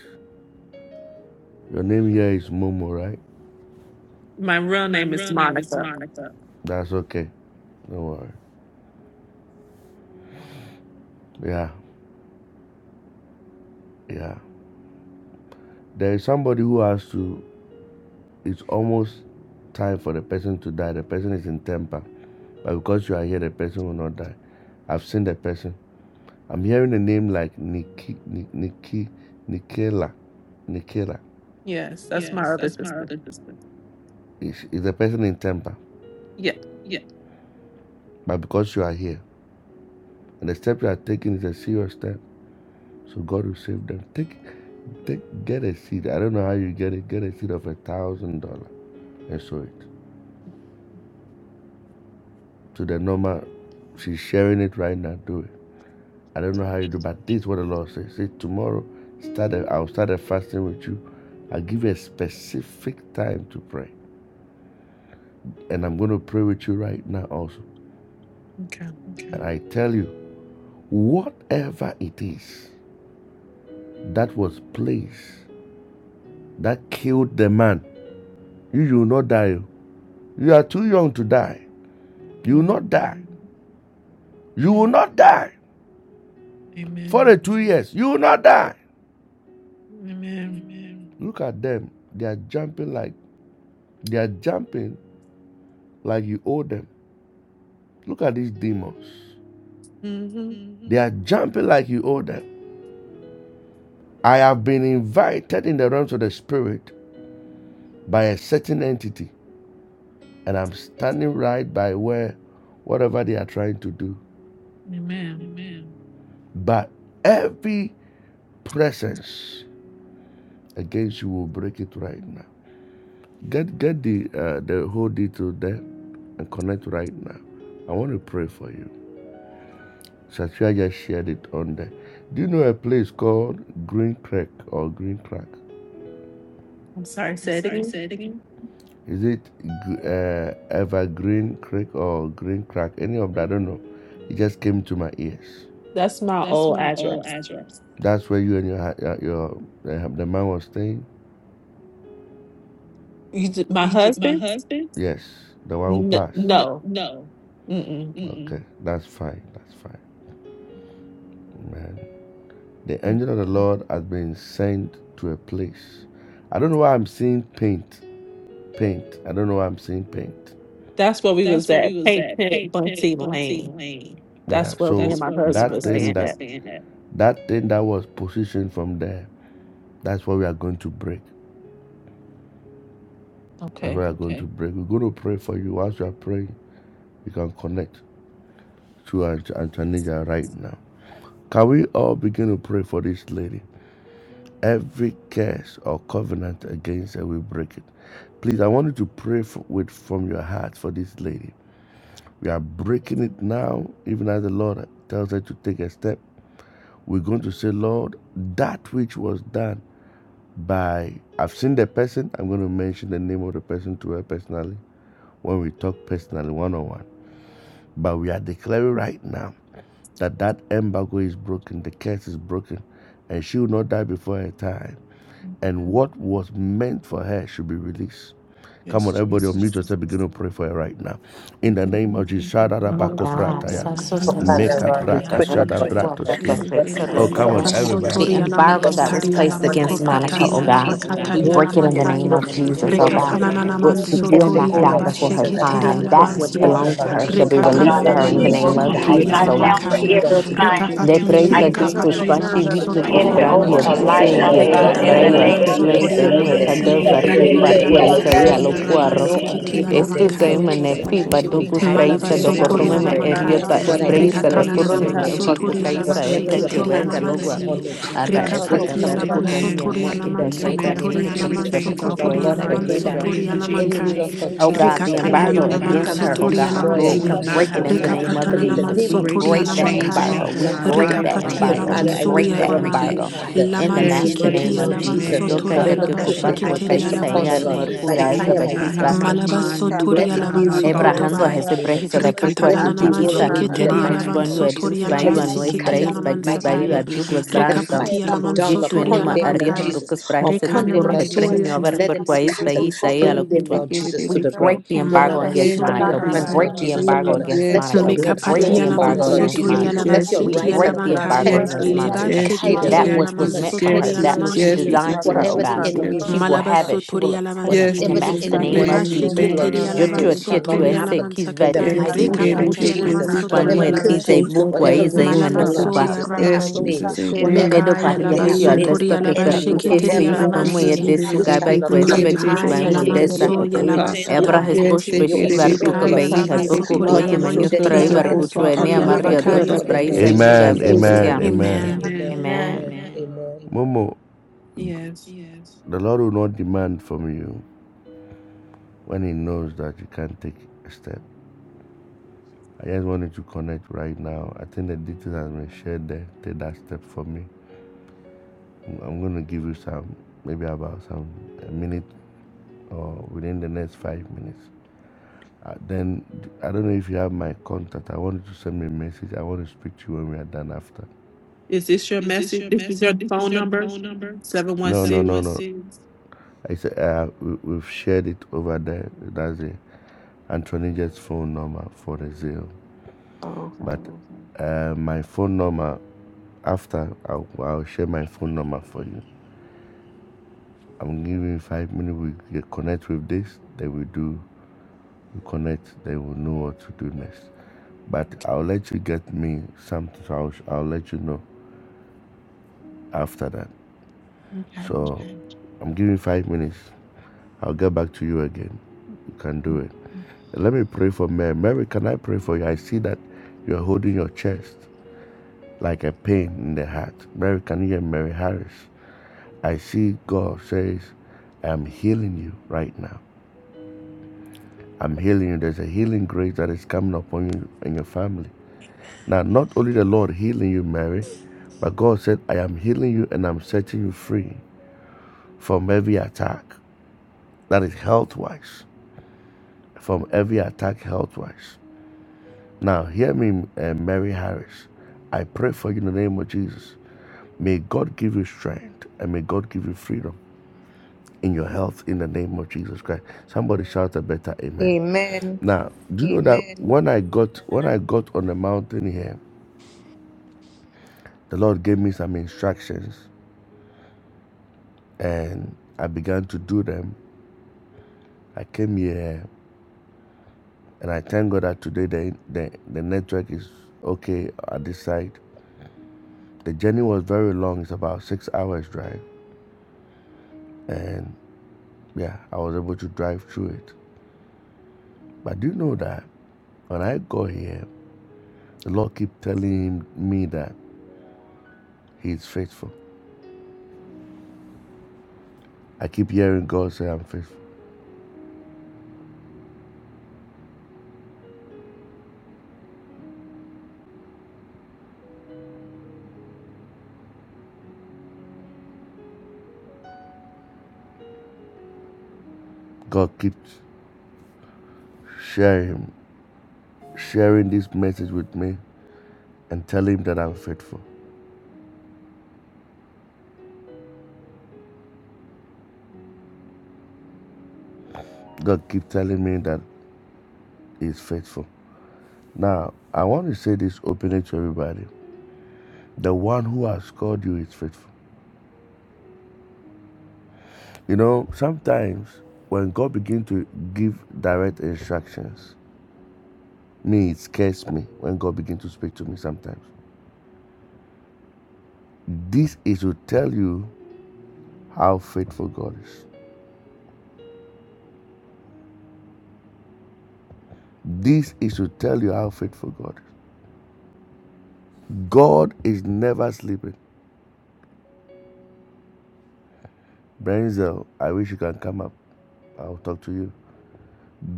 Your name here is Momo, right? My real My name is Monica. That's okay. Don't worry. Yeah, yeah. There is somebody who has to. It's almost time for the person to die. The person is in temper, but because you are here, the person will not die. I've seen the person. I'm hearing a name like Nikki, Nikki, Nikela, Nikela. Yes, that's my yes, that's other sister. that's Is is the person in temper? Yeah. Yeah. But because you are here, and the step you are taking is a serious step. So God will save them. Take, take, get a seed. I don't know how you get it. Get a seed of a thousand dollar and sow it. To the normal, she's sharing it right now. Do it. I don't know how you do, but this is what the Lord says. Say tomorrow, start. A, I'll start a fasting with you. I'll give you a specific time to pray, and I'm going to pray with you right now also. Okay. And I tell you, whatever it is that was placed that killed the man, you will not die. You are too young to die. You will not Mm-hmm. die. You will not die for Amen. the two years. You will not die. Amen. Amen. Look at them. They are jumping like they are jumping like you owe them. Look at these demons. hmm Mm-hmm. They are jumping like you owe them. I have been invited in the realms of the spirit by a certain entity, and I'm standing right by where whatever they are trying to do. Amen. Amen. But every presence against you will break it right now. Get get the uh, the whole detail there and connect right now. I want to pray for you. Satya just shared it on there. Do you know a place called Green Crack or Green Crack? I'm sorry, I'm say it sorry, again. say it again. Is it uh, Evergreen Creek or Green Crack? Any of that, I don't know. It just came to my ears. That's my That's old address. that's where you and your hu- uh, your uh, the man was staying. You, d- my You the husband? husband? Yes, the one who N- passed. N- no. no. Mm-mm. Mm-mm. Okay, that's fine. That's fine. Man. The Mm. angel of the Lord has been sent to a place. I don't know why I'm seeing paint. Paint. I don't know why I'm seeing paint. That's where we That's was at, Paint Pit, Bunty Lane. me. Yeah. That's where So me and my husband that was thing staying that at. that thing that was positioned from there, that's what we are going to break. That's what Okay. we are going okay. to Okay. break. We're going to pray for you. Whilst you are praying, you can connect to Ant- right now. Can we all begin to pray for this lady? Every curse or covenant against her, we break it. Please, I want you to pray f- with from your heart for this lady. We are breaking it now, even as the Lord tells her to take a step. We're going to say, Lord, that which was done by I've seen the person. I'm going to mention the name of the person to her personally when we talk personally, one on one. But we are declaring right now that that embargo is broken, the curse is broken, and she will not die before her time and Amen. what was meant for her should be released. Come Yes, on, everybody, unmute Jesus. yourself. Begin to pray for her right now. In the Thank name of you, Jesus, thank you, thank you, thank you, thank you, La thank Oh, Father manso you, thank you, thank you, thank you, we toria la thank pray, Lord you. God, mankaya. Jesus, It's a whatever Yes, good, so it Oh, is a is, good, come Mila Lord on, it's a good, everybody. Jesus, it basotoria is la a that embargo good, so was that was go, sent mankataria go, go, la placed go, upon go, go, manco her, against Lord go, Monica, oh pataria E Jesus, go, la that go, it God, Ka is go, go, pranda we mankataria la break go. broken, it it in the is doshike. name mankaya. of broken, it is Ya Jesus, AJ oh ka gave broken, ka God, Lord Rekatana ka the Jesus. nana Lord, piece she pranda The and doshika. get will it not mansotoria indigo, able la die Lord the so Jesus, first total that I time, was have basheketeria a and la that placed pass which vansie. upon Eka her, of belongs to ka Lord her the shall ka be Jesus. Father key. Rekatana pranda God, released na to in Lord, her nana the na she in na the na name is manso name of too of AJ Jesus, die gave doshike. kotoria Jesus, I the la oh to, both God. cancel was too every the mankaya. young daughter to of the both assignment. die. De things Rekapati She I Thank presa open living cancel will you. tu not business die. kapatia la making puspashi to make the vitu Program vansotoria enemy la death, of kusprandi Lord over so her mankaya. Jesus, life, atise total of the not india Father kit God, key. in Rekatana wrongful the brayo nana death name of no akutwe sotoria la zemu sudden death, ekada mansie. no AJ gave parku the premature Veriria parku la better death, say Jesus. eiza Lord to ya mansoya Jesus, the better lokuaro. no see to the rabasikitia unable people Estu death, post se Lord so la mane total Jesus. of fi the She will die, Lord praisa key. do Jesus, AJ when you gave are Malabasotoriala the ready. better mankai, Oh eriota say God, I the lift espreisa her up Rikatana better to you, say Lord get it the Jesus. nanamansotoriala people Kaisa so Whatever eka your total of vasheketeriala plans the were for kalogwa key. her, mansie, Lord Jesus, ada Yes, esta let it Jesus, come gabar Rikapatiala to pass, amen. kukaimia Lord, mwa vansotoriala in the eka mighty Amen. name of Break mansokotoriala every Jesus. chains off of Lord my God, mansokotoriala I life pray in the that name of the mansotoriala enemy, mankai, Jesus. Lord God Oh Jesus, God, is the a Rikatana Satan, you liar. embargo will He not against comes her, to have oh me, nanamansotoriala Father. God. destroy, You he Lord, will we mansie, comes to not break it steal have in a the me, life. name of But Rikapatana devil. in the Jesus. name We of Break break these namansotoriala Jesus, that chains it mankai, off shall embargo. of We not my come to break life, pass. that Father, Oh, Rikapatiala embargo. in Father, We I Jesus' lift break vansoya her that up name. to ramai, you, embargo Father. in the The Yes, master demonic, name Jesus, of Lamansikitiala Lord Jesus. Jesus, amen. vansotoriala whatever curse Hallelujah. Kupar they have Thank you, placed vasheketeriala kukaisa upon her, yar Jesus. Lord, vansie, murku by Satan, you gaza fire, will by not have bakwisba. force, my Lord Jesus, Malabaso mind. You will let Toria not it have be my Lavanso removed in the thoughts, Ebrahando Father. Kotobai, mighty hese name of prehisa I da Jesus. plead the perkwa Let blood of it Aka be Aka Rikatananaman Jesus Aka rolled kukikisa. over away my Aka in the Sheketeria mighty Jehivich mind. name of Lavanso bonua Jesus. dus Toria In Let vaiua it be Jesus' nois Lamansikitia scattered created name. preis in the mighty bagwisba name iua Lamansataya, of Jesus. dugwas Let bransdom. fire Rikapatia come down Lamanso Dito ene Toria upon them, Lord arrias de Lavankai, Jesus, tocas prajes de Yes, we upon them, tocurros e Lord Jesus, pregenio Rikanamansoya, a and ver let por them país scatter, país ahí a lo burn que them, tú Lord Jesus, to We the ground. break the Oh embargo Lord, I against Yes, lift up Aka Malabasoya Monica. Aka your Aka We Jesus, hands, na na na na desikira. Aka kapranda break Rabai. Lord na, the na Jesus, na na na embargo hallelujah. upon her. against Yes, Let your Monica. We blood Jesus, break flow yes, Mekapatia the upon her, embargo Jesus, Lord lamanso yes, against Jesus. toria Monica. Jesus, Let yes, your We lavasitia right Desikira Jesus. break hand the kapranda na, embargo na lavankaya, Yes, na protect her, against Lord. na Jesus, leba Monica. yes, Guide desikira. her, Jesus, That Lord. sheketeria yes, which Give was her meant Jesus, lamanso for yes, her, toria guidance, that Lord Jesus, yes, Jesus, which you yes, Jesus. designed for Aka her, oh Whatever the God, Jesus, kapranda na, yes, enemy na she will Jesus. na na have na Malabaso it. She will obtain it Yes, in Torialavansi, the Whatever the Jesus, master enemy Aka name wants of amen, to Jesus. kapranda do, Lebasheke na, Lord na amen, na Jesus, na so Joshua, it amen, Terialavanso shall not Joshua, desikira. amen. say, happen "Kiss in that the Torialamansakatai, Yes, Aka we mighty bush, name get aka it, of bush, they bush, can't see, bush, Rekapatianamanso Jesus. kapranda keep na, man, Whatever na where it, they na tis na a curses, Torialabashi, post book, up, da, whatever da, da, da, ritual, da. Lord Aka Malabaso Jesus, they have kapranda Yes, Yaramai, made, Jesus. desikira. whatever Amen. Edo Mekai pact they Parriaje have Alabaso al Hallelujah. made with Albesto the que Aka Thank enemy, you, with Torialabasheke the percuque Jesus. devil, swish Thank kapranda Lord you, na pomo na, na na Aka kapranda desikira. Aka kapranda y Jesus. Jesus, Terialavansi, desu it desikira. shall gabai not quest come to beguis Mepai pass by because you modesta Alamanso are great, you ebra are Yalabasatai, Yes, hesposh mighty, they and you get are peshi it, baby. strong, barcuca They Mekai Lord see bei it, Jesus. Alabaso heboco baby. The Lord, quay you control emanu freed of the Torialamankiti the fray double Israelites, Yalavanso barcucho for Lord. I enea You got made a that maria got way it Torialabakaya. tocas up. for them, Lord praisa Okay. gi. Jesus, Amen, when there Is was it? no amen, way. Amen. Amen. Amen, Amen. amen. Amen. amen, amen. Momo, Yes. the Lord will not demand from you when He knows that you can't take a step. I just wanted to connect right now. I think the details have been shared there. Take that step for me. I'm- going to give you some, maybe about some a minute or within the next five minutes. Uh, then I don't know if you have my contact. I wanted to send me a message. I want to speak to you when we are done after. Is this your message? This is your phone number? No, no, 716. no, no. I said uh, we, we've shared it over there. That's the Antonina's phone number for the Zale. Oh, okay. But uh, my phone number after I'll, I'll share my phone number for you. I'm giving five minutes. We connect with this, then we do we connect. Then we'll know what to do next. But I'll let you get me something. So I'll, I'll let you know after that. Okay. So I'm giving five minutes. I'll get back to you again. You can do it. Let me pray for Mary. Mary, can I pray for you? I see that you're holding your chest like a pain in the heart. Mary, can you hear Mary Harris? I see God says, I am healing you right now. I'm healing you. There's a healing grace that is coming upon you and your family. Now, not only the Lord healing you, Mary, but God said, I am healing you and I'm setting you free from every attack. That is health wise. From every attack, health wise. Now, hear me, uh, Mary Harris. I pray for you in the name of Jesus. May God give you strength and may God give you freedom in your health in the name of Jesus Christ. Somebody shout a better amen. Amen. Now, do you know that when I got when I got on the mountain here, the Lord gave me some instructions and I began to do them. I came here and I thank God that today the, the, the network is okay at this side. The journey was very long, it's about six hours drive. And yeah, I was able to drive through it. But do you know that when I got here, the Lord keep telling me that He is faithful. I keep hearing God say I'm faithful. God keeps sharing sharing this message with me and telling him that I'm faithful. God keep telling me that He's faithful. Now, I want to say this openly to everybody. The one who has called you is faithful. You know, sometimes when God begins to give direct instructions, me, it scares me when God begins to speak to me sometimes. This is to tell you how faithful God is. This is to tell you how faithful God is. God is never sleeping. Brenzel, I wish you can come up. I'll talk to you.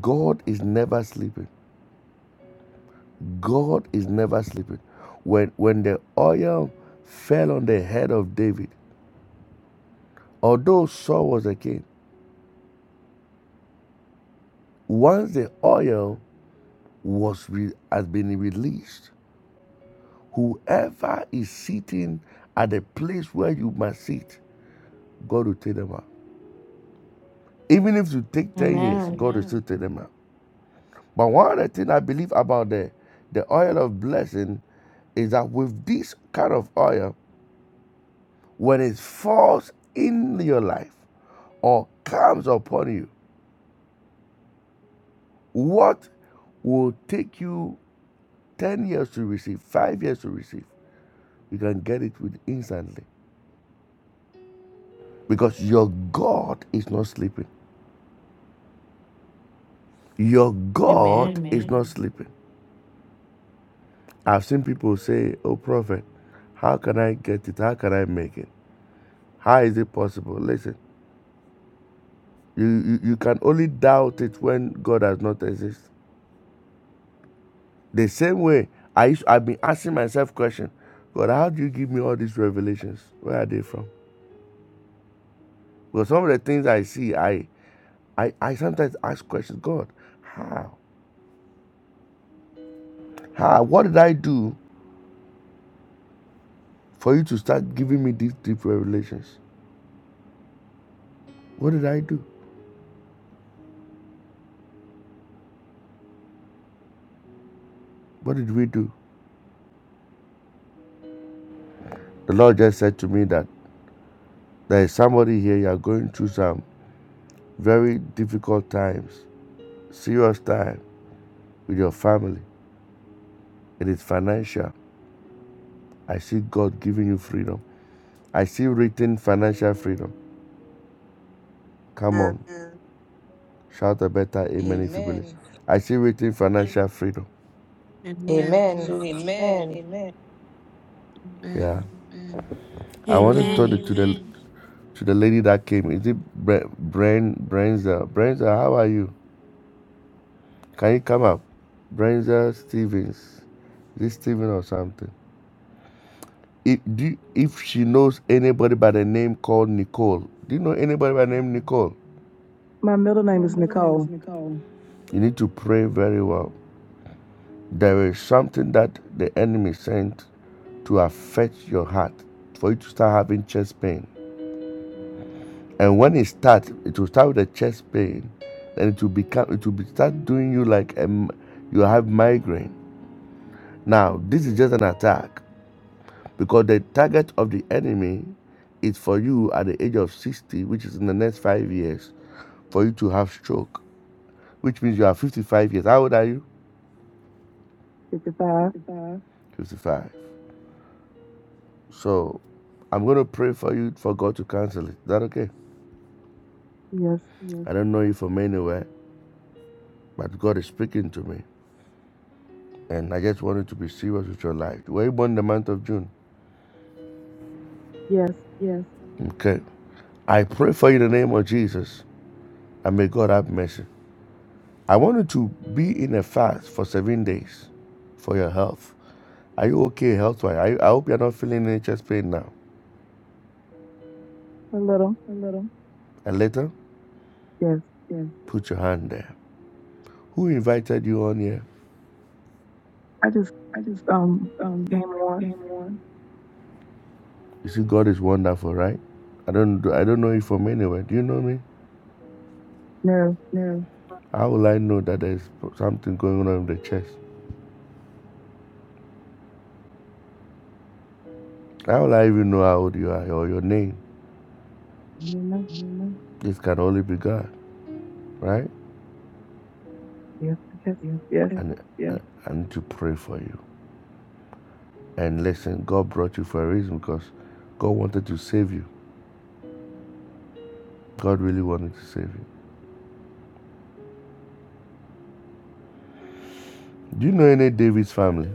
God is never sleeping. God is never sleeping. When when the oil fell on the head of David, although Saul was a king, once the oil was re- has been released, whoever is sitting at the place where you must sit, God will take them out. Even if you take 10 years, Amen. Amen. God will still take them out. But one of the things I believe about the, the oil of blessing is that with this kind of oil, when it falls in your life or comes upon you, What will take you 10 years to receive, five years to receive, you can get it with instantly. Because your God is not sleeping. Your God Amen. is not sleeping. I've seen people say, Oh, prophet, how can I get it? How can I make it? How is it possible? Listen, you, you, you can only doubt it when God does not exist. The same way I used, I've been asking myself questions, God, how do you give me all these revelations? Where are they from? Because some of the things I see, I I, I sometimes ask questions, God, how? How? What did I do for you to start giving me these deep revelations? What did I do? What did we do? The Lord just said to me that there is somebody here, you are going through some very difficult times, serious time with your family. It is financial. I see God giving you freedom. I see written financial freedom. Come Amen. on, shout a better amen if you believe. Amen. I see written financial freedom. Amen. Amen. Amen. Amen. Amen. Yeah. Amen. I wanted to talk Amen. Amen. to the Amen. to the lady that came. Is it Bre- Bren Brenza? Brenza, how are you? Can you come up? Brenza Stevens. Is it Steven or something? If do you- if she knows anybody by the name called Nicole, do you know anybody by the name Nicole? My middle name is Nicole. You need to pray very well. There is something that the enemy sent to affect your heart for you to start having chest pain. And when it starts, it will start with a chest pain, and it will become it will be start doing you like um, you have migraine. Now this is just an attack because the target of the enemy is for you at the age of 60, which is in the next five years, for you to have stroke, which means you are 55 years. How old are you? Fifty-five. 55. So I'm going to pray for you for God to cancel it. Is that okay? Yes. Yes. I don't know you from anywhere, but God is speaking to me. And I just want you to be serious with your life. You were born in the month of June. Yes. Yes. Okay. I pray for you in the name of Jesus. And may God have mercy. I want you to be in a fast for seven days for your health. Are you okay health wise? I, I hope you're not feeling any chest pain now. A little. And later, Yes. Yes. put your hand there. Who invited you on here? I just I just um um, came on. came You see, God is wonderful, right? I don't I don't know you from anywhere. Do you know me? No. no. How will I know that there's something going on in the chest? How will I even know how old you are or your name? No. Mhm. This can only be God, right? Yes. Yes. Yeah. Yes. Okay. And Yeah. I I need to pray for you. And listen, God brought you for a reason because God wanted to save you. God really wanted to save you. Do you know any David's family?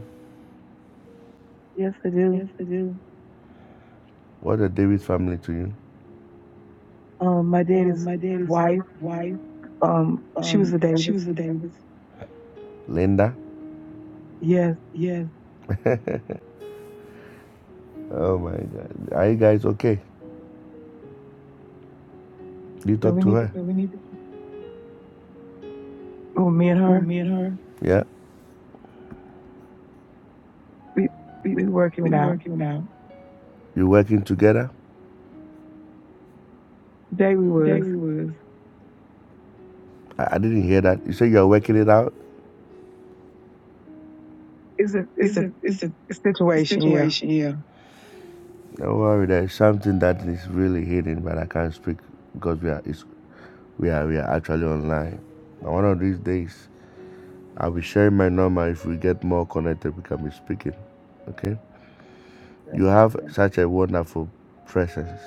Yes. I do. Yes, I do. What are David's family to you? Um, my Um, daddy's my dad's wife. wife. Um, she was Um, a she Davis. was a David's. Linda? Yes. Yeah. oh my God. Are you guys okay? You So talk we to need to. her? So we need to, Oh, me and well, her. me and her. Yeah? We We we working we it out. working it out. You're working together? Today we was. I, I didn't hear that. You say you're working it out? It's a it's a situation. Yeah. Don't worry, there's something that is really hidden, but I can't speak because we are it's, we are we are actually online. But one of these days, I'll be sharing my number. If we get more connected, we can be speaking. Okay? Right. You have such a wonderful presence.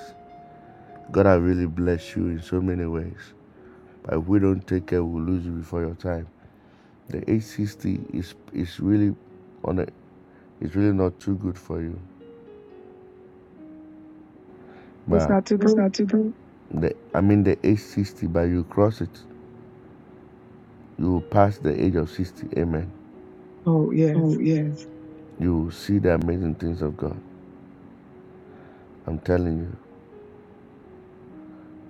God has really blessed you in so many ways. But if we don't take care, we'll lose you before your time. The 860 is is really on a, it's really not too good for you. What's But not too What's good? not to do? the I mean the age sixty, but you cross it, you will pass the age of sixty. Amen. Oh yes. Oh, yes. You will see the amazing things of God. I'm telling you,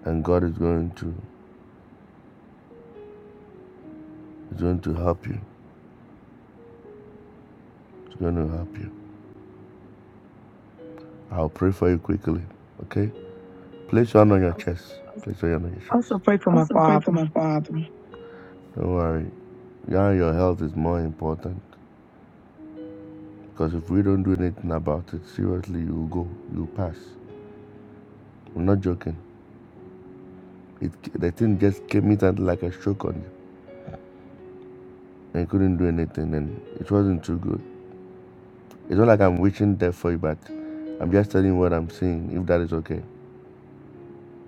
and God is going to is going to help you. It's going to help you. I'll pray for you quickly. Okay. Place your hand on your Also, chest. Place your hand on your chest. also pray for my Pray for father. my father. Don't worry. Yeah, your health is more important. Because if we don't do anything about it, seriously, you will go. You will pass. I'm not joking. It the thing just came in like a shock on you and couldn't do anything and it wasn't too good. It's not like I'm wishing death for you, but I'm just telling you what I'm seeing, if that is okay.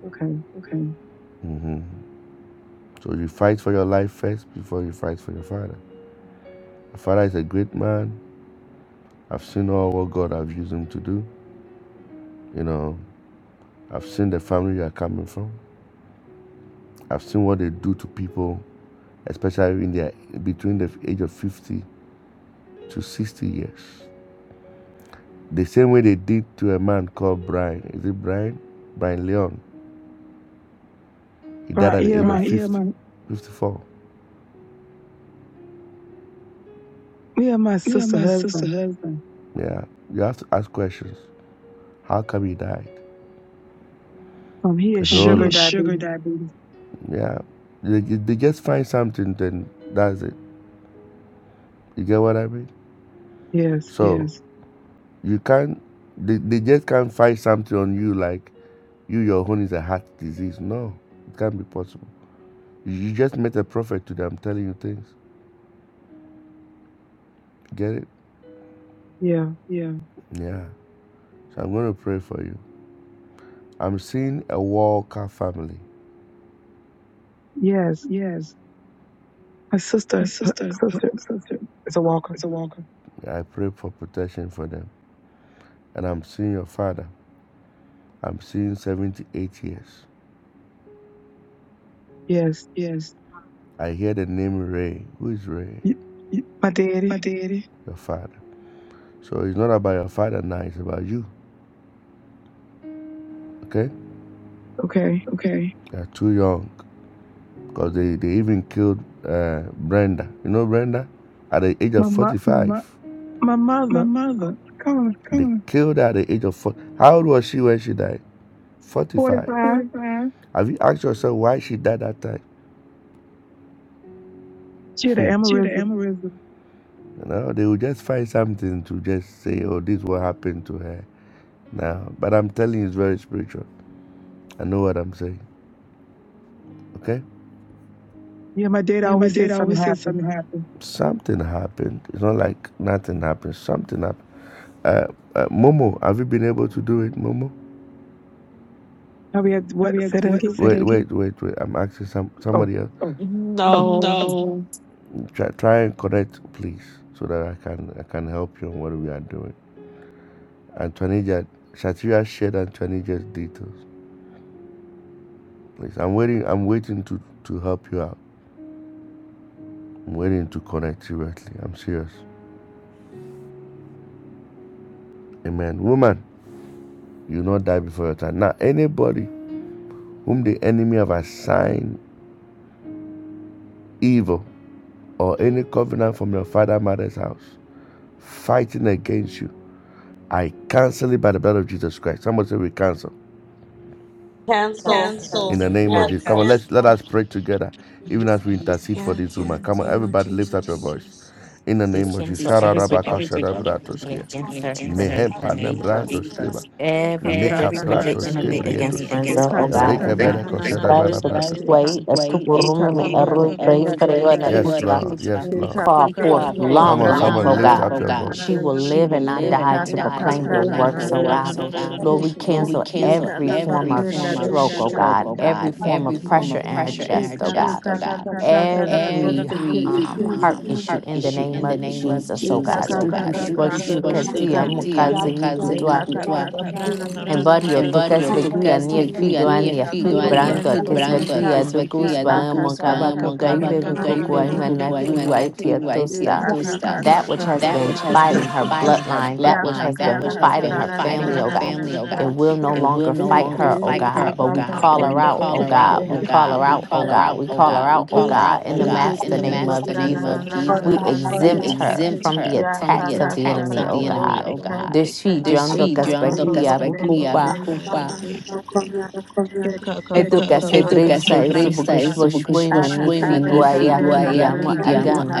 Okay. Okay. hmm So you fight for your life first before you fight for your father. Your father is a great man. I've seen all what God have used him to do. You know, I've seen the family you are coming from. I've seen what they do to people, especially in their between the age of 50 to 60 years. The same way they did to a man called Brian. Is it Brian? Brian Leon. He died Brian, at the yeah, age of my Right, yeah, 50, yeah, my 54. yeah, my yeah, sister my sister husband. husband. Yeah. You have to ask questions. How come he died? Um, he has It's a Oh, whole he sugar is sugar. diabetes. Yeah. They, they just find something, then that's it. You get what I mean? Yes. So Yes. you can't, they, they just can't find something on you like you, your own is a heart disease. No, it can't be possible. You you just met a prophet today. I'm telling you things. Get it? Yeah. Yeah. Yeah. So I'm going to pray for you. I'm seeing a Walker family. Yes. Yes. My sister, So her sister is a walker. I pray for protection for them. And I'm seeing your father. I'm seeing 78 years. Yes. yes. I hear the name Ray. Who is Ray? Y- My My daddy. daddy. Your father. So it's not about your father now, it's about you. Okay? Okay. Okay. They are too young because they, they even killed uh, Brenda. You know Brenda? At the age My of mo- 45. my my my mother. mother. Come on. Come They on. killed her at the age of 40. How old was she when she died? Forty 45. five. 45. Have you asked yourself why she died that time? She had an She had an aneurysm. aneurysm. No, they will just find something to just say, oh, this what happened to her now. But I'm telling you, it's very spiritual. I know what I'm saying. Okay? Yeah. My dad Yeah, my always said dad something always said happened. something happened. Something happened. It's not like nothing happened. Something happened. Uh, uh, Momo, have you been able to do it, Momo? Now we had what? Yes, Say that what, again. Wait, wait, wait, wait. I'm asking some Oh. somebody else. No. No. Try, try and connect, please, so that I can I can help you on what we are doing. Antonija, Shatria shared Antonija's details. Please, I'm waiting. I'm waiting to to help you out. I'm waiting to connect seriously. I'm serious. Amen. Woman, you will not die before your time. Now, anybody whom the enemy have assigned evil or any covenant from your father mother's house fighting against you, I cancel it by the blood of Jesus Christ. Somebody say we cancel. Cancel. Cancel. So, In the We name of Jesus. Come cancel. on, Cancel. let's let us pray together, even as we intercede for Yeah, this so woman. in the Come on, name of everybody lift up your Jesus. voice. In the We name of Jesus. Shararabaka shadabratoskea. Answer in the nembrantoseba. Eka every projection prata dostiki, pratoskebretos. answer, eka oh God. kapenda na bereko na na na Spray shadabarabratas. dostiki ha, way as to room eka and kako error pray kapenda for you and a dostiki, Yes, Lord. Yes, Lord. eka call kako forth Amen. kako Come long on, someone long kapranda life, na oh lift na na God. up Amen. na your na na na, We will live and not die eka to kako proclaim your pranda na works, na oh na na God. voice. dostiki, Lord, we cancel eka every kako form of prenda stroke, oh dostika, God, form of, oh eka kako God, kako pranda na na every dostiki, heart, in the name of, oh eka God, kako kako pranda tia dostika, mukazi eka kutua, kako kako pranda na na na na embario tokas dostiki, vekui ani igwani eka kako brand prenda kui dostika. adokus ba Aka ka, ka, ka, prana kokaive na na na na kokoai roshi ke fui ha. tia E tosta. ka, ka. ka ka That which has prana, been roshi fighting ke. her bloodline, that Ya which ka ka is ka ka fighting her prana na, na, na, Oh. family, oh na, God, it Akakaka will no prananana longer roshikeha. fight her, oh God, but we Ekakaka call her pranda roshike. out, oh God, we call her out, oh God, we call her out, oh God, in the master name of Jesus. We exempt from the attacks of Yakakaka the ka, enemy, oh God. roshika. Decidiando Ekekaka pranda caia bupa De roshikeha. ka, ka, roshike. Yakakaka pranda roshika. Ekakaka pranda roshike. Ekakaka pranda roshika. ka, prana roshi ka, E ka, Ekakaka pranda ka. prana na roshi ke. etu que Ke ka ka ka ka se prana na brisa na. A ka ka prana na fiduaia na na na roshi ke ha.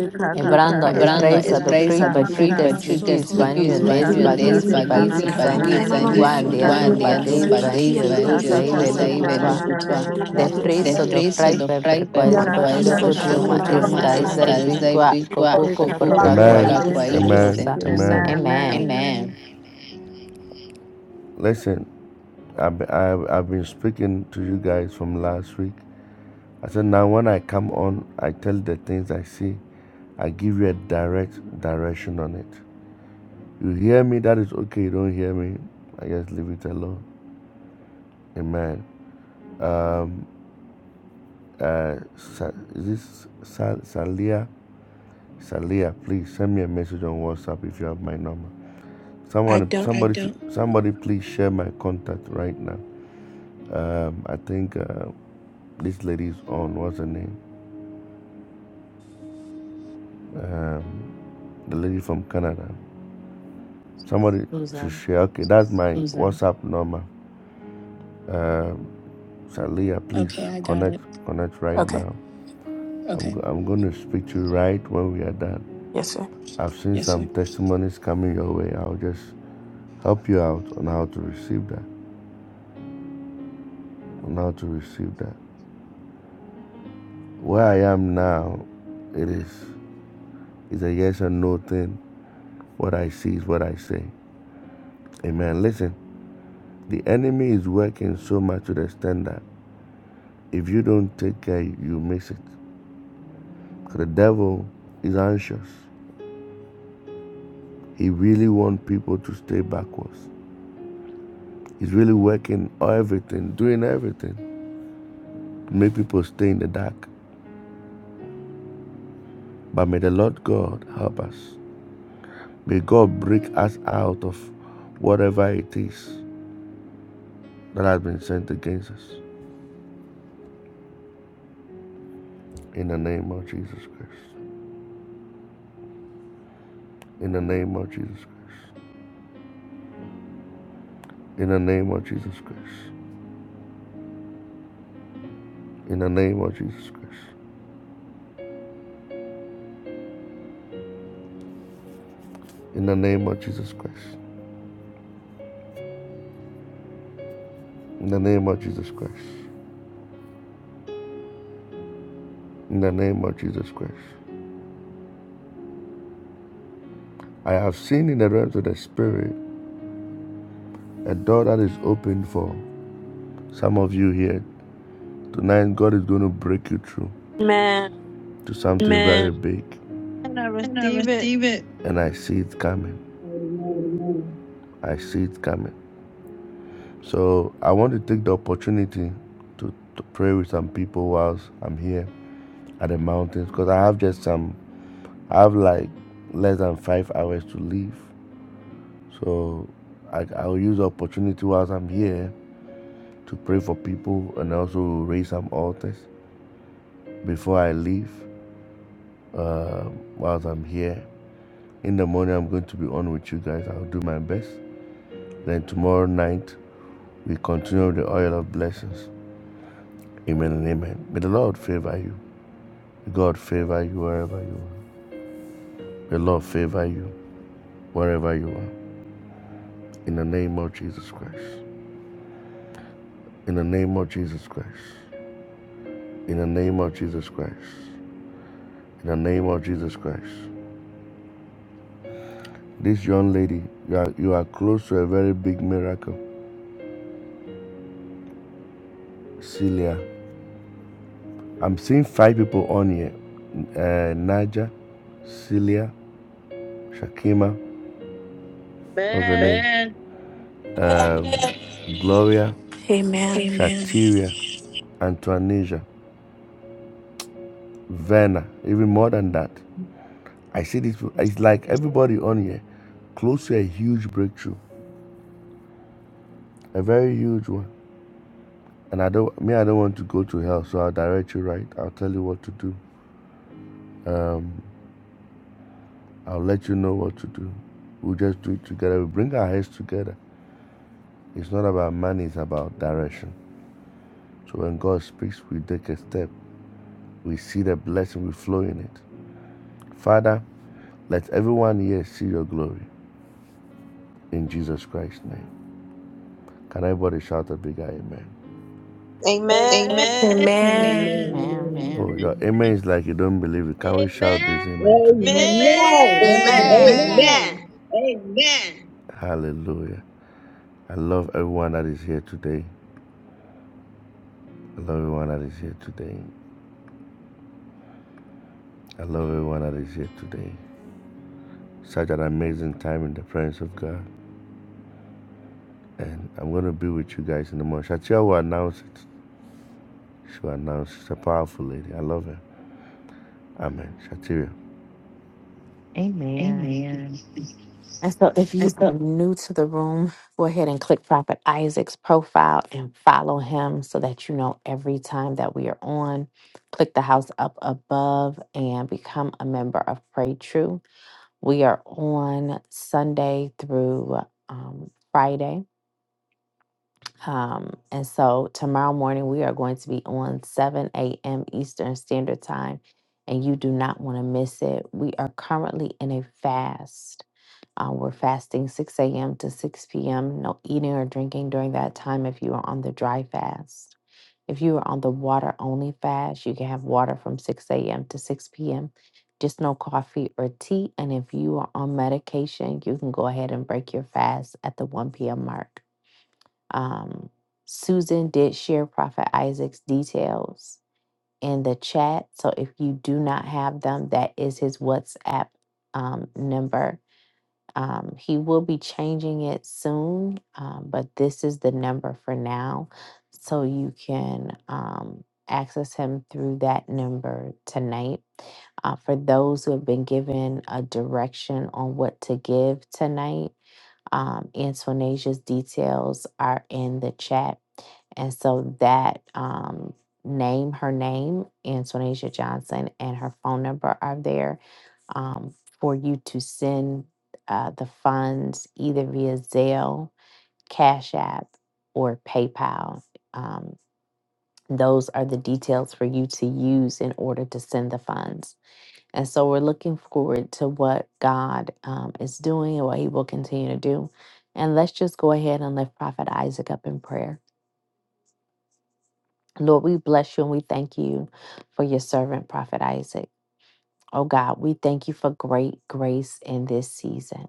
E ka ka ka ebrando ka prana espresa do roshi free ka. Malabaso panio de Torialamankaya. Yekakakopenda na na na na na na Ikatalalaman igual yesika. sotori alabasi kiti alaban sotori Yekakakopenda na na alabashi na na kitiri yesikiha. fris alabansi. freitas Malaba sotori Yakakakopenda na alaban na na na na. de kusai. bigua Amen. Yekakakopenda yesiki. Amen. Amen. Amen. Listen, I've, I've, I've been speaking to you guys from last week. I said, now when I come on, I tell the things I see. I give you a direct direction on it. You hear me, that is okay. You don't hear me, I just leave it alone. Amen. Um. Uh, Sa- is this Sa- Salia? Salia, please send me a message on WhatsApp if you have my number. I Someone, I don't. somebody, don't. somebody, please share my contact right now. Um, I think uh, this lady is on. What's her name? Um, the lady from Canada. Somebody should share. Okay, that's my Susan. WhatsApp number. Um, Salia, please Okay, I got connect it. connect right Okay. now. I'm Okay. go- I'm going to speak to you right when we are done. Yes, sir. I've seen Yes, sir. some testimonies coming your way. I'll just help you out on how to receive that, on how to receive that. Where I am now, it is is a yes or no thing. What I see is what I say. Amen. Listen, the enemy is working so much to the extent that if you don't take care, you miss it. 'Cause the devil is anxious. He really wants people to stay backwards. He's really working everything, doing everything to make people stay in the dark. But may the Lord God help us May God break us out of whatever it is that has been sent against us. In the name of Jesus Christ. In the name of Jesus Christ. In the name of Jesus Christ. In the name of Jesus Christ. In the name of Jesus Christ. In the name of Jesus Christ. In the name of Jesus Christ. I have seen in the realms of the Spirit a door that is open for some of you here. Tonight, God is going to break you through Amen. to something Amen. very big. And I receive it. And I see it coming. I see it coming. So I want to take the opportunity to, to pray with some people whilst I'm here at the mountains because I have just some, I have like less than five hours to leave. So I, I'll use the opportunity whilst I'm here to pray for people and also raise some altars before I leave uh, whilst I'm here. In the morning, I'm going to be on with you guys. I'll do my best. Then tomorrow night, we continue the oil of blessings. Amen and amen. May the Lord favor you. God favor you wherever you are. The Lord favor you wherever you are. In the name of Jesus Christ. In the name of Jesus Christ. In the name of Jesus Christ. In the name of Jesus Christ. This young lady, you are, you are close to a very big miracle. Celia. I'm seeing five people on here. Uh, Naja, Celia, Shakima, what's her Amen. name? Um, Gloria, Amen. Shatiria, Antoinesia, Vanna, even more than that. I see this. It's like everybody on here, close to a huge breakthrough, a very huge one. And I don't, me, I don't want to go to hell, so I'll direct you right. I'll tell you what to do. Um, I'll let you know what to do. We'll just do it together. We bring our heads together. It's not about money; it's about direction. So when God speaks, we take a step. We see the blessing. We flow in it. Father, let everyone here see your glory in Jesus Christ's name. Can everybody shout a big amen? Amen. Amen. Amen. Oh God. Amen is like you don't believe it. Can we shout this amen together? Amen. Amen. Hallelujah. I love everyone that is here today. I love everyone that is here today. I love everyone that is here today. Such an amazing time in the presence of God. And I'm going to be with you guys in the morning. Shatia will announce it. She will announce. She's a powerful lady. I love her. Amen. Shatia. Amen. And so if you are new to the room, go ahead and click Prophet Isaac's profile and follow him so that you know every time that we are on. Click the house up above and become a member of Pray True. We are on Sunday through um, Friday. Um, and so tomorrow morning, we are going to be on 7 a.m. Eastern Standard Time, and you do not want to miss it. We are currently in a fast. Um, we're fasting 6 a.m. to 6 p.m. No eating or drinking during that time if you are on the dry fast. If you are on the water only fast, you can have water from 6 a.m. to 6 p.m., just no coffee or tea. And if you are on medication, you can go ahead and break your fast at the 1 p.m. mark. Um, Susan did share Prophet Isaac's details in the chat. So if you do not have them, that is his WhatsApp um, number um, he will be changing it soon, um, but this is the number for now. So you can um, access him through that number tonight. Uh, for those who have been given a direction on what to give tonight, um, Antonia's details are in the chat and so that um, name, her name, Antonasia Johnson, and her phone number are there um, for you to send uh, the funds either via Zelle, Cash App, or PayPal. Um, those are the details for you to use in order to send the funds. And so we're looking forward to what God um, is doing and what He will continue to do. And let's just go ahead and lift Prophet Isaac up in prayer. Lord, we bless you and we thank you for your servant, Prophet Isaac. Oh God, we thank you for great grace in this season.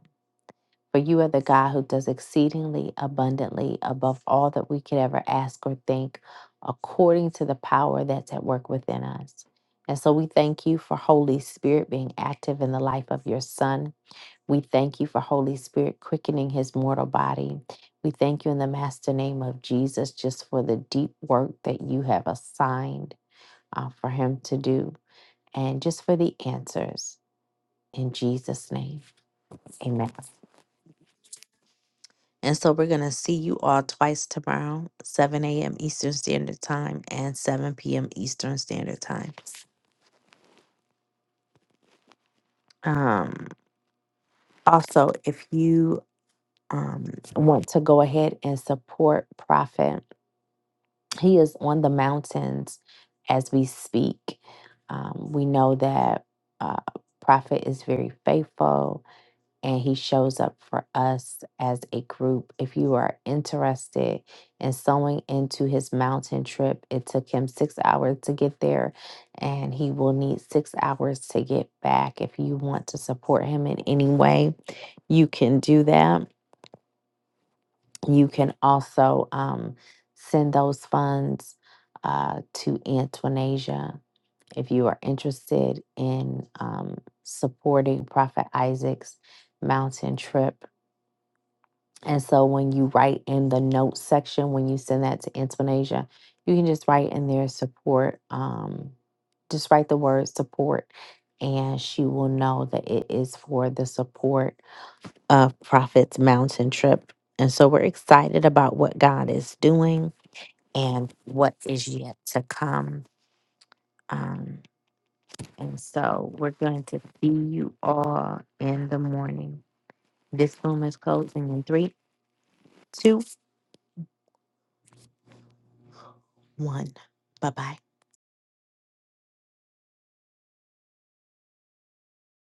For you are the God who does exceedingly abundantly above all that we could ever ask or think, according to the power that's at work within us. And so we thank you for Holy Spirit being active in the life of your son. We thank you for Holy Spirit quickening his mortal body. We thank you in the master name of Jesus just for the deep work that you have assigned uh, for him to do and just for the answers. In Jesus' name, amen. And so we're going to see you all twice tomorrow, 7 a.m. Eastern Standard Time and 7 p.m. Eastern Standard Time. Um, also, if you um, want to go ahead and support Prophet, he is on the mountains as we speak. Um, we know that uh, Prophet is very faithful and he shows up for us as a group. If you are interested in sewing into his mountain trip, it took him six hours to get there and he will need six hours to get back. If you want to support him in any way, you can do that. You can also um, send those funds uh, to Antonasia. If you are interested in um, supporting Prophet Isaac's mountain trip, And so when you write in the notes section, when you send that to Intonasia, you can just write in there support. Um, just write the word support, and she will know that it is for the support of Prophet's mountain trip. And so we're excited about what God is doing and what is yet to come. Um, and so we're going to see you all in the morning. This room is closing in three, two, one. Bye bye.